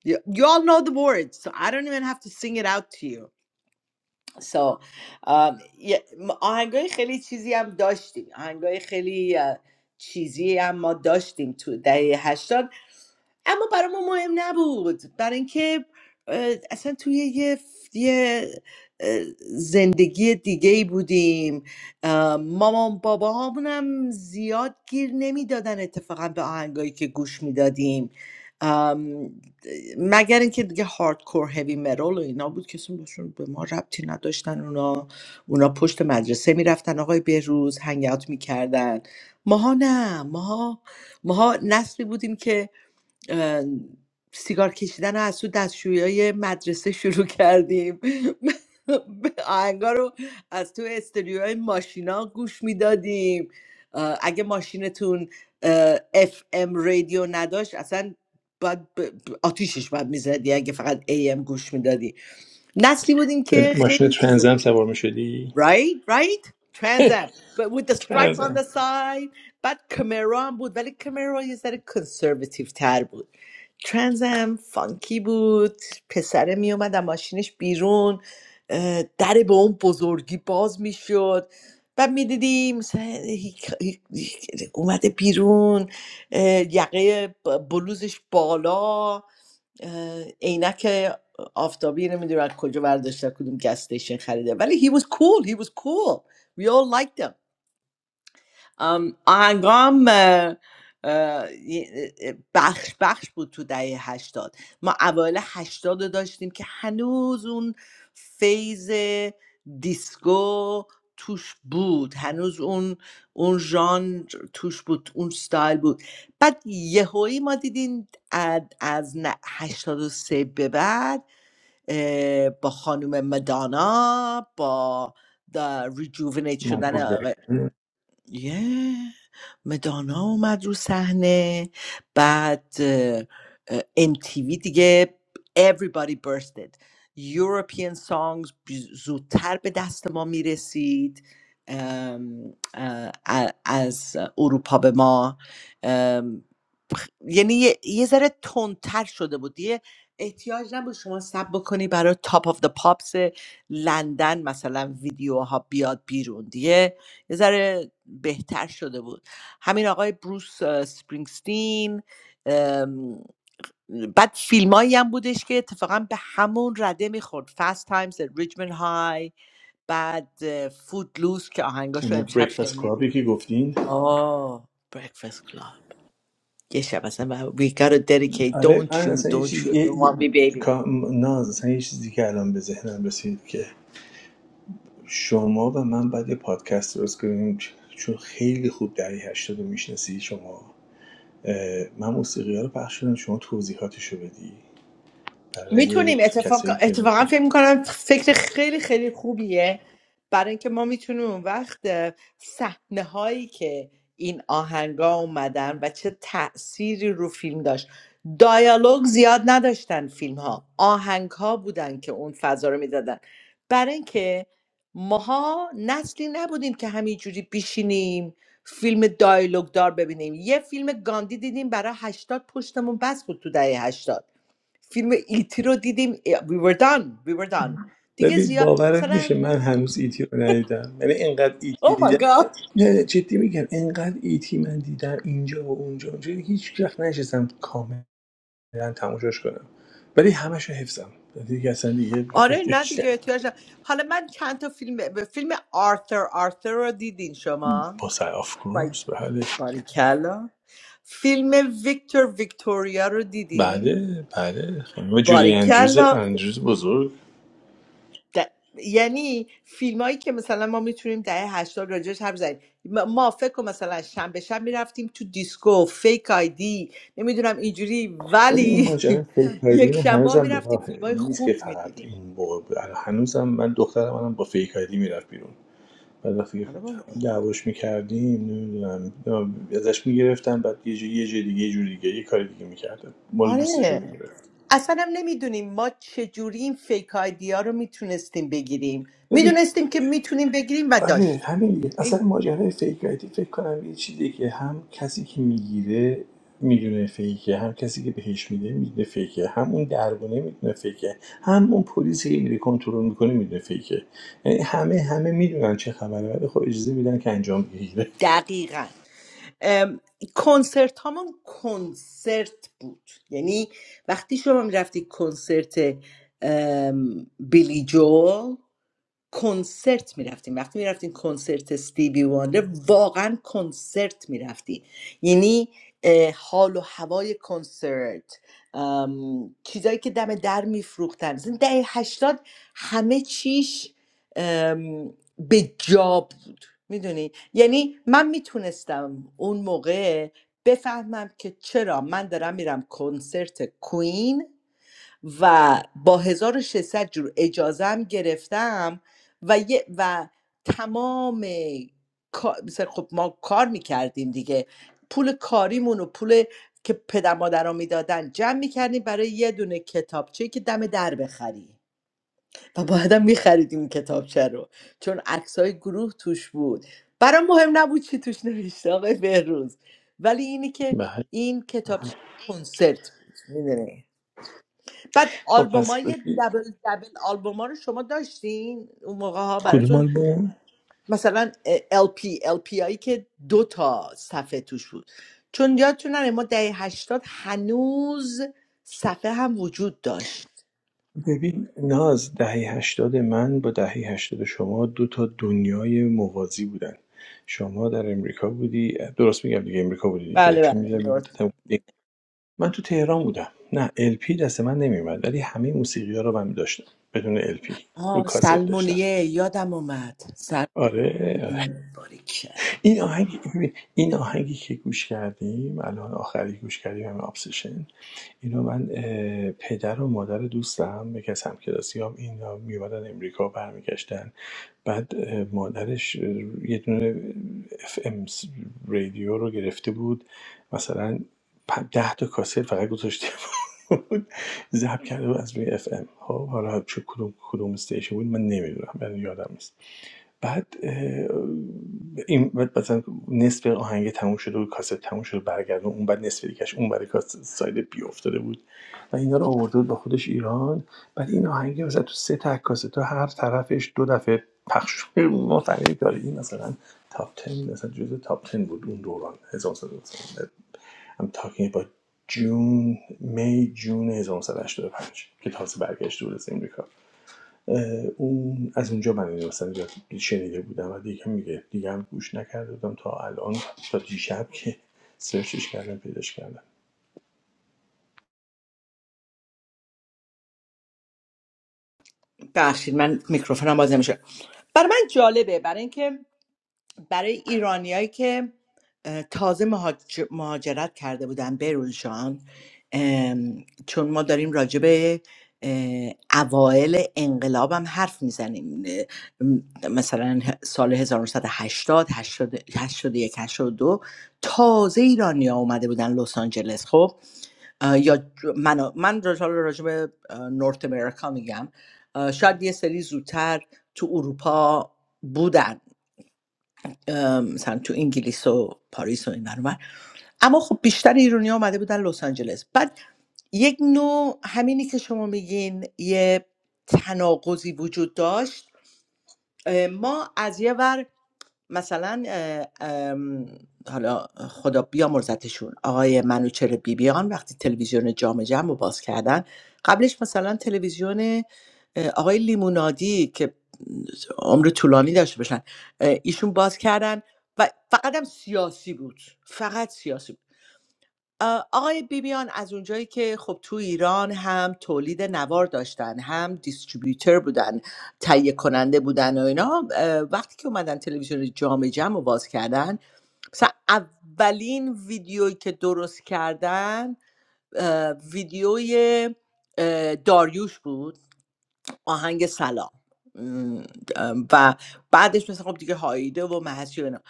Speaker 3: you, you all know the words so I don't even have to sing it out to you So, آم، یه- م- آهنگای خیلی چیزی هم داشتیم آهنگای خیلی اه، چیزی هم ما داشتیم تو دهه 80 اما برای ما مهم نبود برای اینکه اه، اصلا توی یه, ف- یه اه، زندگی دیگه ای بودیم اه، مامان بابا هم زیاد گیر نمیدادن اتفاقا به آهنگایی که گوش میدادیم مگر اینکه دیگه هاردکور هوی مرول و اینا بود کسی باشون به ما ربطی نداشتن اونا اونا پشت مدرسه میرفتن آقای بهروز هنگ اوت میکردن ماها نه ماها ماها نسلی بودیم که سیگار کشیدن از تو دستشویی مدرسه شروع کردیم آهنگا رو از تو استریوهای ماشینا گوش میدادیم اگه ماشینتون اف ام رادیو نداشت اصلا باید ب- ب- آتیشش باید میزدی اگه فقط ای ام گوش میدادی نسلی بودیم
Speaker 1: به
Speaker 3: که
Speaker 1: ماشین
Speaker 3: خیلی چیز
Speaker 1: ترنزم سوار می شدی؟
Speaker 3: right right Trans Am but with the stripe on the
Speaker 1: ترنزم
Speaker 3: side بعد کمرا هم بود ولی کمرا یه ذره کنسرواتیو تر بود ترنزم فانکی بود پسره می اومد از ماشینش بیرون اه، در به اون بزرگی باز میشد بعد میدیدیم مثلا هیک- هیک- هیک- اومده بیرون اه، یقه ب- بلوزش بالا اه، عینک آفتابی نمیدونم از کجا برداشته کدوم گس استیشن خریده ولی he was cool he was cool we all liked him ام، آهنگام اه، اه، بخش بخش بود تو دهه هشتاد ما اوایل هشتاد رو داشتیم که هنوز اون فیز دیسکو توش بود هنوز اون اون ژانر توش بود اون ستایل بود بعد یهویی ما دیدیم اد- از ن- هشتاد و سه به بعد اه، با خانم مدانا با ریجوونیت
Speaker 1: مایکل
Speaker 3: شدن
Speaker 1: جکسون
Speaker 3: یه مدانا اومد رو صحنه بعد ام تی وی دیگه everybody bursted European songs بی- زودتر به دست ما میرسید از اروپا به ما یعنی یه, یه ذره تندتر شده بود یه احتیاج نبود شما سب بکنی برای تاپ آف د پاپس لندن مثلا ویدیوها بیاد بیرون دیگه یه ذره بهتر شده بود همین آقای بروس اه، سپرینگستین ام، بعد فیلمایی هم بودش که اتفاقا به همون رده میخورد فست تایمز ریجمن های بعد فود لوس که آهنگاش رو
Speaker 1: اما
Speaker 3: امشب
Speaker 1: بریکفاست کلابی
Speaker 3: شنیدیم
Speaker 1: که گفتین
Speaker 3: آه برکفست Yes, Shabbat Shabbat. We gotta dedicate.
Speaker 1: آره
Speaker 3: Don't
Speaker 1: من
Speaker 3: you?
Speaker 1: اصلا یه
Speaker 3: Don't you
Speaker 1: چیز یه...
Speaker 3: ever want me, baby?
Speaker 1: ناز اصلا یه چیزی که الان به ذهنم رسید که شما و من باید یه پادکست درست کنیم چون خیلی خوب دهه 80 رو میشناسی شما اه، من موسیقی ها رو پخش کنم شما توضیحاتش رو بدی برای
Speaker 3: میتونیم اتفاق
Speaker 1: کسایی که
Speaker 3: اتفاقا
Speaker 1: میخوان
Speaker 3: فکر میکنم فکر خیلی خیلی خوبیه برای اینکه ما میتونیم اون وقت صحنه هایی که این آهنگا اومدن و چه تأثیری رو فیلم داشت دایالوگ زیاد نداشتن فیلم ها آهنگ ها بودن که اون فضا رو میدادن برای اینکه ماها نسلی نبودیم که همینجوری بیشینیم فیلم دایالوگ دار ببینیم یه فیلم گاندی دیدیم برای هشتاد پشتمون بس بود تو دهه 80 فیلم ایتی رو دیدیم we were done we were done دیگه
Speaker 1: ببین
Speaker 3: زیاد
Speaker 1: باورت
Speaker 3: مثلا
Speaker 1: میشه من هنوز ایتی رو ندیدم یعنی اینقدر ایتی
Speaker 3: oh my
Speaker 1: دیدم که-
Speaker 3: god
Speaker 1: نه جدی میگم اینقدر ایتی من دیدم اینجا و اونجا اونجا هیچ وقت نشستم کاملا تماشاش کنم ولی همش رو حفظم دیگه اصلا دیگه
Speaker 3: آره نه
Speaker 1: احتیاج
Speaker 3: دیگه
Speaker 1: ندارم
Speaker 3: احتیاج نه. حالا من چند تا فیلم به فیلم آرثر آرثر رو دیدین شما
Speaker 1: با سر آف
Speaker 3: بای
Speaker 1: کورس بله
Speaker 3: باریکلا فیلم ویکتور ویکتوریا رو دیدین
Speaker 1: بله بله خانم جولی اندروز
Speaker 3: باریکلا
Speaker 1: اندروز بزرگ
Speaker 3: د- یعنی فیلمایی که مثلا ما میتونیم دهه هشتاد راجعش حرف بزنیم ما ما فکر کن مثلا شنبه شب میرفتیم تو دیسکو فیک آیدی نمیدونم اینجوری
Speaker 1: ببین این
Speaker 3: ولی
Speaker 1: ماجرا فیک آیدی
Speaker 3: یک
Speaker 1: من
Speaker 3: شبا
Speaker 1: هنوزم به
Speaker 3: میرفتیم
Speaker 1: راهه
Speaker 3: فیلمای
Speaker 1: این نیست که
Speaker 3: خوب
Speaker 1: فقط
Speaker 3: میدیدیم
Speaker 1: اون موقع بود الان هنوزم من دخترم الان با فیک آیدی میرفت بیرون بعد وقتی که
Speaker 3: آره بابا.
Speaker 1: دعواش میکردیم نمیدونم ازش میگرفتم بعد یه جوری یه جای دیگه یه جور دیگه یه کار دیگه میکردم مال
Speaker 3: آره
Speaker 1: دوستشو میگرفت
Speaker 3: اصلا هم نمیدونیم ما چجوری این فیک آیدی رو میتونستیم بگیریم میدونستیم که میتونیم بگیریم و
Speaker 1: آره
Speaker 3: داشتیم
Speaker 1: همین دیگه اصلا
Speaker 3: این
Speaker 1: ماجرای فیک آیدی فکر کنم یه چیزی که هم کسی که میگیره میدونه فیکه هم کسی که بهش میده میدونه فیکه هم اون دربونه میدونه فیکه هم اون پلیسی که میره کنترل میکنه میدونه فیکه یعنی همه همه میدونن چه خبره ولی خب اجازه میدن که انجام بگیره
Speaker 3: دقیقا کنسرت هامون کنسرت بود یعنی وقتی شما میرفتی کنسرت بیلی جول کنسرت میرفتیم وقتی میرفتیم کنسرت استیوی واندر واقعا کنسرت میرفتی یعنی حال و هوای کنسرت ام، چیزایی که دم در میفروختن زن دهه هشتاد همه چیش ام، به جا بود میدونی یعنی من میتونستم اون موقع بفهمم که چرا من دارم میرم کنسرت کوین و با 1600 جور اجازه هم گرفتم و یه و تمام کا- مثل خب ما کار میکردیم دیگه پول کاریمون و پول که پدر مادرها میدادن جمع میکردیم برای یه دونه کتابچه که دم در بخری و بعدا میخریدیم کتابچه رو چون عکسای گروه توش بود برام مهم نبود چی توش نوشته آقای بهروز ولی اینی که
Speaker 1: بله
Speaker 3: این کتابچه کنسرت بود می‌دونی. بعد
Speaker 1: خب پس
Speaker 3: آلبومای دبل دبل آلبوما رو شما داشتین اون موقع ها
Speaker 1: کدوم
Speaker 3: براتون
Speaker 1: آلبوم
Speaker 3: مثلا LP LP هایی که دو تا صفحه توش بود چون یادتونه ما دهه هشتاد هنوز صفحه هم وجود داشت
Speaker 1: ببین ناز دهه هشتاد من با دهه هشتاد شما دو تا دنیای موازی بودن شما در امریکا بودی درست میگم دیگه امریکا بودی دیگه
Speaker 3: بله
Speaker 1: چون
Speaker 3: بله
Speaker 1: میدونم یه
Speaker 3: نورت.
Speaker 1: مدت هم بودی. من تو تهران بودم نه LP دست من نمیومد ولی همه موسیقی ها رو من داشتم بدون LP رو
Speaker 3: آه
Speaker 1: کاست داشتم
Speaker 3: سلمونیه یادم اومد
Speaker 1: آره
Speaker 3: سلمونیه باریک
Speaker 1: این آهنگی ببین، این آهنگی که گوش کردیم الان آخری گوش کردیم همه ابسشن اینو من اه، پدر و مادر دوستم یکی از همکلاسی هم اینا میومدن امریکا برمیگشتن بعد اه، مادرش اه، یه دونه اف ام رادیو رو گرفته بود مثلا پ- ده تا کاست فقط گذاشته بود ضبط کرده بود از روی اف ام خب حالا چه کدوم کدوم استیشن بود من نمیدونم من یادم نیست بعد اه، این بعد مثلا نصف آهنگ تموم شده بود کاست تموم شده برگردون اون بعد نصف دیگهش اون برای کاست ساید بی افتاده بود و اینا رو آورده بود با خودش ایران بعد این آهنگ مثلا تو سه تا کاست هر طرفش دو دفعه پخش شد ما فهمیدیم داره این مثلا تاپ 10 مثلا جزء تاپ 10 بود اون دوران 1990 I'm talking about June May June 1985 که تازه برگشته بود از امریکا اه، اون از اونجا من اینو مثلا شنیده بودم و دیگه میگه دیگه هم گوش نکرده بودم تا الان تا دیشب که سرچش کردم پیداش کردم
Speaker 3: ببخشید من میکروفونم باز نمیشه برای من جالبه برای اینکه برای ایرانیایی که اه، تازه مهاج- مهاجرت کرده بودن برونشان ام، چون ما داریم راجع به اه، اوایل انقلاب هم حرف میزنیم مثلا سال 1980 80 81 82 تازه ایرانی ها اومده بودن لس آنجلس خب اه، یا من من راجع راجع به اه، نورت امریکا میگم اه، شاید یه سری زودتر تو اروپا بودن ام، مثلا تو انگلیس و پاریس و این ور اون ور. اما خب بیشتر ایرانی آمده بودن لس آنجلس بعد یک نوع همینی که شما میگین یه تناقضی وجود داشت اه، ما از یه ور مثلا حالا خدا بیامرزتشون آقای منوچهر بیبیان وقتی تلویزیون جام جم رو باز کردن قبلش مثلا تلویزیون آقای لیمونادی که عمر طولانی داشته باشن اه، ایشون باز کردن و فقط هم سیاسی بود فقط سیاسی آ، آقای بیبیان از اونجایی که خب تو ایران هم تولید نوار داشتن هم دیستریبیوتور بودن تهیه کننده بودن و اینا اه، وقتی که اومدن تلویزیون جام جم رو باز کردن مثلا اولین ویدیویی که درست کردن اه، ویدیوی اه، داریوش بود آهنگ سلام م، اه، و بعدش مثلا خب دیگه هایده و محسی و اینا.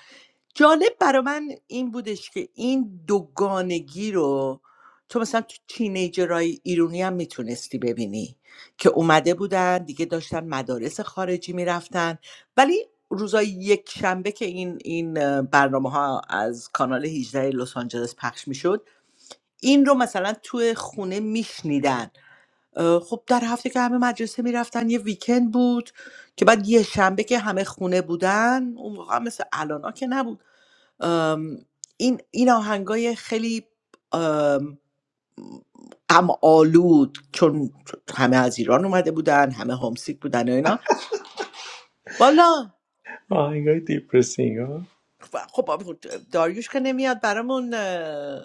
Speaker 3: جالب برا من این بودش که این دوگانگی رو تو مثلا تو تینیجرهای ایرونی هم میتونستی ببینی که اومده بودن دیگه داشتن مدارس خارجی میرفتن ولی روزای یک شنبه که این این برنامه ها از کانال 18 لس آنجلس پخش میشد این رو مثلا تو خونه میشنیدن خب در هفته که همه مدرسه میرفتن یه ویکند بود که بعد یه شنبه که همه خونه بودن اون موقع هم مثل الان که نبود ام، این این آهنگای خیلی ام، غم آلود چون همه از ایران اومده بودن همه هومسیک بودن و اینا والا
Speaker 1: آهنگای دیپرسینگ ها
Speaker 3: خب داریوش که نمیاد برامون اه،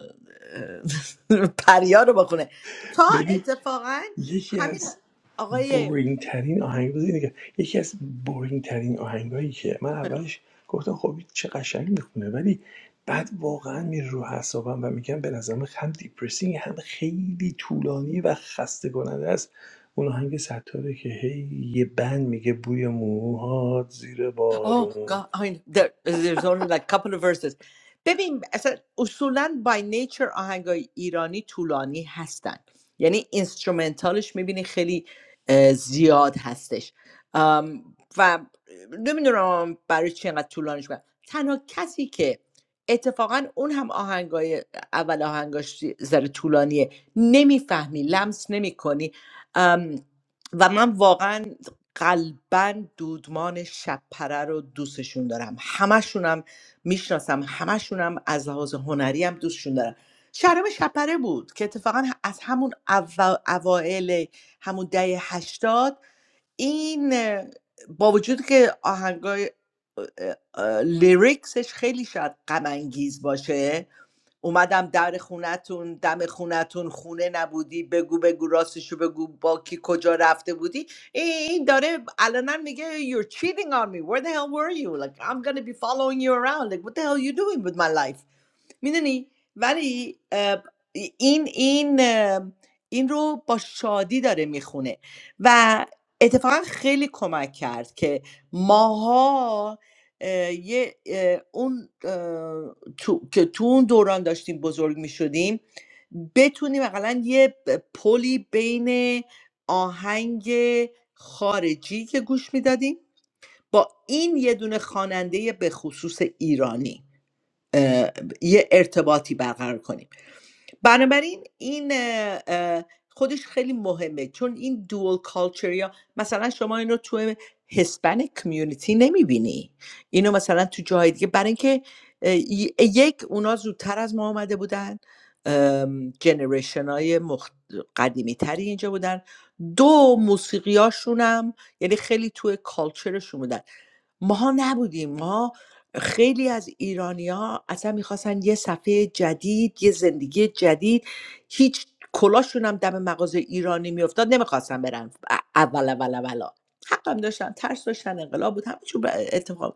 Speaker 3: اه، پریا رو بخونه تا
Speaker 1: ببین
Speaker 3: اتفاقا
Speaker 1: یکی
Speaker 3: همین
Speaker 1: از
Speaker 3: آقای
Speaker 1: بورینگ ترین آهنگ بود اینه که یکی از بورینگ ترین آهنگایی که من اولش گفتم خب این چه قشنگ میخونه ولی بعد واقعا میره رو حسابم و میگم به نظرم هم دیپرسینگ هم خیلی طولانی و خسته کننده است اون آهنگ ستاره که هی یه بند میگه بوی موهات زیر
Speaker 3: Oh
Speaker 1: بارون
Speaker 3: God, I mean, there, there's only like couple of verses. ببین اصلا اصولا by nature آهنگای ایرانی طولانی هستن یعنی اینسترومنتالش میبینی خیلی اه، زیاد هستش ام، و نمیدونم برای چی اینقدر طولانیش کنن تنها کسی که اتفاقا اون هم آهنگای اول آهنگاش ذره طولانیه نمیفهمی لمس نمیکنی و من واقعا قلبا دودمان شبپره رو دوستشون دارم همشونم میشناسم همشونم از لحاظ هنری هم دوستشون دارم شهرام شبپره بود که اتفاقا از همون اوا- اوائل همون دهه هشتاد این اه، با وجود که آهنگای اه، اه، لیریکسش خیلی شاید غم انگیز باشه اومدم در خونتون دم خونتون خونه نبودی بگو بگو راستشو بگو با کی کجا رفته بودی این داره الان میگه you're cheating on me where the hell were you like I'm gonna be following you around like what the hell you doing with my life میدونی ولی اه، این این اه، این رو با شادی داره میخونه و اتفاقا خیلی کمک کرد که ماها اه، یه اه، اون اه، تو- که تو اون دوران داشتیم بزرگ میشدیم بتونیم اقلا یه ب- پلی بین آهنگ خارجی که گوش میدادیم با این یه دونه خواننده به خصوص ایرانی اه، یه ارتباطی برقرار کنیم بنابراین این اه، اه، خودش خیلی مهمه چون این دوال کالچر یا مثلا شما اینو تو هسپانیک کمیونیتی نمیبینی اینو مثلا تو جای دیگه برای اینکه اه، ی- یک اونا زودتر از ما آمده بودن جنریشن های مخت... قدیمی تری اینجا بودن دو موسیقیاشون هم یعنی خیلی توی کالچرشون بودن ماها نبودیم ما خیلی از ایرانیا اصلا میخواستن یه صفحه جدید یه زندگی جدید هیچ کلاشون هم دم مغازه ایرانی میافتاد نمیخواستن برن ا- اول اول اولا حقم داشتن ترس داشتن انقلاب بود همه چون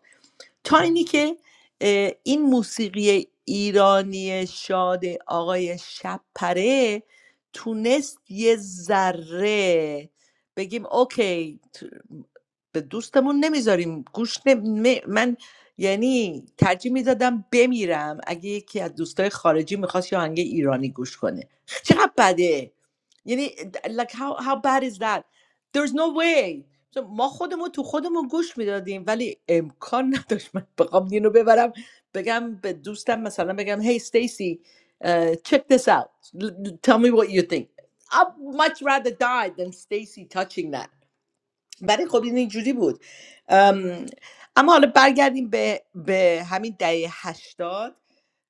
Speaker 3: تا اینی که اه، این موسیقی ایرانی شاد آقای شب تونست یه ذره بگیم اوکی تو- به دوستمون نمیذاریم گوش نم... م- من یعنی ترجیح میدادم بمیرم اگه یکی از دوستای خارجی میخواست یه آهنگ ایرانی گوش کنه چقدر بده یعنی like how, how bad is that there's no way چون ما خودمون تو خودمون گوش میدادیم ولی امکان نداشت من بخوام اینو ببرم بگم به دوستم مثلا بگم هی استیسی check this out L- tell me what you think I'd much rather die than Stacy touching that ولی خب این اینجوری بود ام، اما حالا برگردیم به, به همین دهه هشتاد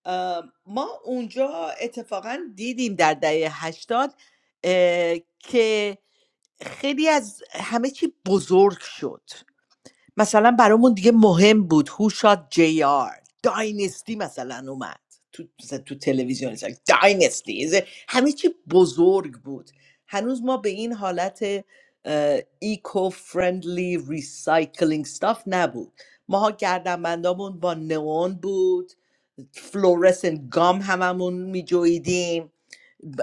Speaker 3: ام، ما اونجا اتفاقا دیدیم در دهه هشتاد اه، که خیلی از همه چی بزرگ شد مثلا برامون دیگه مهم بود هو شات جی آر داینستی مثلا اومد تو, مثلا تو تلویزیون داینستی همه چی بزرگ بود هنوز ما به این حالت ایکو فرندلی ریسایکلینگ استاف نبود ماها گردنبندامون با نئون بود فلورسن گام هممون میجویدیم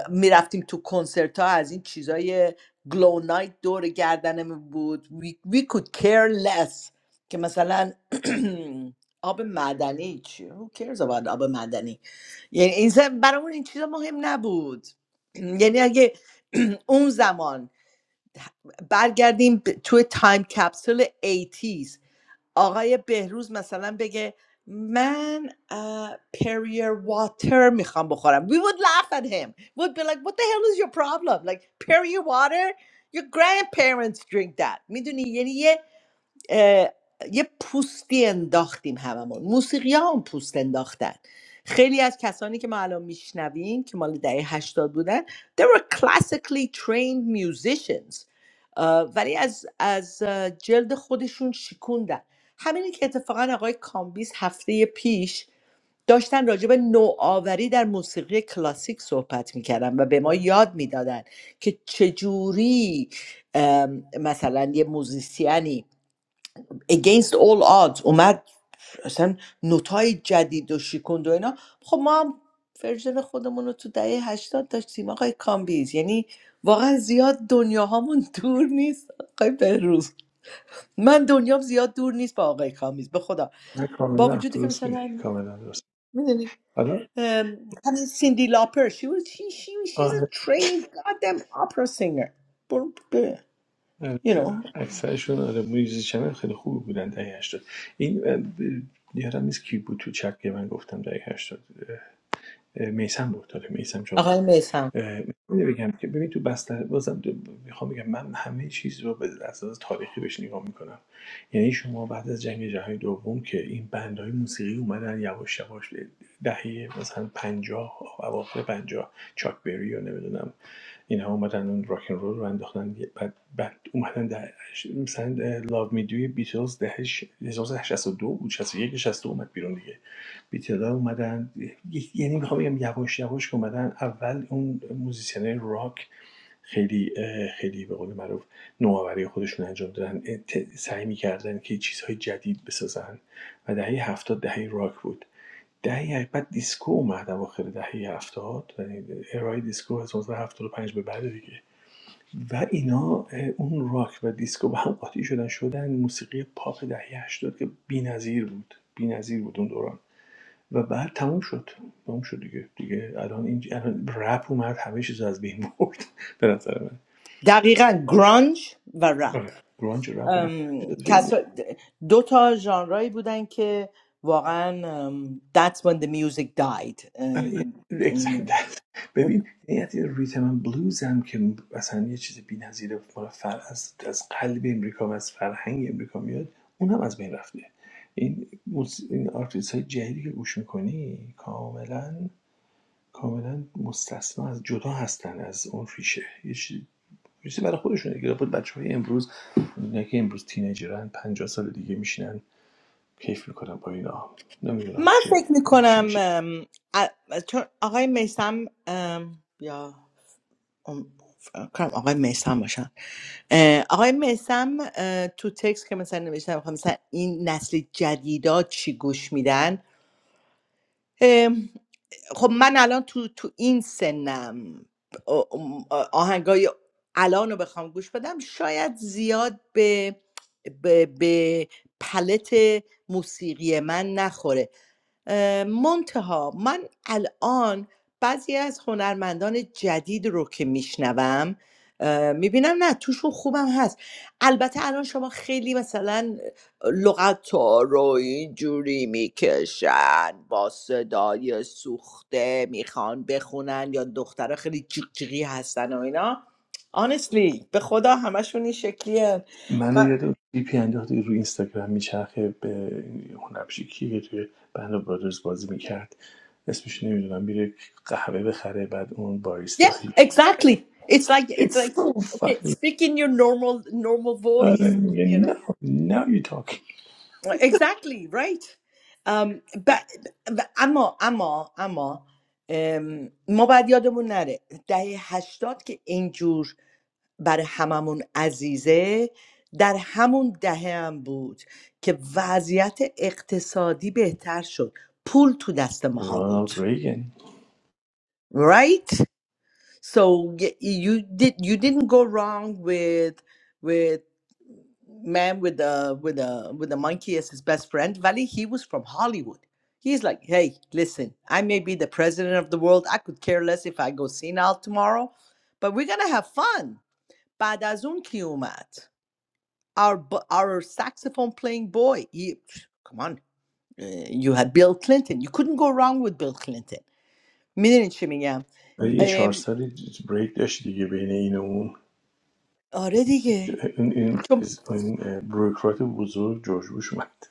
Speaker 3: میرفتیم تو کنسرت ها از این چیزای گلو نایت دور گردنمون بود we, we could care less که مثلا آب معدنی چی who cares about آب معدنی یعنی این ز- برامون این چیزا مهم نبود یعنی اگه اون زمان برگردیم به- توی تایم کپسول 80 آقای بهروز مسالمه بگه من پریور واتر میخم بخورم. We would laugh at him. Would be like, what the hell is your problem? Like, Perrier water? Your grandparents drink that. میدونی، یعنی اه، یه پوستی انداختیم هممون موسیقی ها هم پوست انداختن خیلی از کسانی که ما الان میشنویم که مال دهه هشتاد بودن they were classically trained musicians اه، ولی از, از اه، جلد خودشون شکوندن همینی که اتفاقا آقای کامبیز هفته پیش داشتن راجع به نوآوری در موسیقی کلاسیک صحبت میکردن و به ما یاد میدادن که چجوری ام، مثلا یه موزیسیانی against all odds اومد اصلا نوتای جدید و شیکوند و اینا خب ما هم ورژن خودمون رو تو دهه هشتاد داشتیم آقای کامبیز یعنی واقعا زیاد دنیا هامون دور نیست آقای بهروز من دنیام زیاد دور نیست با آقای کامبیز به خدا
Speaker 1: نه
Speaker 3: با
Speaker 1: کاملا
Speaker 3: وجودی که
Speaker 1: درست میگی
Speaker 3: مثلا
Speaker 1: کاملا درست
Speaker 3: میدونی همین سیندی لاپر she was she she she's
Speaker 1: حالا
Speaker 3: a trained goddamn opera singer برو ب-
Speaker 1: آره،
Speaker 3: you know
Speaker 1: اکثرشون آره میوزیشن های خیلی خوبی بودن دهه 80 این اه، ب- یادم نیست کی بود تو چت که من گفتم دهه 80 میسم بود آره میسم جان بود
Speaker 3: آقای میسم
Speaker 1: می‌دونی بگم که ببین تو بستر بازم میخوام بگم من همه چیز رو به اساس تاریخی بهش نگاه میکنم یعنی شما بعد از جنگ جهانی دوم که این بندهای موسیقی اومدن یواش یواش دهه مثلا پنجاه اواخر پنجاه چاک بری و نمیدونم اینها اومدن اون راکن رول رو انداختن بعد بعد اومدن در مثلا لاو می دوی بیتلز دهه ش- دو بود 61 62 اومد بیرون دیگه بی‌تدا اومدن ی- یعنی میخوام بگم یواش یواش که اومدن اول اون موزیسین راک خیلی خیلی به قول معروف نوآوری خودشون انجام دادن اه، سعی میکردن که چیزهای جدید بسازن و دهه هفتاد دهه راک بود دهه بعد دیسکو اومد اواخر دهه هفتاد یعنی ارائه دیسکو از هفتاد و پنج به بعد دیگه و اینا اون راک و دیسکو با هم قاطی شدن شدن موسیقی پاپ دهه 80 که بی‌نظیر بود بی‌نظیر بود اون دوران و بعد تموم شد تموم شد دیگه دیگه الان این الان رپ اومد همه چیز از بین برد به نظر من
Speaker 3: دقیقا گرانج و رپ
Speaker 1: آره گرانج و رپ اومد همه چیز
Speaker 3: ام،
Speaker 1: از بین برد
Speaker 3: کسا- دو تا ژانرایی بودن که واقعا ام، that's when the music died
Speaker 1: آره یه-
Speaker 3: ام،
Speaker 1: exactly
Speaker 3: ام.
Speaker 1: that. ببین نیت ریتم اند بلوز هم که اصلا یه چیز بی‌نظیره مال فر از از قلب امریکا و از فرهنگ امریکا میاد اونم از بین رفته این موس... این آرتیست جدیدی که گوش میکنی کاملاً کاملاً مستثنا از جدا هستن از اون ریشه یه چیزی برای خودشون دیگه بود امروز اینا که امروز تینیجرن پنجاه سال دیگه میشینن کیف میکنن با اینا نمیدونم
Speaker 3: من
Speaker 1: به
Speaker 3: فکر
Speaker 1: چی
Speaker 3: میکنم
Speaker 1: میشه
Speaker 3: چون آقای میسم یا ام، فکر کنم آقای میسم باشن اه، آقای میسم تو تکس که مثلا نوشتن میخوام مثلا این نسل جدیدا چی گوش میدن خب من الان تو تو این سنم آ- آهنگای الان رو بخوام گوش بدم شاید زیاد به به, به پلت موسیقی من نخوره اه، منتها من الان بعضی از هنرمندان جدید رو که میشنوم میبینم نه توشون خوبم هست البته الان شما خیلی مثلا لغت ها رو اینجوری میکشن با صدای سوخته میخوان بخونن یا دخترها خیلی جیغ جیغی هستن و اینا honestly به خدا همشون این شکلیه
Speaker 1: من یاد پی انداخت روی اینستاگرام میچرخه به هنرپیشه که توی بند برادرز بازی میکرد اسمش نمیدونم میره قهوه بخره بعد اون
Speaker 3: Yeah,
Speaker 1: باریستایی
Speaker 3: exactly. It's like
Speaker 1: It's
Speaker 3: it's like
Speaker 1: so
Speaker 3: okay,
Speaker 1: funny
Speaker 3: speak in your normal normal
Speaker 1: آره
Speaker 3: voice, you
Speaker 1: میگه
Speaker 3: know.
Speaker 1: no now you talking
Speaker 3: Exactly, right. Um but, but اما اما اما ام، ما باید یادمون نره دهه هشتاد که اینجور برای هممون عزیزه در همون دهه هم بود که وضعیت اقتصادی بهتر شد پول تو دست ماها بود
Speaker 1: رونالد ریگن
Speaker 3: right So y- you did you didn't go wrong with with man with the with the with the monkey as his best friend. Valley, he was from Hollywood. He's like, hey, listen, I may be the president of the world. I could care less if I go senile tomorrow, but we're gonna have fun. Badazun ki umat. our bu- our saxophone playing boy. He, come on, uh, you had Bill Clinton. You couldn't go wrong with Bill Clinton. میدونین چی میگم؟
Speaker 1: یه چهار
Speaker 3: ام،
Speaker 1: سالی بریک داشت دیگه بین این و اون
Speaker 3: آره دیگه.
Speaker 1: این این چیز- این بروکرات بزرگ جورج بوش اومد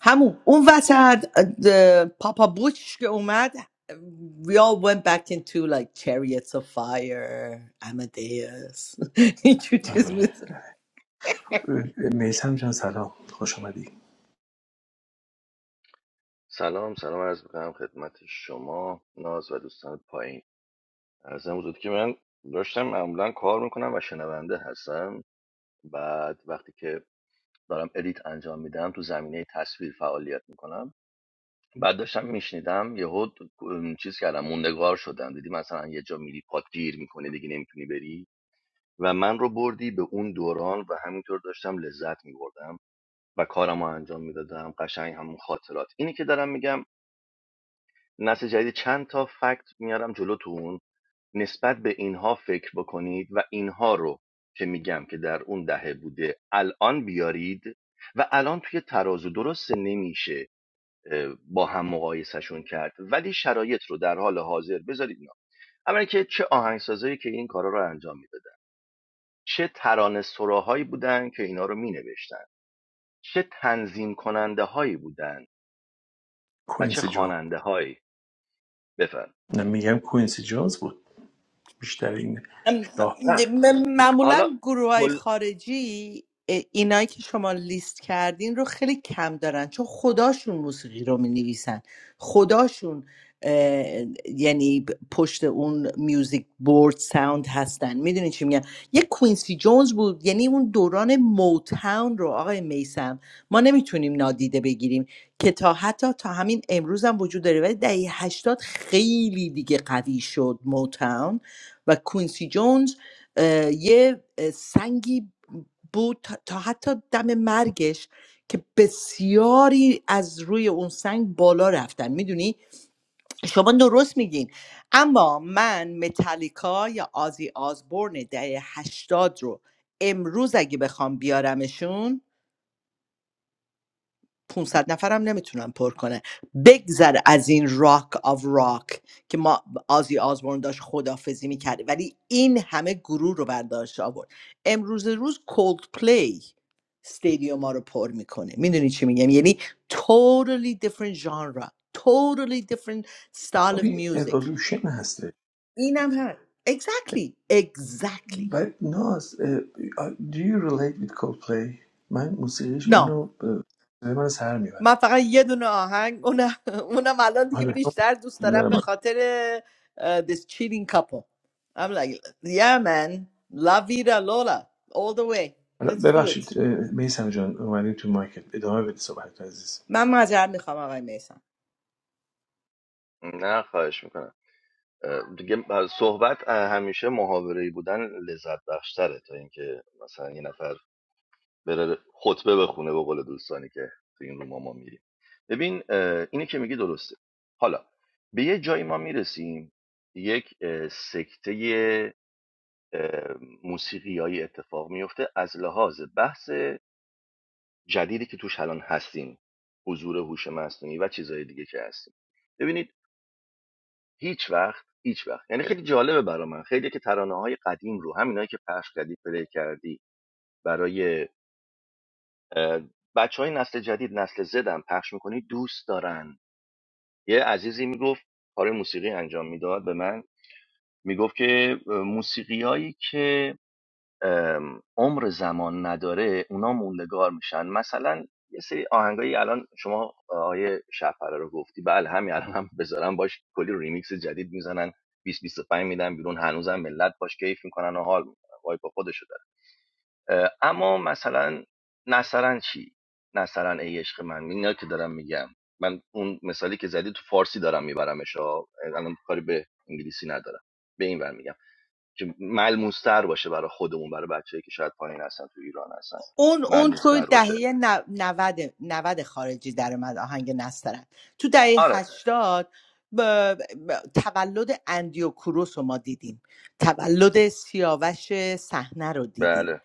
Speaker 3: همون اون وسط پاپا بوش که اومد we all went back into like chariots of fire Amadeus اینجور چیز
Speaker 1: آره میسم جان سلام خوش آمدی
Speaker 4: سلام سلام عرض میکنم خدمت شما ناز و دوستان پایین ارزم حضورت که من داشتم معمولا کار میکنم و شنونده هستم بعد وقتی که دارم ادیت انجام میدم تو زمینه تصویر فعالیت میکنم بعد داشتم میشنیدم یهو ام، چیز کردم موندگار شدم دیدی مثلا یه جا میری پات گیر میکنه دیگه نمیتونی بری و من رو بردی به اون دوران و همینطور داشتم لذت میبردم و کارمو انجام میدادم قشنگ همون خاطرات اینی که دارم میگم نسل جدید چند تا فکت میارم جلوتون نسبت به اینها فکر بکنید و اینها رو که میگم که در اون دهه بوده الان بیارید و الان توی ترازو درست نمیشه با هم مقایسهشون کرد ولی شرایط رو در حال حاضر بذارید اینا اولا که چه آهنگسازایی که این کارا رو انجام میدادن چه ترانه سراهایی بودن که اینا رو مینوشتن چه تنظیم کننده هایی بودن و چه
Speaker 1: کوینسی جان
Speaker 4: خواننده هایی بفرم
Speaker 1: نه میگم کوینسی جانز بود بیشتر این
Speaker 3: ام،
Speaker 1: شاه
Speaker 4: نه
Speaker 3: م- معمولا
Speaker 4: حالا
Speaker 3: گروه های
Speaker 4: کل
Speaker 3: خارجی اه، اینایی که شما لیست کردین رو خیلی کم دارن چون خداشون موسیقی رو می نویسن خداشون اه، یعنی ب- پشت اون میوزیک بورد ساوند هستن میدونین چی میگن یه کوینسی جونز بود یعنی اون دوران موتاون رو آقای میسم ما نمیتونیم نادیده بگیریم که تا حتی تا همین امروز هم وجود داره ولی دهه 80 خیلی دیگه قوی شد موتاون و کوینسی جونز اه، یه اه، سنگی بود تا تا حتی دم مرگش که بسیاری از روی اون سنگ بالا رفتن میدونی شما درست میگین اما من متالیکا یا آزی آزبورن دهه هشتاد رو امروز اگه بخوام بیارمشون 500 نفرم نمیتونن پر کنه بگذر از این راک آف راک که ما آزی آزبورن داشت خدافزی میکرد ولی این همه گروه رو برداشت آورد امروز روز کولد پلی استادیوم ها رو پر میکنه میدونی چی میگم یعنی totally different genre totally different style
Speaker 1: خب،
Speaker 3: of
Speaker 1: این
Speaker 3: music
Speaker 1: اولوشن هسته
Speaker 3: اینم هم exactly exactly
Speaker 1: بعد ناز اه، do you relate with Coldplay من موسیقیش
Speaker 3: No,
Speaker 1: منو اه، منو سر
Speaker 3: من
Speaker 1: میبره
Speaker 3: فقط یه دونه آهنگ اونم اونم الان دیگه
Speaker 1: آره
Speaker 3: بیشتر دوست دارم
Speaker 1: میبره
Speaker 3: به
Speaker 1: من.
Speaker 3: خاطر اه، this cheating couple I'm like yeah man la vida lola all the way let's do it
Speaker 1: ببخشید میسم جان اومدیم تو مایکت ادامه بده صحبت عزیز
Speaker 3: من معذرت میخوام آقای میسم
Speaker 4: نه خواهش میکنم دیگه صحبت اه، همیشه محاورهی بودن لذت بخشتره تا اینکه مثلا یه نفر بره خطبه بخونه به قول دوستانی که تو این روما ما میریم ببین اه، اینی که میگی درسته حالا به یه جایی ما میرسیم یک اه، سکته موسیقیایی اتفاق میفته از لحاظ بحث جدیدی که توش الان هستیم حضور هوش مصنوعی و چیزهای دیگه که هستیم ببینید. هیچ وقت هیچ وقت یعنی خیلی جالبه برا من خیلی که ترانه قدیم رو همینایی که پخش کردی پلی کردی برای بچه نسل جدید نسل زدم پخش میکنی دوست دارن یه عزیزی میگفت کار موسیقی انجام میداد به من میگفت که موسیقیایی که ام، عمر زمان نداره اونا موندگار میشن مثلا یه سری آهنگایی الان شما آیه شهپره رو گفتی بله همین الان هم بذارن باش کلی ریمیکس جدید میزنن 20 25 میدن بیرون هنوزم ملت باش کیف میکنن و حال میکنن وای با خودشو داره اما مثلا نصرن چی نصرن ای عشق من اینا که دارم میگم من اون مثالی که زدی تو فارسی دارم میبرمش ها. الان کاری به انگلیسی ندارم به این ور میگم که ملموستر باشه برای خودمون برای بچه‌ای که شاید پایین هستن تو ایران هستن
Speaker 3: اون اون تو
Speaker 4: ملموستر باشه
Speaker 3: دهه نو- نود نود خارجی در اومد آهنگ نسترن تو دهه
Speaker 4: آره
Speaker 3: هشتاد ب... ب- تولد اندیو کروس رو ما دیدیم تولد سیاوش صحنه رو دیدیم
Speaker 4: بله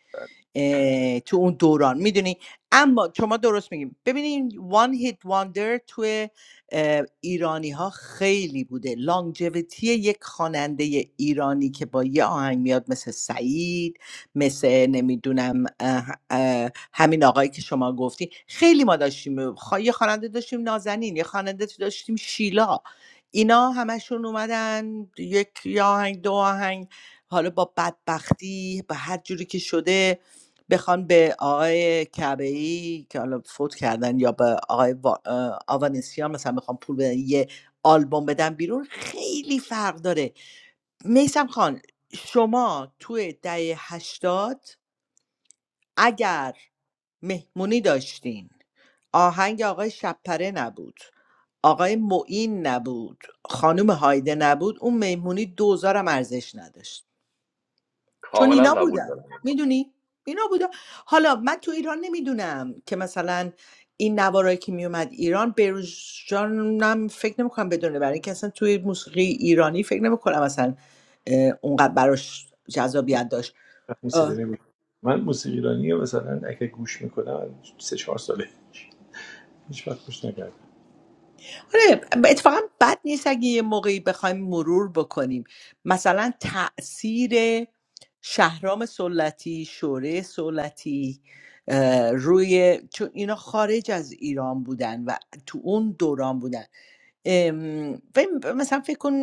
Speaker 3: اه، تو اون دوران میدونی اما شما درست میگیم ببینین وان هیت واندر توی ایرانی ها خیلی بوده لانجویتی یک خواننده ایرانی که با یه آهنگ میاد مثل سعید مثل نمیدونم اه، اه، همین آقایی که شما گفتی خیلی ما داشتیم خ- یه خواننده داشتیم نازنین یه خواننده داشتیم شیلا اینا همشون اومدن یک یه آهنگ دو آهنگ حالا با بدبختی با هر جوری که شده بخوان به آقای کبهی که حالا فوت کردن یا به آقای وا- اه، آوانسیان مثلا بخوان پول بدن یه آلبوم بدن بیرون خیلی فرق داره میسم خان شما توی دهه هشتاد اگر مهمونی داشتین آهنگ آقای شپره نبود آقای معین نبود خانم هایده نبود اون مهمونی دوزارم ارزش نداشت چون
Speaker 4: کاملا
Speaker 3: اینا
Speaker 4: قبول دارم
Speaker 3: بودن میدونی اینا بودن حالا من تو ایران نمیدونم که مثلا این نوارایی که میومد ایران بروز جانم فکر نمیکنم بدونه برای اینکه اصلا توی موسیقی ایرانی فکر نمیکنم اصلا اه، اونقدر براش جذابیت داشت
Speaker 1: موسیقی نگوش من موسیقی ایرانی رو مثلا اگه گوش میکنم سه چهار ساله هیچ وقت گوش نکردم
Speaker 3: آره اتفاقا بد نیست اگه یه موقعی بخوایم مرور بکنیم مثلا تاثیر شهرام سلطی شوره سلطی اه، روی چون اینا خارج از ایران بودن و تو اون دوران بودن ام، و مثلا فکر کن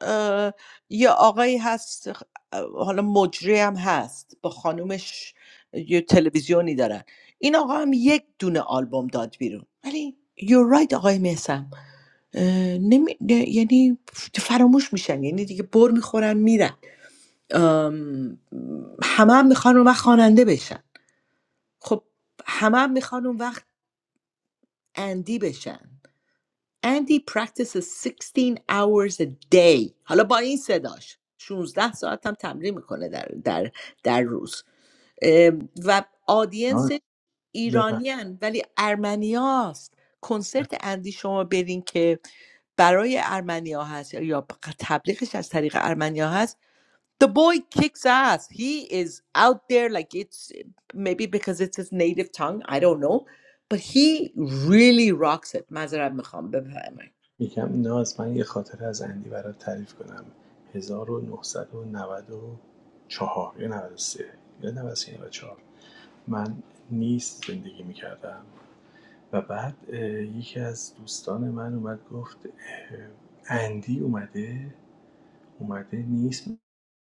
Speaker 3: اه، یه آقایی هست اه، حالا مجری هم هست با خانومش یه تلویزیونی دارن این آقا هم یک دونه آلبوم داد بیرون ولی you're right آقای مهسم اه، نمی... نه- یعنی فراموش میشن یعنی دیگه بر میخورن میرن ام، همه هم میخوان اون وقت خواننده بشن خب همه هم میخوان اون وقت اندی بشن اندی practices 16 hours a day حالا با این صداش 16 ساعت هم تمرین میکنه در, در, در روز اه، و آدینس
Speaker 1: ناز ببخش
Speaker 3: ایرانیان ولی ارمنیاست کنسرت اندی شما برین که برای ارمنیا هست یا تبلیغش از طریق ارمنیا هست The boy kicks ass. He is out there like it's maybe because it's his native tongue. I don't know. But he really rocks it. معذرت میخوام بفهمه
Speaker 1: میگم ناز من یه خاطره از اندی برات تعریف کنم هزار و نهصد و نود و چهار یا 93 یا 93 یا نود و سه نود و چهار من نیست زندگی میکردم و بعد یکی از دوستان من اومد گفت اندی اومده اومده نیست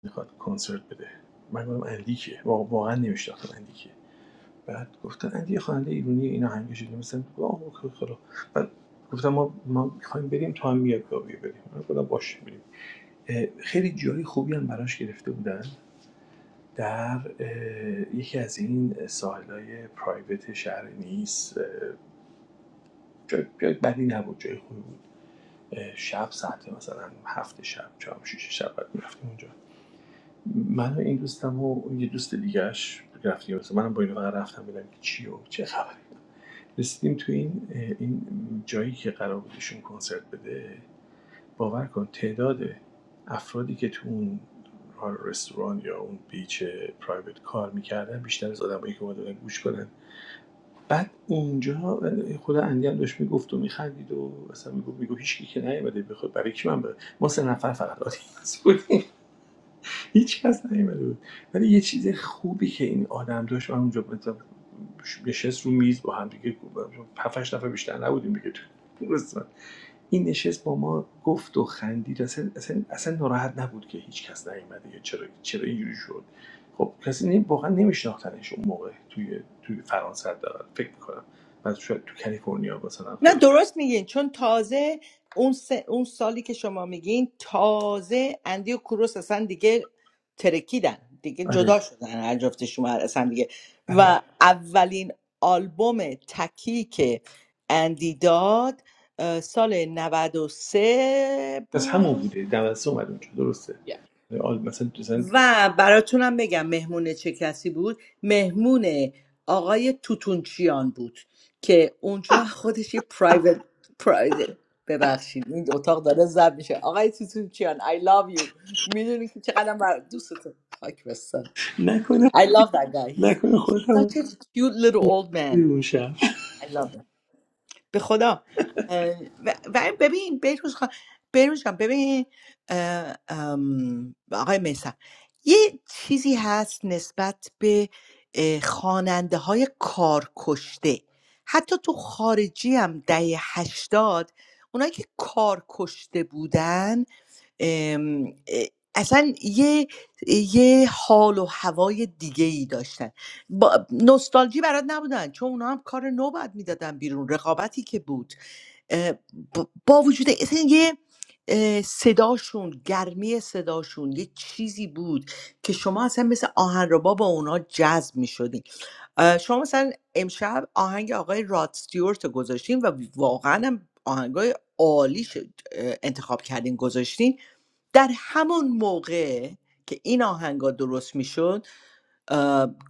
Speaker 1: میخواد کنسرت بده من گفتم اندی کیه وا- واقعا نمیشناختم اندی کیه بعد گفتن اندی یه خواننده ایرانی اینا همیشه شدیم مثلا واو خدا بعد گفتم ما ما می‌خوایم بریم تو هم میاد بیا بیا بریم من گفتم باشه بریم اه، خیلی جای خوبی هم براش گرفته بودن در یکی از این ساحل‌های پرایوت شهر نیس اه، بدی نبود جای خوبی بود شب ساعت مثلا هفت شب چهار شش شب بعد میرفتیم اونجا من و این دوستم و یه دوست دیگهش رفتیم مثلا منم با این فقط رفتم ببینم که چی و چه خبره رسیدیم تو این این جایی که قرار بودشون کنسرت بده باور کن تعداد افرادی که تو اون رستوران یا اون بیچ پرایوت کار میکردن بیشتر از آدمایی که اومدن گوش کنن بعد اونجا خود اندیام داشت میگفت و میخندید و اصلا میگفت میگو هیچ کی که نیومده بخواد برای کی من بره. ما سه نفر فقط آدینس بودیم هیچ کس نیومده بود ولی یه چیز خوبی که این آدم داشت من اونجا مثلا نشست رو میز با هم دیگه پفش نفر بیشتر نبودیم دیگه تو اون این نشست با ما گفت و خندید اصلا اصلا, اصلا ناراحت نبود که هیچ کس نیومده یا چرا چرا اینجوری شد خب کسی نمی- واقعا نمیشناختنش اون موقع توی توی فرانسه حداقل فکر میکنم بعد شاید تو کالیفرنیا مثلا
Speaker 3: نه
Speaker 1: خیلی
Speaker 3: درست میگین چون تازه اون, س- اون سالی که شما میگین تازه اندی و کوروس اصلا دیگه ترکیدن دیگه
Speaker 1: آره
Speaker 3: جدا شدن هر جفتشون هر- اصلا دیگه
Speaker 1: آره
Speaker 3: و اولین آلبوم تکی که اندی داد اه، سال 93
Speaker 1: از همون
Speaker 3: بود
Speaker 1: بوده دمدسته اومد اونجا درسته آره، آل مثلا مثلا
Speaker 3: و براتونم بگم مهمون چه کسی بود مهمون آقای توتونچیان بود که اونجا خودش یه پرایوت پرایوت ببخشید این اتاق داره زب میشه آقای توتونچیان I love you میدونی که چقدر بر دوستتون خاک بستن
Speaker 1: نکنه
Speaker 3: I love that guy he's,
Speaker 1: نکنه
Speaker 3: he's
Speaker 1: خودم
Speaker 3: such a cute little old
Speaker 1: بودی
Speaker 3: man
Speaker 1: اون شب
Speaker 3: I love him به خدا اه، و و ببین بهروز خان بهروز جان ببین اه، ام، آقای میسم یه چیزی هست نسبت به خواننده های کارکشته حتی تو خارجی هم دهه هشتاد اونایی که کارکشته بودن ام، اه، اصلا یه یه حال و هوای دیگه ای داشتن با نوستالژی برات نبودن چون اونا هم کار نو باید میدادن بیرون رقابتی که بود اه، با با وجود اصلا یه اه، صداشون گرمی صداشون یه چیزی بود که شما اصلا مثل آهنربا با اونا جذب می شدین شما مثلا امشب آهنگ آقای راد ستیورت رو گذاشتین و واقعا هم آهنگای عالی شد اه، انتخاب کردین گذاشتین در همون موقع که این آهنگا درست میشد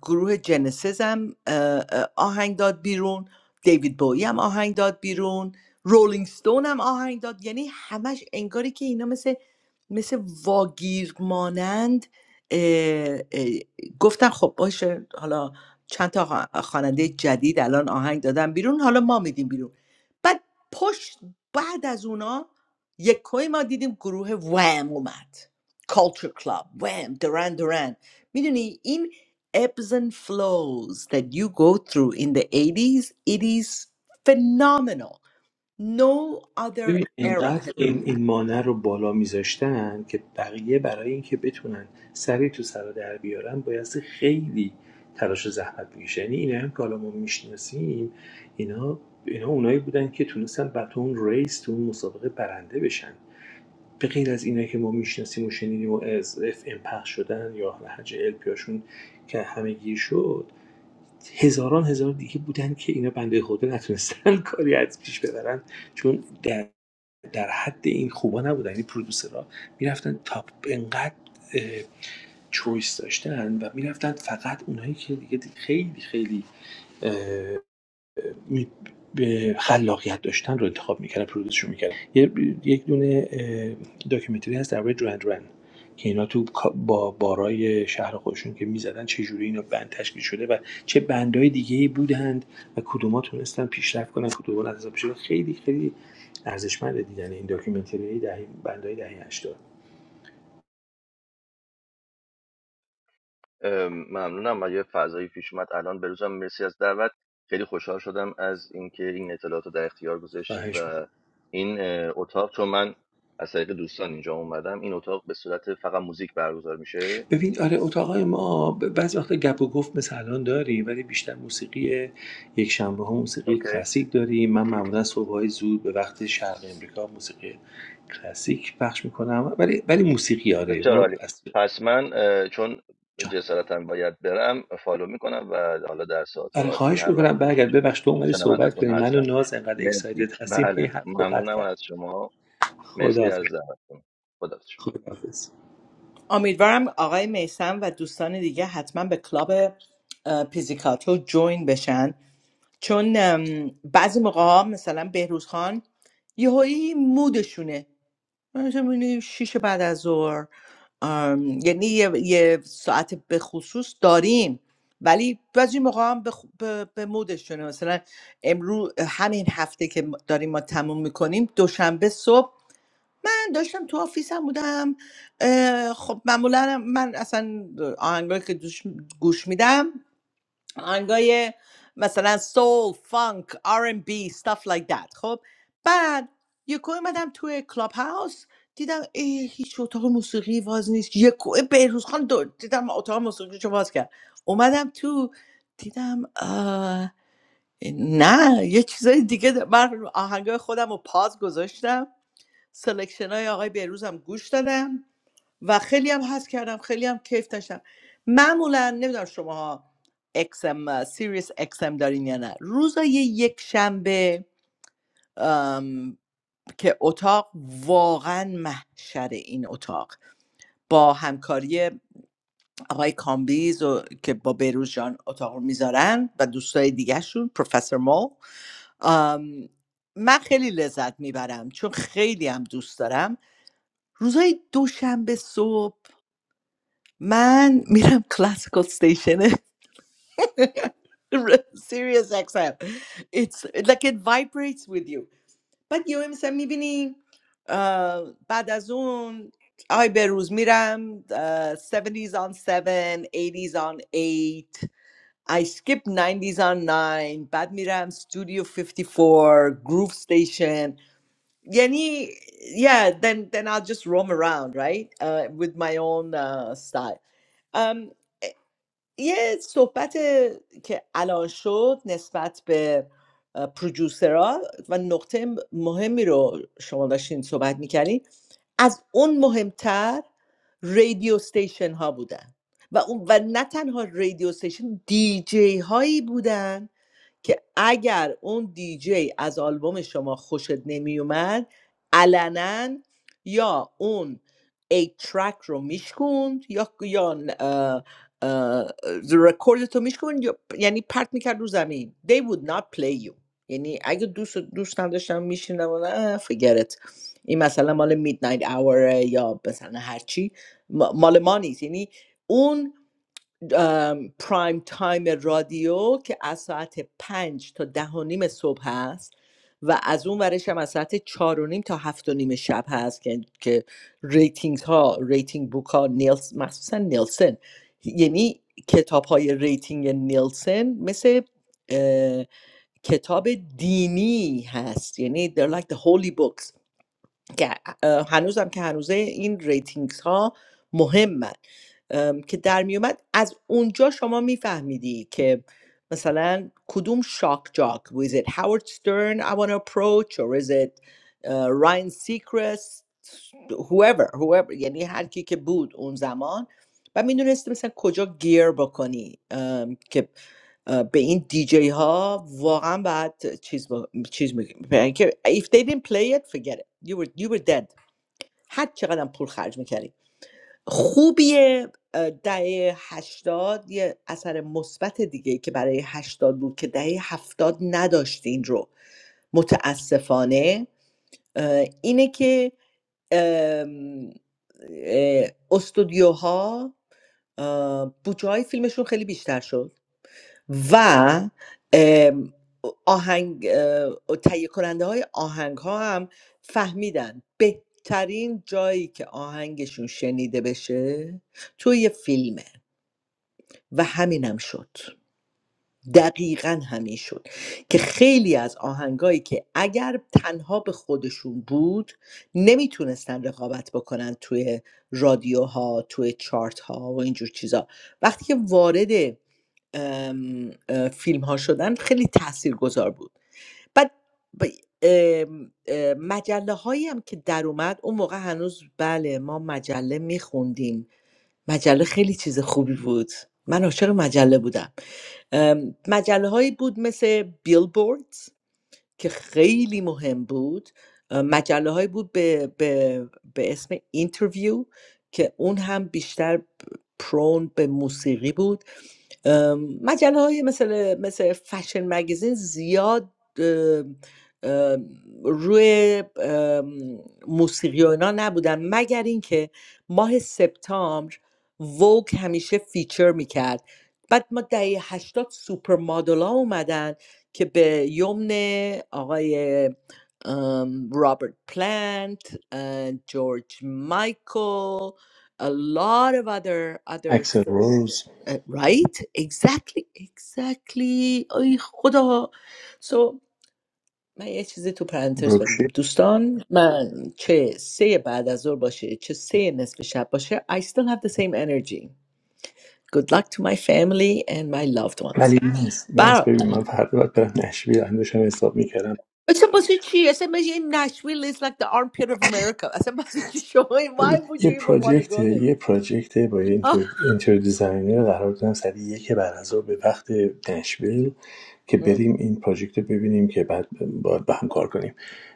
Speaker 3: گروه جنسیس هم اه، اه، آهنگ داد بیرون دیوید بویی هم آهنگ داد بیرون رولینگ ستون هم آهنگ داد یعنی همش انگاری که اینا مثل مثل واگیر مانند اه، اه، گفتن خب باشه حالا چند تا خوا- خواننده جدید الان آهنگ دادن بیرون حالا ما میدیم بیرون بعد پشت بعد از اونا یک کوی ما دیدیم گروه وام اومد کالچر کلاب وام درن درن میدونی این ebbs and flows that you go through in the 80s it is phenomenal no other
Speaker 1: ببین
Speaker 3: era
Speaker 1: اینقدر این, این مانع رو بالا میذاشتن که بقیه برای اینکه بتونن سری تو سر در بیارن بایستی خیلی تلاش و زحمت میشه یعنی اینا هم که حالا ما میشناسیم اینا اینا اونایی بودن که تونستن بعد تو اون ریس تو اون مسابقه برنده بشن به غیر از اینا که ما میشناسیم و شنیدیم و از اف ام پخش شدن یا هج ال پیاشون که همگی شد هزاران هزار دیگه بودن که اینا بنده خدا نتونستن کاری از پیش ببرن چون در, در حد این خوبا نبودن یعنی پرودوسرها میرفتن تا انقدر اه، چویس داشتن و میرفتن فقط اونایی که دیگه خیلی خیلی می- به خلاقیت داشتن رو انتخاب میکردن پرودوسشون میکردن یک دونه اه، داکیومنتری هست درباره درند رن که اینا تو با بارای شهر خودشون که میزدن چه جوری اینا بند تشکیل شده و چه بندهای دیگه بودند و کدوما تونستن پیشرفت کنن کدوما از پیشرفت خیلی خیلی ارزشمند دیدن این داکیومنتری دهی بندهای دهه 80
Speaker 4: ممنونم من یه فضایی پیش اومد الان بروزم مرسی از دعوت خیلی خوشحال شدم از اینکه این اطلاعات رو در اختیار گذاشتید
Speaker 1: خواهش می‌کنم.
Speaker 4: و این اتاق چون من از طریق دوستان اینجا اومدم این اتاق به صورت فقط موزیک برگزار میشه
Speaker 1: ببین آره اتاقای ما ب- بعضی وقتا گپ و گفت مثل الان داریم ولی بیشتر موسیقی یک شنبه ها موسیقی
Speaker 4: اوکی
Speaker 1: کلاسیک داریم من معمولا صبح های زود به وقت شرق امریکا موسیقی کلاسیک پخش میکنم ولی ولی موسیقی آره
Speaker 4: بسیار
Speaker 1: ما
Speaker 4: عالی
Speaker 1: از
Speaker 4: پس من چون
Speaker 1: جان
Speaker 4: جسارتا باید برم فالو میکنم و حالا در ساعت
Speaker 1: آره
Speaker 4: آتی
Speaker 1: خواهش
Speaker 4: هر وقت
Speaker 1: میکنم برگرد
Speaker 4: گذاشت
Speaker 1: ببخش تو اومدی صحبت
Speaker 4: شنوندتون
Speaker 1: کنیم من و
Speaker 4: هستم
Speaker 1: ناز انقدر
Speaker 4: مرسی
Speaker 1: اکسایتد هستیم هی
Speaker 4: بله
Speaker 1: حرف رو قطع
Speaker 4: ممنونم
Speaker 1: کرد
Speaker 4: از شما مرسی از
Speaker 1: خداحافظ
Speaker 4: دعوتتون خدا
Speaker 1: خداحافظ
Speaker 3: امیدوارم آقای میسم و دوستان دیگه حتما به کلاب اه، پیزیکاتو جوین بشن چون ام، بعضی موقع ها مثلا بهروز خان یهویی مودشونه مثلا می‌بینی 6 بعد از ظهر آم، یعنی یه, یه ساعت به خصوص داریم ولی بعضی موقع هم به, خ- به, به مودشونه مثلا امروز همین هفته که ما- داریم ما تموم میکنیم دوشنبه صبح من داشتم تو آفیسم بودم اه، خب معمولا من اصلا آهنگایی که دوش- گوش میدم آهنگای مثلا سول فانک آر ام بی stuff like that خب بعد یکو اومدم توی کلاب هاوس دیدم ای هیچ اتاق موسیقی باز نیست یکو بهروز خان دو دیدم اتاق موسیقی رو باز کرد اومدم تو دیدم آه، نه یه چیزای دیگه ده- من آهنگای خودم رو پاز گذاشتم سلکشن های آقای بهروز هم گوش دادم و خیلی هم حس کردم خیلی هم کیف داشتم معمولا نمیدونم شما XM سیریس XM دارین یا نه روزای یک شنبه ام، که اتاق واقعا محشر این اتاق با همکاری آقای کامبیز و که با بهروز جان اتاق رو میذارن و دوستای دیگهشون پروفسور مو ام، من خیلی لذت میبرم چون خیلی هم دوست دارم روزای دوشنبه صبح من میرم کلاسیکال ستیشن سیریس اکس ام. It's like it vibrates with you بعد یه مثلا میبینی بعد از اون آی به روز میرم اه، 70s on 7 80s on 8 I skip 90 on 9 بعد میرم Studio 54 Groove Station Yani, yeah, then then I'll just roam around, right? Uh, with my own uh, style. Um, یه صحبت که الان شد نسبت به اه، پرودیوسرها و نقطه م- مهمی رو شما داشتین صحبت میکردین از اون مهمتر رادیو ستیشن ها بودن و اون و نه تنها رادیو ستیشن دی جی هایی بودن که اگر اون دیجی از آلبوم شما خوشت نمیومد علنا یا اون ایت ترک رو میشکوند یا یا اه، اه، رکوردت رو میشکوند یا- یعنی پرت میکرد رو زمین they would not play you یعنی اگه دوست دوست نداشتم میشینم نه فگرت این مثلا مال میدنایت اوره یا مثلا هرچی مال ما نیست یعنی اون ام، پرایم تایم رادیو که از ساعت پنج تا ده و نیم صبح هست و از اون ورش هم از ساعت چهار و نیم تا هفت و نیم شب هست که, که ریتینگ ها ریتینگ بوک ها نیلس مخصوصا نیلسن یعنی کتاب های ریتینگ نیلسن مثل کتاب دینی هست یعنی they're like the holy books که اه، هنوزم که هنوزه این ریتینگز ها مهمن ام، که در میومد از اونجا شما میفهمیدی که مثلا کدوم شاک جاک was it Howard Stern I want to approach or is it uh, Ryan Seacrest whoever whoever یعنی هر کی که بود اون زمان و میدونستی مثلا کجا گیر بکنی ام، که به این دیجی ها واقعا بعد چیز با... چیز میگیم که if they didn't play it forget it you were, you were dead هر چقدر پول خرج میکردی خوبیه اه، دهه هشتاد یه اثر مثبت دیگه که برای هشتاد بود که دهه هفتاد نداشت این رو متاسفانه اه، اینه که ام، اه، استودیوها اه، بودجه های فیلمشون خیلی بیشتر شد و ام، آهنگ اه، تهیه کننده های آهنگ ها هم فهمیدن بهترین جایی که آهنگشون شنیده بشه توی یه فیلمه و همینم شد دقیقا همین شد که خیلی از آهنگایی که اگر تنها به خودشون بود نمیتونستن رقابت بکنن توی رادیوها توی چارت ها و اینجور چیزا وقتی که وارد ام، اه، فیلم ها شدن خیلی تاثیرگذار بود بعد ب... ام، اه، مجله هایی هم که در اومد اون موقع هنوز بله ما مجله میخوندیم مجله خیلی چیز خوبی بود من عاشق مجله بودم ام، مجله هایی بود مثل بیلبورد که خیلی مهم بود ام، مجله هایی بود به, به, به اسم اینترویو که اون هم بیشتر پرون به موسیقی بود مجله های مثل مثل فشن مگزین زیاد ام، ام، روی ام، موسیقی و اینا نبودن مگر اینکه ماه سپتامبر ووگ همیشه فیچر میکرد بعد ما دهه هشتاد سوپر مادل ها اومدن که به یمن آقای ام، رابرت پلانت اه، جورج مایکل a lot of other
Speaker 1: اکسل
Speaker 3: others
Speaker 1: روز
Speaker 3: Uh, Right, exactly, exactly. Oh, God. So my kids, they two parents, they are. Do you
Speaker 1: بروکشیر
Speaker 3: understand? Man, what? Say a bad, I don't want to say. What? I still have the same energy. Good luck to my family and my loved ones.
Speaker 1: ولی نیست ناز
Speaker 3: Bar.
Speaker 1: ببین من فردا باید برم نشویل هم داشتم حساب میکردم
Speaker 3: I said, "What's that?" I said, "Man, in Nashville, it's like the armpit of America." I said, "What's that?" Why
Speaker 1: ببین،
Speaker 3: would
Speaker 1: یه
Speaker 3: you even want to
Speaker 1: پراجکت
Speaker 3: go there?
Speaker 1: یه پراجکت با یه
Speaker 3: Yeah, to
Speaker 1: اینتر اینتر دیزاینر قرار دادم سری یک بعد از ظهر به وقت نشویل که
Speaker 3: be
Speaker 1: بریم این پراجکت رو ببینیم که بعد باید به هم کار کنیم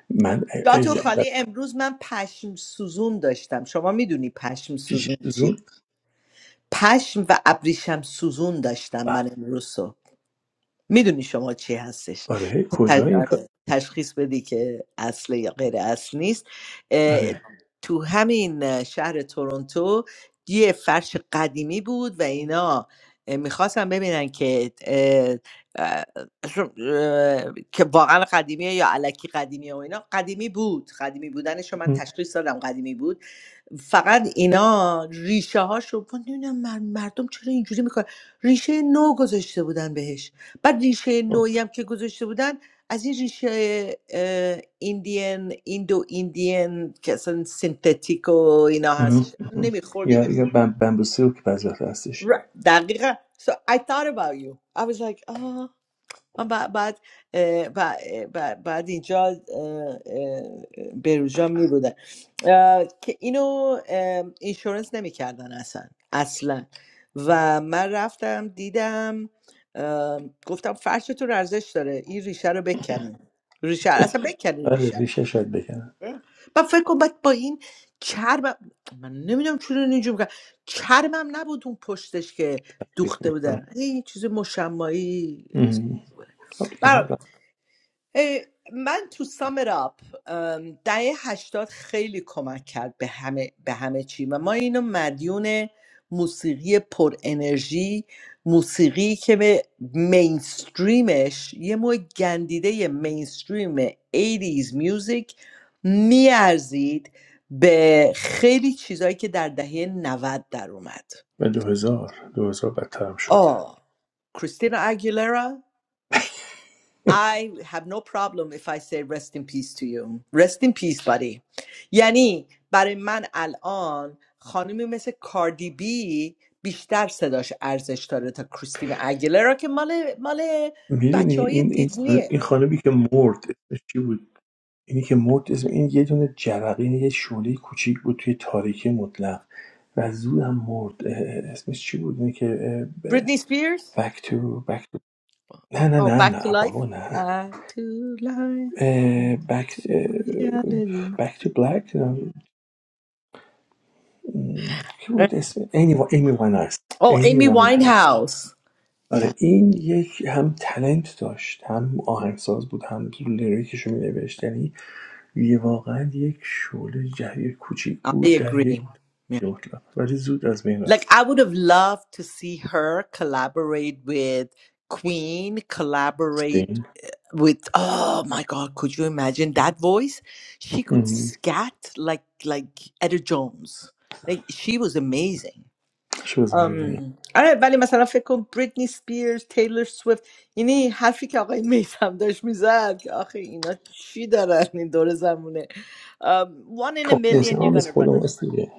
Speaker 1: من از
Speaker 3: honest,
Speaker 1: از-
Speaker 3: today I had a pashm sizzun. Do you know what pashm
Speaker 1: پیش
Speaker 3: sizzun is?
Speaker 1: زوم
Speaker 3: پشم و ابریشم سوزون داشتم
Speaker 1: به،
Speaker 3: من امروز صبح میدونی شما چی هستش
Speaker 1: آره کجا
Speaker 3: ت-
Speaker 1: این کار
Speaker 3: آره، تشخیص بدی که اصل یا غیر اصل نیست اه،
Speaker 1: آره
Speaker 3: تو همین شهر تورنتو یه فرش قدیمی بود و اینا میخواستم ببینن که اه، اه، اه، که واقعا قدیمیه یا علکی قدیمیه و اینا قدیمی بود قدیمی بودنش رو من
Speaker 1: اه،
Speaker 3: تشخیص دادم قدیمی بود فقط اینا ریشه هاش رو نمیدونم مردم چرا اینجوری میکنن ریشه نو گذاشته بودن بهش بعد ریشه نوعی هم که گذاشته بودن از این ریشه اه، ایندین ایندو ایندین که اصلا سینتتیک و اینا هستش
Speaker 1: اه، اه.
Speaker 3: نمیخورد
Speaker 1: یا یا بم- بمبوسیل که بعضی وقت هستش
Speaker 3: دقیقا so I thought about you I was like من بعد بعد اه، بع- بعد, بعد اینجا اه، اه، بروژا می بودن اه، که اینو اه، اینشورنس نمیکردن اصلا اصلا و من رفتم دیدم اه، گفتم فرشتون ارزش داره این ریشه رو بکنین ریشه رو- اصلا بکنین
Speaker 1: آره
Speaker 3: ریشه رو
Speaker 1: ریشه شاید بکنن
Speaker 3: من فکر کنم بعد با این چرم من نمیدونم چون اینجوری میکنم چرمم نبود اون پشتش که
Speaker 1: پلاستیک
Speaker 3: دوخته
Speaker 1: بود
Speaker 3: بودن این چیز مشمایی
Speaker 1: اه. خب دیگه هر وقت.
Speaker 3: اه، من تو سامر اپ دهه هشتاد خیلی کمک کرد به همه, به همه چی و ما اینو مدیون موسیقی پر انرژی موسیقی که به مینستریمش یه نوع گندیده مینستریم 80s میوزیک میارزید به خیلی چیزایی که در دهه 90 در اومد
Speaker 1: و دو هزار دو هزار بدترم شد
Speaker 3: آه کریستینا اگیلرا I have no problem if I say rest in peace to you. Rest in peace, buddy. یعنی برای من الان خانمی مثل کاردی بی بیشتر صداش ارزش داره تا کریستین اگلرا که مال مال
Speaker 1: میدونی
Speaker 3: بچه های
Speaker 1: این این
Speaker 3: دیزنیه
Speaker 1: این خانمی که مرد اسمش چی بود اینی که مرد اسم این یه دونه جرقه یه شعله کوچیک بود توی تاریکی مطلق و زود هم مرد اه، اسمش چی بود اینی که
Speaker 3: بریتنی سپیرز
Speaker 1: بک تو بک تو نه نه
Speaker 3: Oh,
Speaker 1: نه
Speaker 3: back to
Speaker 1: نه
Speaker 3: life
Speaker 1: بابا نه
Speaker 3: back to life to
Speaker 1: بک
Speaker 3: reality.
Speaker 1: بک تو بلک کی بود اسم ایمی وا- ایمی واین هست
Speaker 3: Oh,
Speaker 1: ایمی
Speaker 3: Amy
Speaker 1: واین هست
Speaker 3: Winehouse. Yeah,
Speaker 1: آره این یک هم تلنت داشت هم آهنگساز بود هم لیریکش رو می نوشت. یه واقعا یک شعله جهی کوچیک
Speaker 3: I
Speaker 1: بود در
Speaker 3: agree.
Speaker 1: یک
Speaker 3: Yeah.
Speaker 1: مطلب ولی زود از بین
Speaker 3: Like
Speaker 1: رفت
Speaker 3: I would have loved to see her collaborate with Queen, collaborate
Speaker 1: سین
Speaker 3: with oh my god, could you imagine that voice? She could
Speaker 1: مهم.
Speaker 3: scat like like Etta Jones. Like she was amazing.
Speaker 1: شو از بین
Speaker 3: Um, آره ولی مثلا فکر کن بریتنی سپیرز تیلور سویفت یعنی حرفی که آقای میثم داشت میزد که آخه اینا چی دارن این دور زمونه um, one in a
Speaker 1: خب نیست
Speaker 3: million you're
Speaker 1: آمیز
Speaker 3: gonna run
Speaker 1: خودم استیگه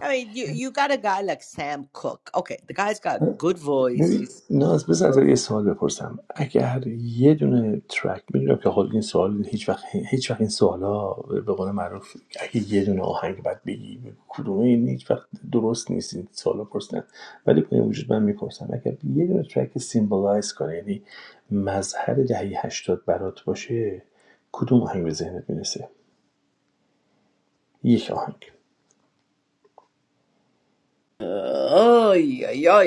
Speaker 3: I mean, you you got a guy like Sam Cook. Okay, the guy's got a good voice.
Speaker 1: ببین
Speaker 3: He's
Speaker 1: ناز بذار
Speaker 3: all
Speaker 1: ازت
Speaker 3: right.
Speaker 1: یه سوال بپرسم اگر یه دونه ترک میدونم که خود این سوال هیچ وقت هیچ وقت این سوالا به قول معروف اگه یه دونه آهنگ بعد بگی به کدومه این هیچ وقت درست نیست این سوالا پرسیدن ولی به وجود من میپرسم اگر یه دونه ترک سیمبولایز کنه یعنی مظهر دهه هشتاد برات باشه کدوم آهنگ به ذهنت میرسه یک آهنگ
Speaker 3: Oh, yeah, yeah.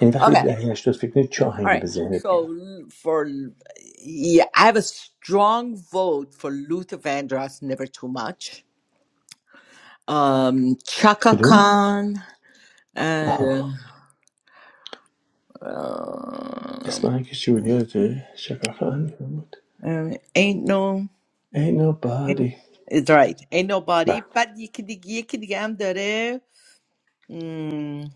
Speaker 1: یعنی وقتی به
Speaker 3: Okay,
Speaker 1: دهه هشتاد فکر کنی چه
Speaker 3: all
Speaker 1: آهنگی
Speaker 3: right.
Speaker 1: به ذهنت
Speaker 3: So
Speaker 1: میاد
Speaker 3: l- for l- yeah, I have a strong vote for Luther Vandross. Never too much. Um, Chaka
Speaker 1: کدوم
Speaker 3: Khan
Speaker 1: آها
Speaker 3: and uh, um,
Speaker 1: اسم جولیا چکاکان بود
Speaker 3: um, ain't no.
Speaker 1: Ain't
Speaker 3: Ain't,
Speaker 1: nobody
Speaker 3: it's right. Ain't nobody.
Speaker 1: و
Speaker 3: But you can, you can, I'm there.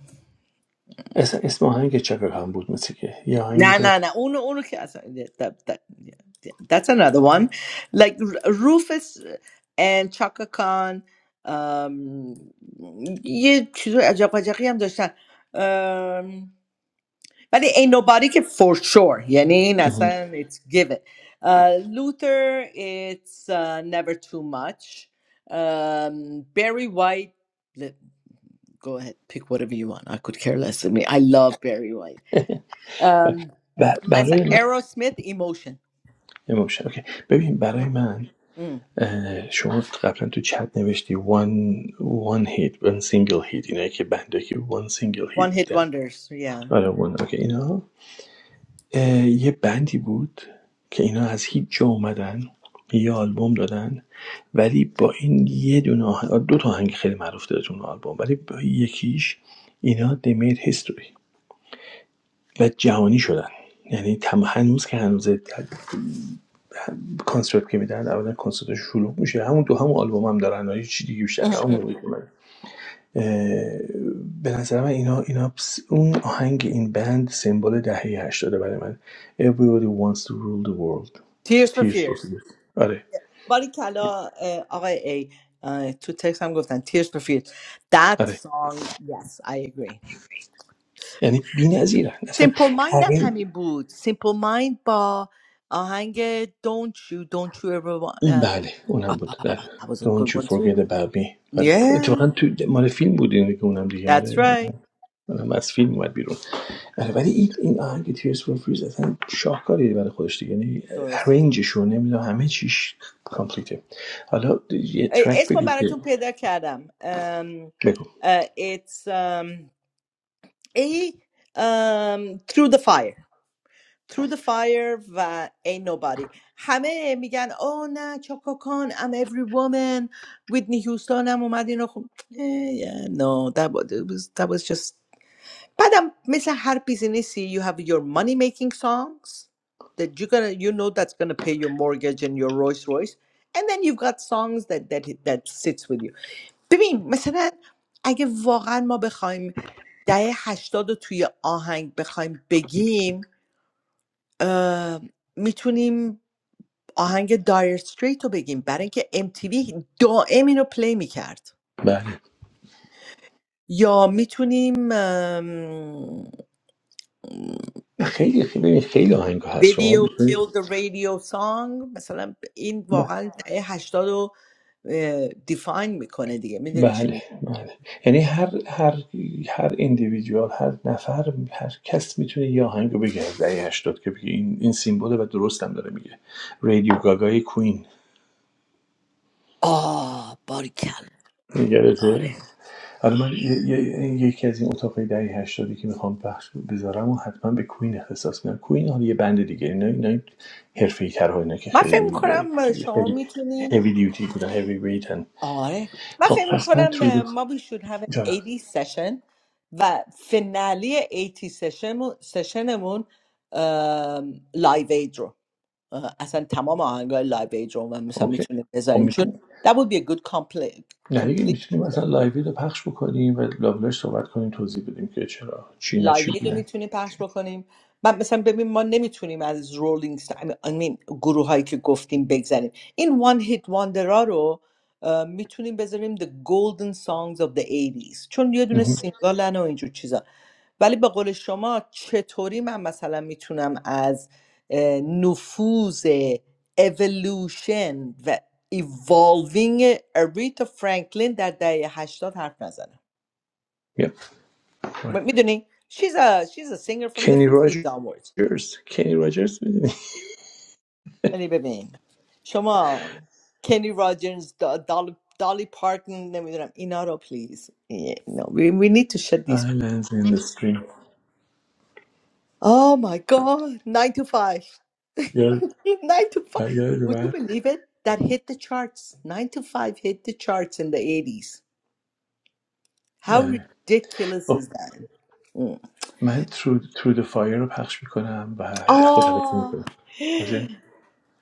Speaker 1: اصلا اسم آهنگ چاکاکان بود مثل که یه آهنگی
Speaker 3: Nah,
Speaker 1: داشت
Speaker 3: nah, nah. Uno, uno que hace. yeah, That, that, yeah, yeah. That's another one. Like R- Rufus and Chaka Khan. Um, یه چیز عجب وجبی هم داشتن um, ولی ain't nobody که for sure یعنی این اصلا it's given uh, Luther it's uh, never too much um, Barry White let- go ahead pick whatever you want I could care less I mean I love Barry White um,
Speaker 1: ب-
Speaker 3: That's an
Speaker 1: برای من
Speaker 3: Aerosmith emotion.
Speaker 1: امام شد. ببین برای من
Speaker 3: Mm.
Speaker 1: شما قبلا تو چت نوشتی one one hit one single hit اینایی که بنده که one single
Speaker 3: One
Speaker 1: hit
Speaker 3: hit
Speaker 1: میدن
Speaker 3: wonders. Yeah.
Speaker 1: آره one اوکی اینا اه، یه بندی بود که اینا از هیچ جا اومدن یه آلبوم دادن ولی با این یه دونه آهنگ دو تا آهنگ خیلی معروف داره تو اون آلبوم ولی با یکیش اینا they made history و جهانی شدن یعنی تم هنوز که هنوز کنسرت که میدن اولا کنسرت شلوغ میشه همون تو همون آلبوم هم دارن و هیچ چیز دیگه بیشتر نه. همون
Speaker 3: Mhm.
Speaker 1: رو می‌کنن. اه، به نظر من اینا اینا س- اون آهنگ این بند سمبل دهه 80 برای من Everybody wants to rule the world
Speaker 3: Tears for
Speaker 1: Tears for
Speaker 3: Fears.
Speaker 1: Fears آره
Speaker 3: باریکلا اه، آقای ای اه، تو تکس هم گفتن Tears for Fears That
Speaker 1: آره
Speaker 3: song Yes I agree
Speaker 1: یعنی بی‌نظیرن اصلا
Speaker 3: Simple Mind هم
Speaker 1: آره
Speaker 3: همین بود Simple Mind با آهنگ Don't you Don't you ever want اه،
Speaker 1: بله اونم بود در
Speaker 3: آه، That was a
Speaker 1: Don't
Speaker 3: good
Speaker 1: you
Speaker 3: one too
Speaker 1: forget about me آره
Speaker 3: Yeah
Speaker 1: اتفاقا تو مال فیلم بود اینه که اونم دیگه
Speaker 3: That's
Speaker 1: مال
Speaker 3: right
Speaker 1: اونم از فیلم اومد بیرون آره ولی این این آهنگ Tears for Fears اصلا شاهکاری برای خودش دیگه یعنی
Speaker 3: درسته
Speaker 1: ارنجش رو نمیدونم همه چیش کامپلیته حالا یه ترک
Speaker 3: اسم
Speaker 1: بگو
Speaker 3: براتون پیدا کردم um,
Speaker 1: بگو
Speaker 3: uh, it's um, a um, through the fire through the fire و ain't nobody همه میگن او نه چاکاکان I'm every woman ویدنی هیوستون هم اومد اینو خون yeah, no that was, it was, that was just بعدم مثل هر بیزینسی you have your money making songs that you gonna you know that's gonna pay your mortgage and your Rolls Royce and then you've got songs that that that sits with you ببین مثلا اگه واقعا ما بخوایم دهه هشتاد رو توی آهنگ بخوایم بگیم میتونیم آهنگ دایر استریت رو بگیم برای اینکه MTV دائم اینو پلی میکرد
Speaker 1: بله
Speaker 3: یا میتونیم
Speaker 1: خیلی خیلی ببین، خیلی آهنگ هست شما
Speaker 3: ویدیو کیل
Speaker 1: می‌تونید-
Speaker 3: the رادیو سانگ مثلا این
Speaker 1: ب-
Speaker 3: واقعا دهه هشتاد رو دیفاین میکنه دیگه میدونی چی
Speaker 1: بله
Speaker 3: میگه
Speaker 1: بله یعنی هر هر هر individual، هر نفر هر کس میتونه یه آهنگ رو بگه از دهه 80 که بگه این این سیمبله و درست هم داره میگه رادیو گاگای کوین
Speaker 3: آه باریکل
Speaker 1: یادته
Speaker 3: آره
Speaker 1: حالا من ی- ی- یکی از این اتاقای دهه هشتادی که میخوام پخش بذارم و حتما به کوین اختصاص میدم کوین حالا یه بند دیگه اینا اینا حرفه‌ای تر اینا که
Speaker 3: من فکر
Speaker 1: خیلی
Speaker 3: میکنم شما میتونین
Speaker 1: هوی دیوتی بودن هیوی
Speaker 3: آره من
Speaker 1: خب
Speaker 3: فکر
Speaker 1: پس من
Speaker 3: میکنم
Speaker 1: تریدو
Speaker 3: ما we should have an
Speaker 1: جانم
Speaker 3: 80 session و فنالی 80 سشن سشنمون لایو اید رو اه، اصلا تمام آهنگای لایو اید رو و مثلا
Speaker 1: اوکی
Speaker 3: میتونه
Speaker 1: خب
Speaker 3: بذاریم چون
Speaker 1: میتونیم
Speaker 3: that would be a good
Speaker 1: نه دیگه میتونیم
Speaker 3: complete
Speaker 1: مثلا لایوی رو پخش بکنیم و لابلاش صحبت کنیم توضیح بدیم که چرا چی نه
Speaker 3: لایو
Speaker 1: چی
Speaker 3: اید رو
Speaker 1: بودن
Speaker 3: میتونیم پخش بکنیم من مثلا ببین ما نمیتونیم از رولینگ این گروه هایی که گفتیم بگذریم این وان هیت واندرا رو اه، میتونیم بذاریم The Golden Songs of the 80s چون یه دونه
Speaker 1: مهم.
Speaker 3: سینگالن و اینجور چیزا ولی به قول شما چطوری من مثلا میتونم از اه، نفوذ evolution و evolving اریتا فرانکلین در دهه 80 حرف نزنم
Speaker 1: Yep.
Speaker 3: م-
Speaker 1: Right.
Speaker 3: میدونی she's a she's a singer from the
Speaker 1: Kenny
Speaker 3: 50s onwards
Speaker 1: Rogers Kenny Rogers میدونی
Speaker 3: یعنی ببین شما کنی راجرز دا- دال دالی پارتن نمیدونم اینا رو پلیز Yeah, no, we, we need to shut these
Speaker 1: Islands in the stream
Speaker 3: oh my god 9 to 5
Speaker 1: یاد
Speaker 3: 9 to 5
Speaker 1: یاد
Speaker 3: would you
Speaker 1: اومد
Speaker 3: believe it that hit the charts 9 to 5 hit the charts in the 80s how
Speaker 1: بله
Speaker 3: ridiculous is
Speaker 1: خب
Speaker 3: that Mm.
Speaker 1: من ترو ترو د فایر رو پخش میکنم و خداحافظی میکنم
Speaker 3: oh
Speaker 1: باشه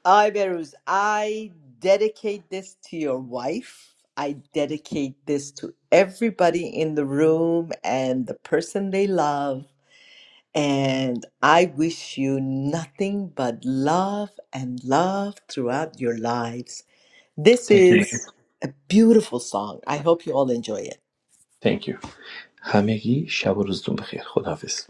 Speaker 3: I, Beruz, I dedicate this to your wife. I dedicate this to everybody in the room and the person they love. And I wish you nothing but love and love throughout your lives. This
Speaker 1: Thank you man
Speaker 3: is a beautiful song. I hope you all enjoy it.
Speaker 1: Thank you همگی شب و روزتون بخیر خداحافظ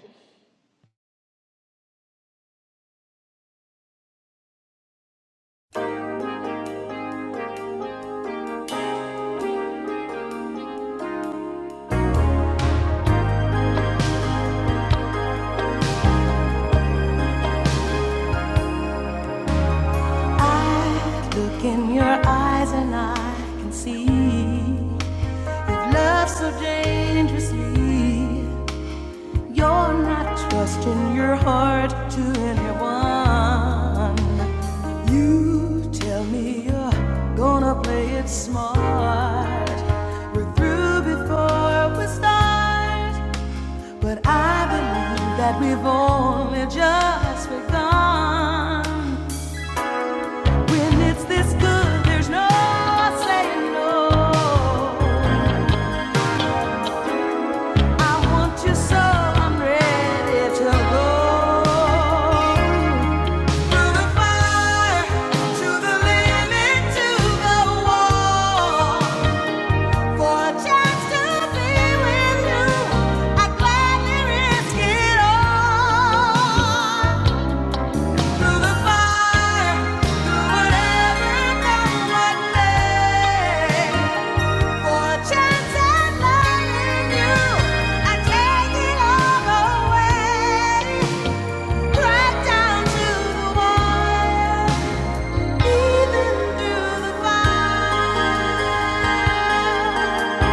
Speaker 2: I Look in your eyes and I can see you've loved so dangerously. You're not trusting your heart to anyone. You tell me you're gonna play it smart. We're through before we start, but I believe that we've only just begun. When it's this good, there's no saying no. I want you so I'm ready to go. Through the fire, to the limit, to the wall. For a chance to be with you, I gladly risk it all. Through the fire, through whatever comes my way. Fortune's and lying you, I take it all away. Right down to the wire, even through the fire.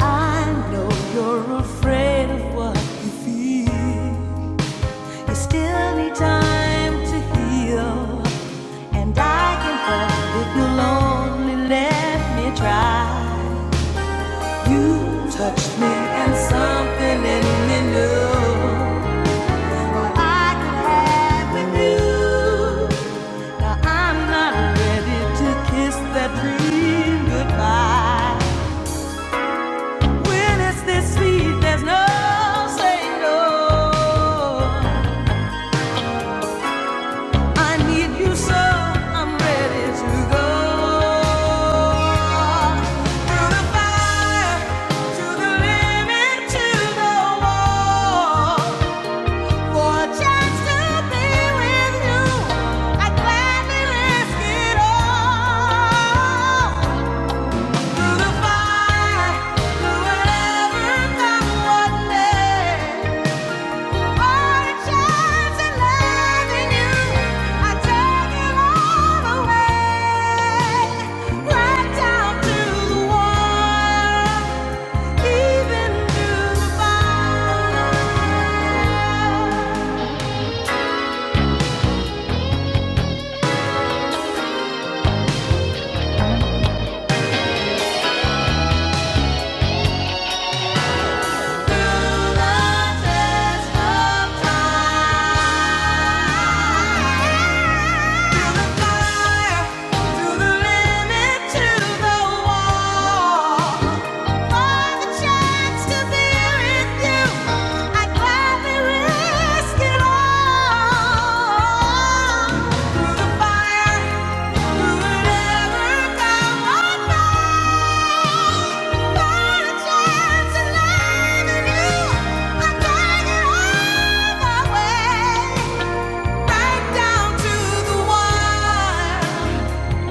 Speaker 2: I know you're afraid of what you feel. You still need time to heal, and I can hold if you'll only let me try. You touched me and something in me knew what I could have with you. Now I'm not ready to kiss that dream goodbye. When it's this sweet, there's no saying no. I need you so I'm ready to go. Through the fire, to the limit, to the wall. Even through the fire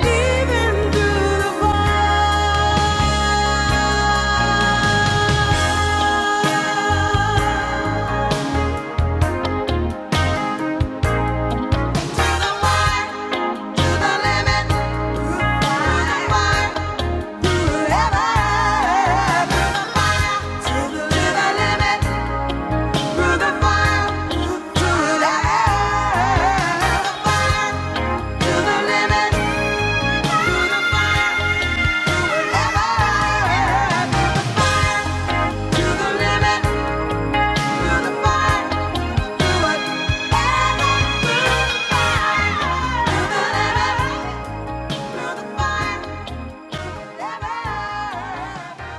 Speaker 2: Even through the fire. Bye.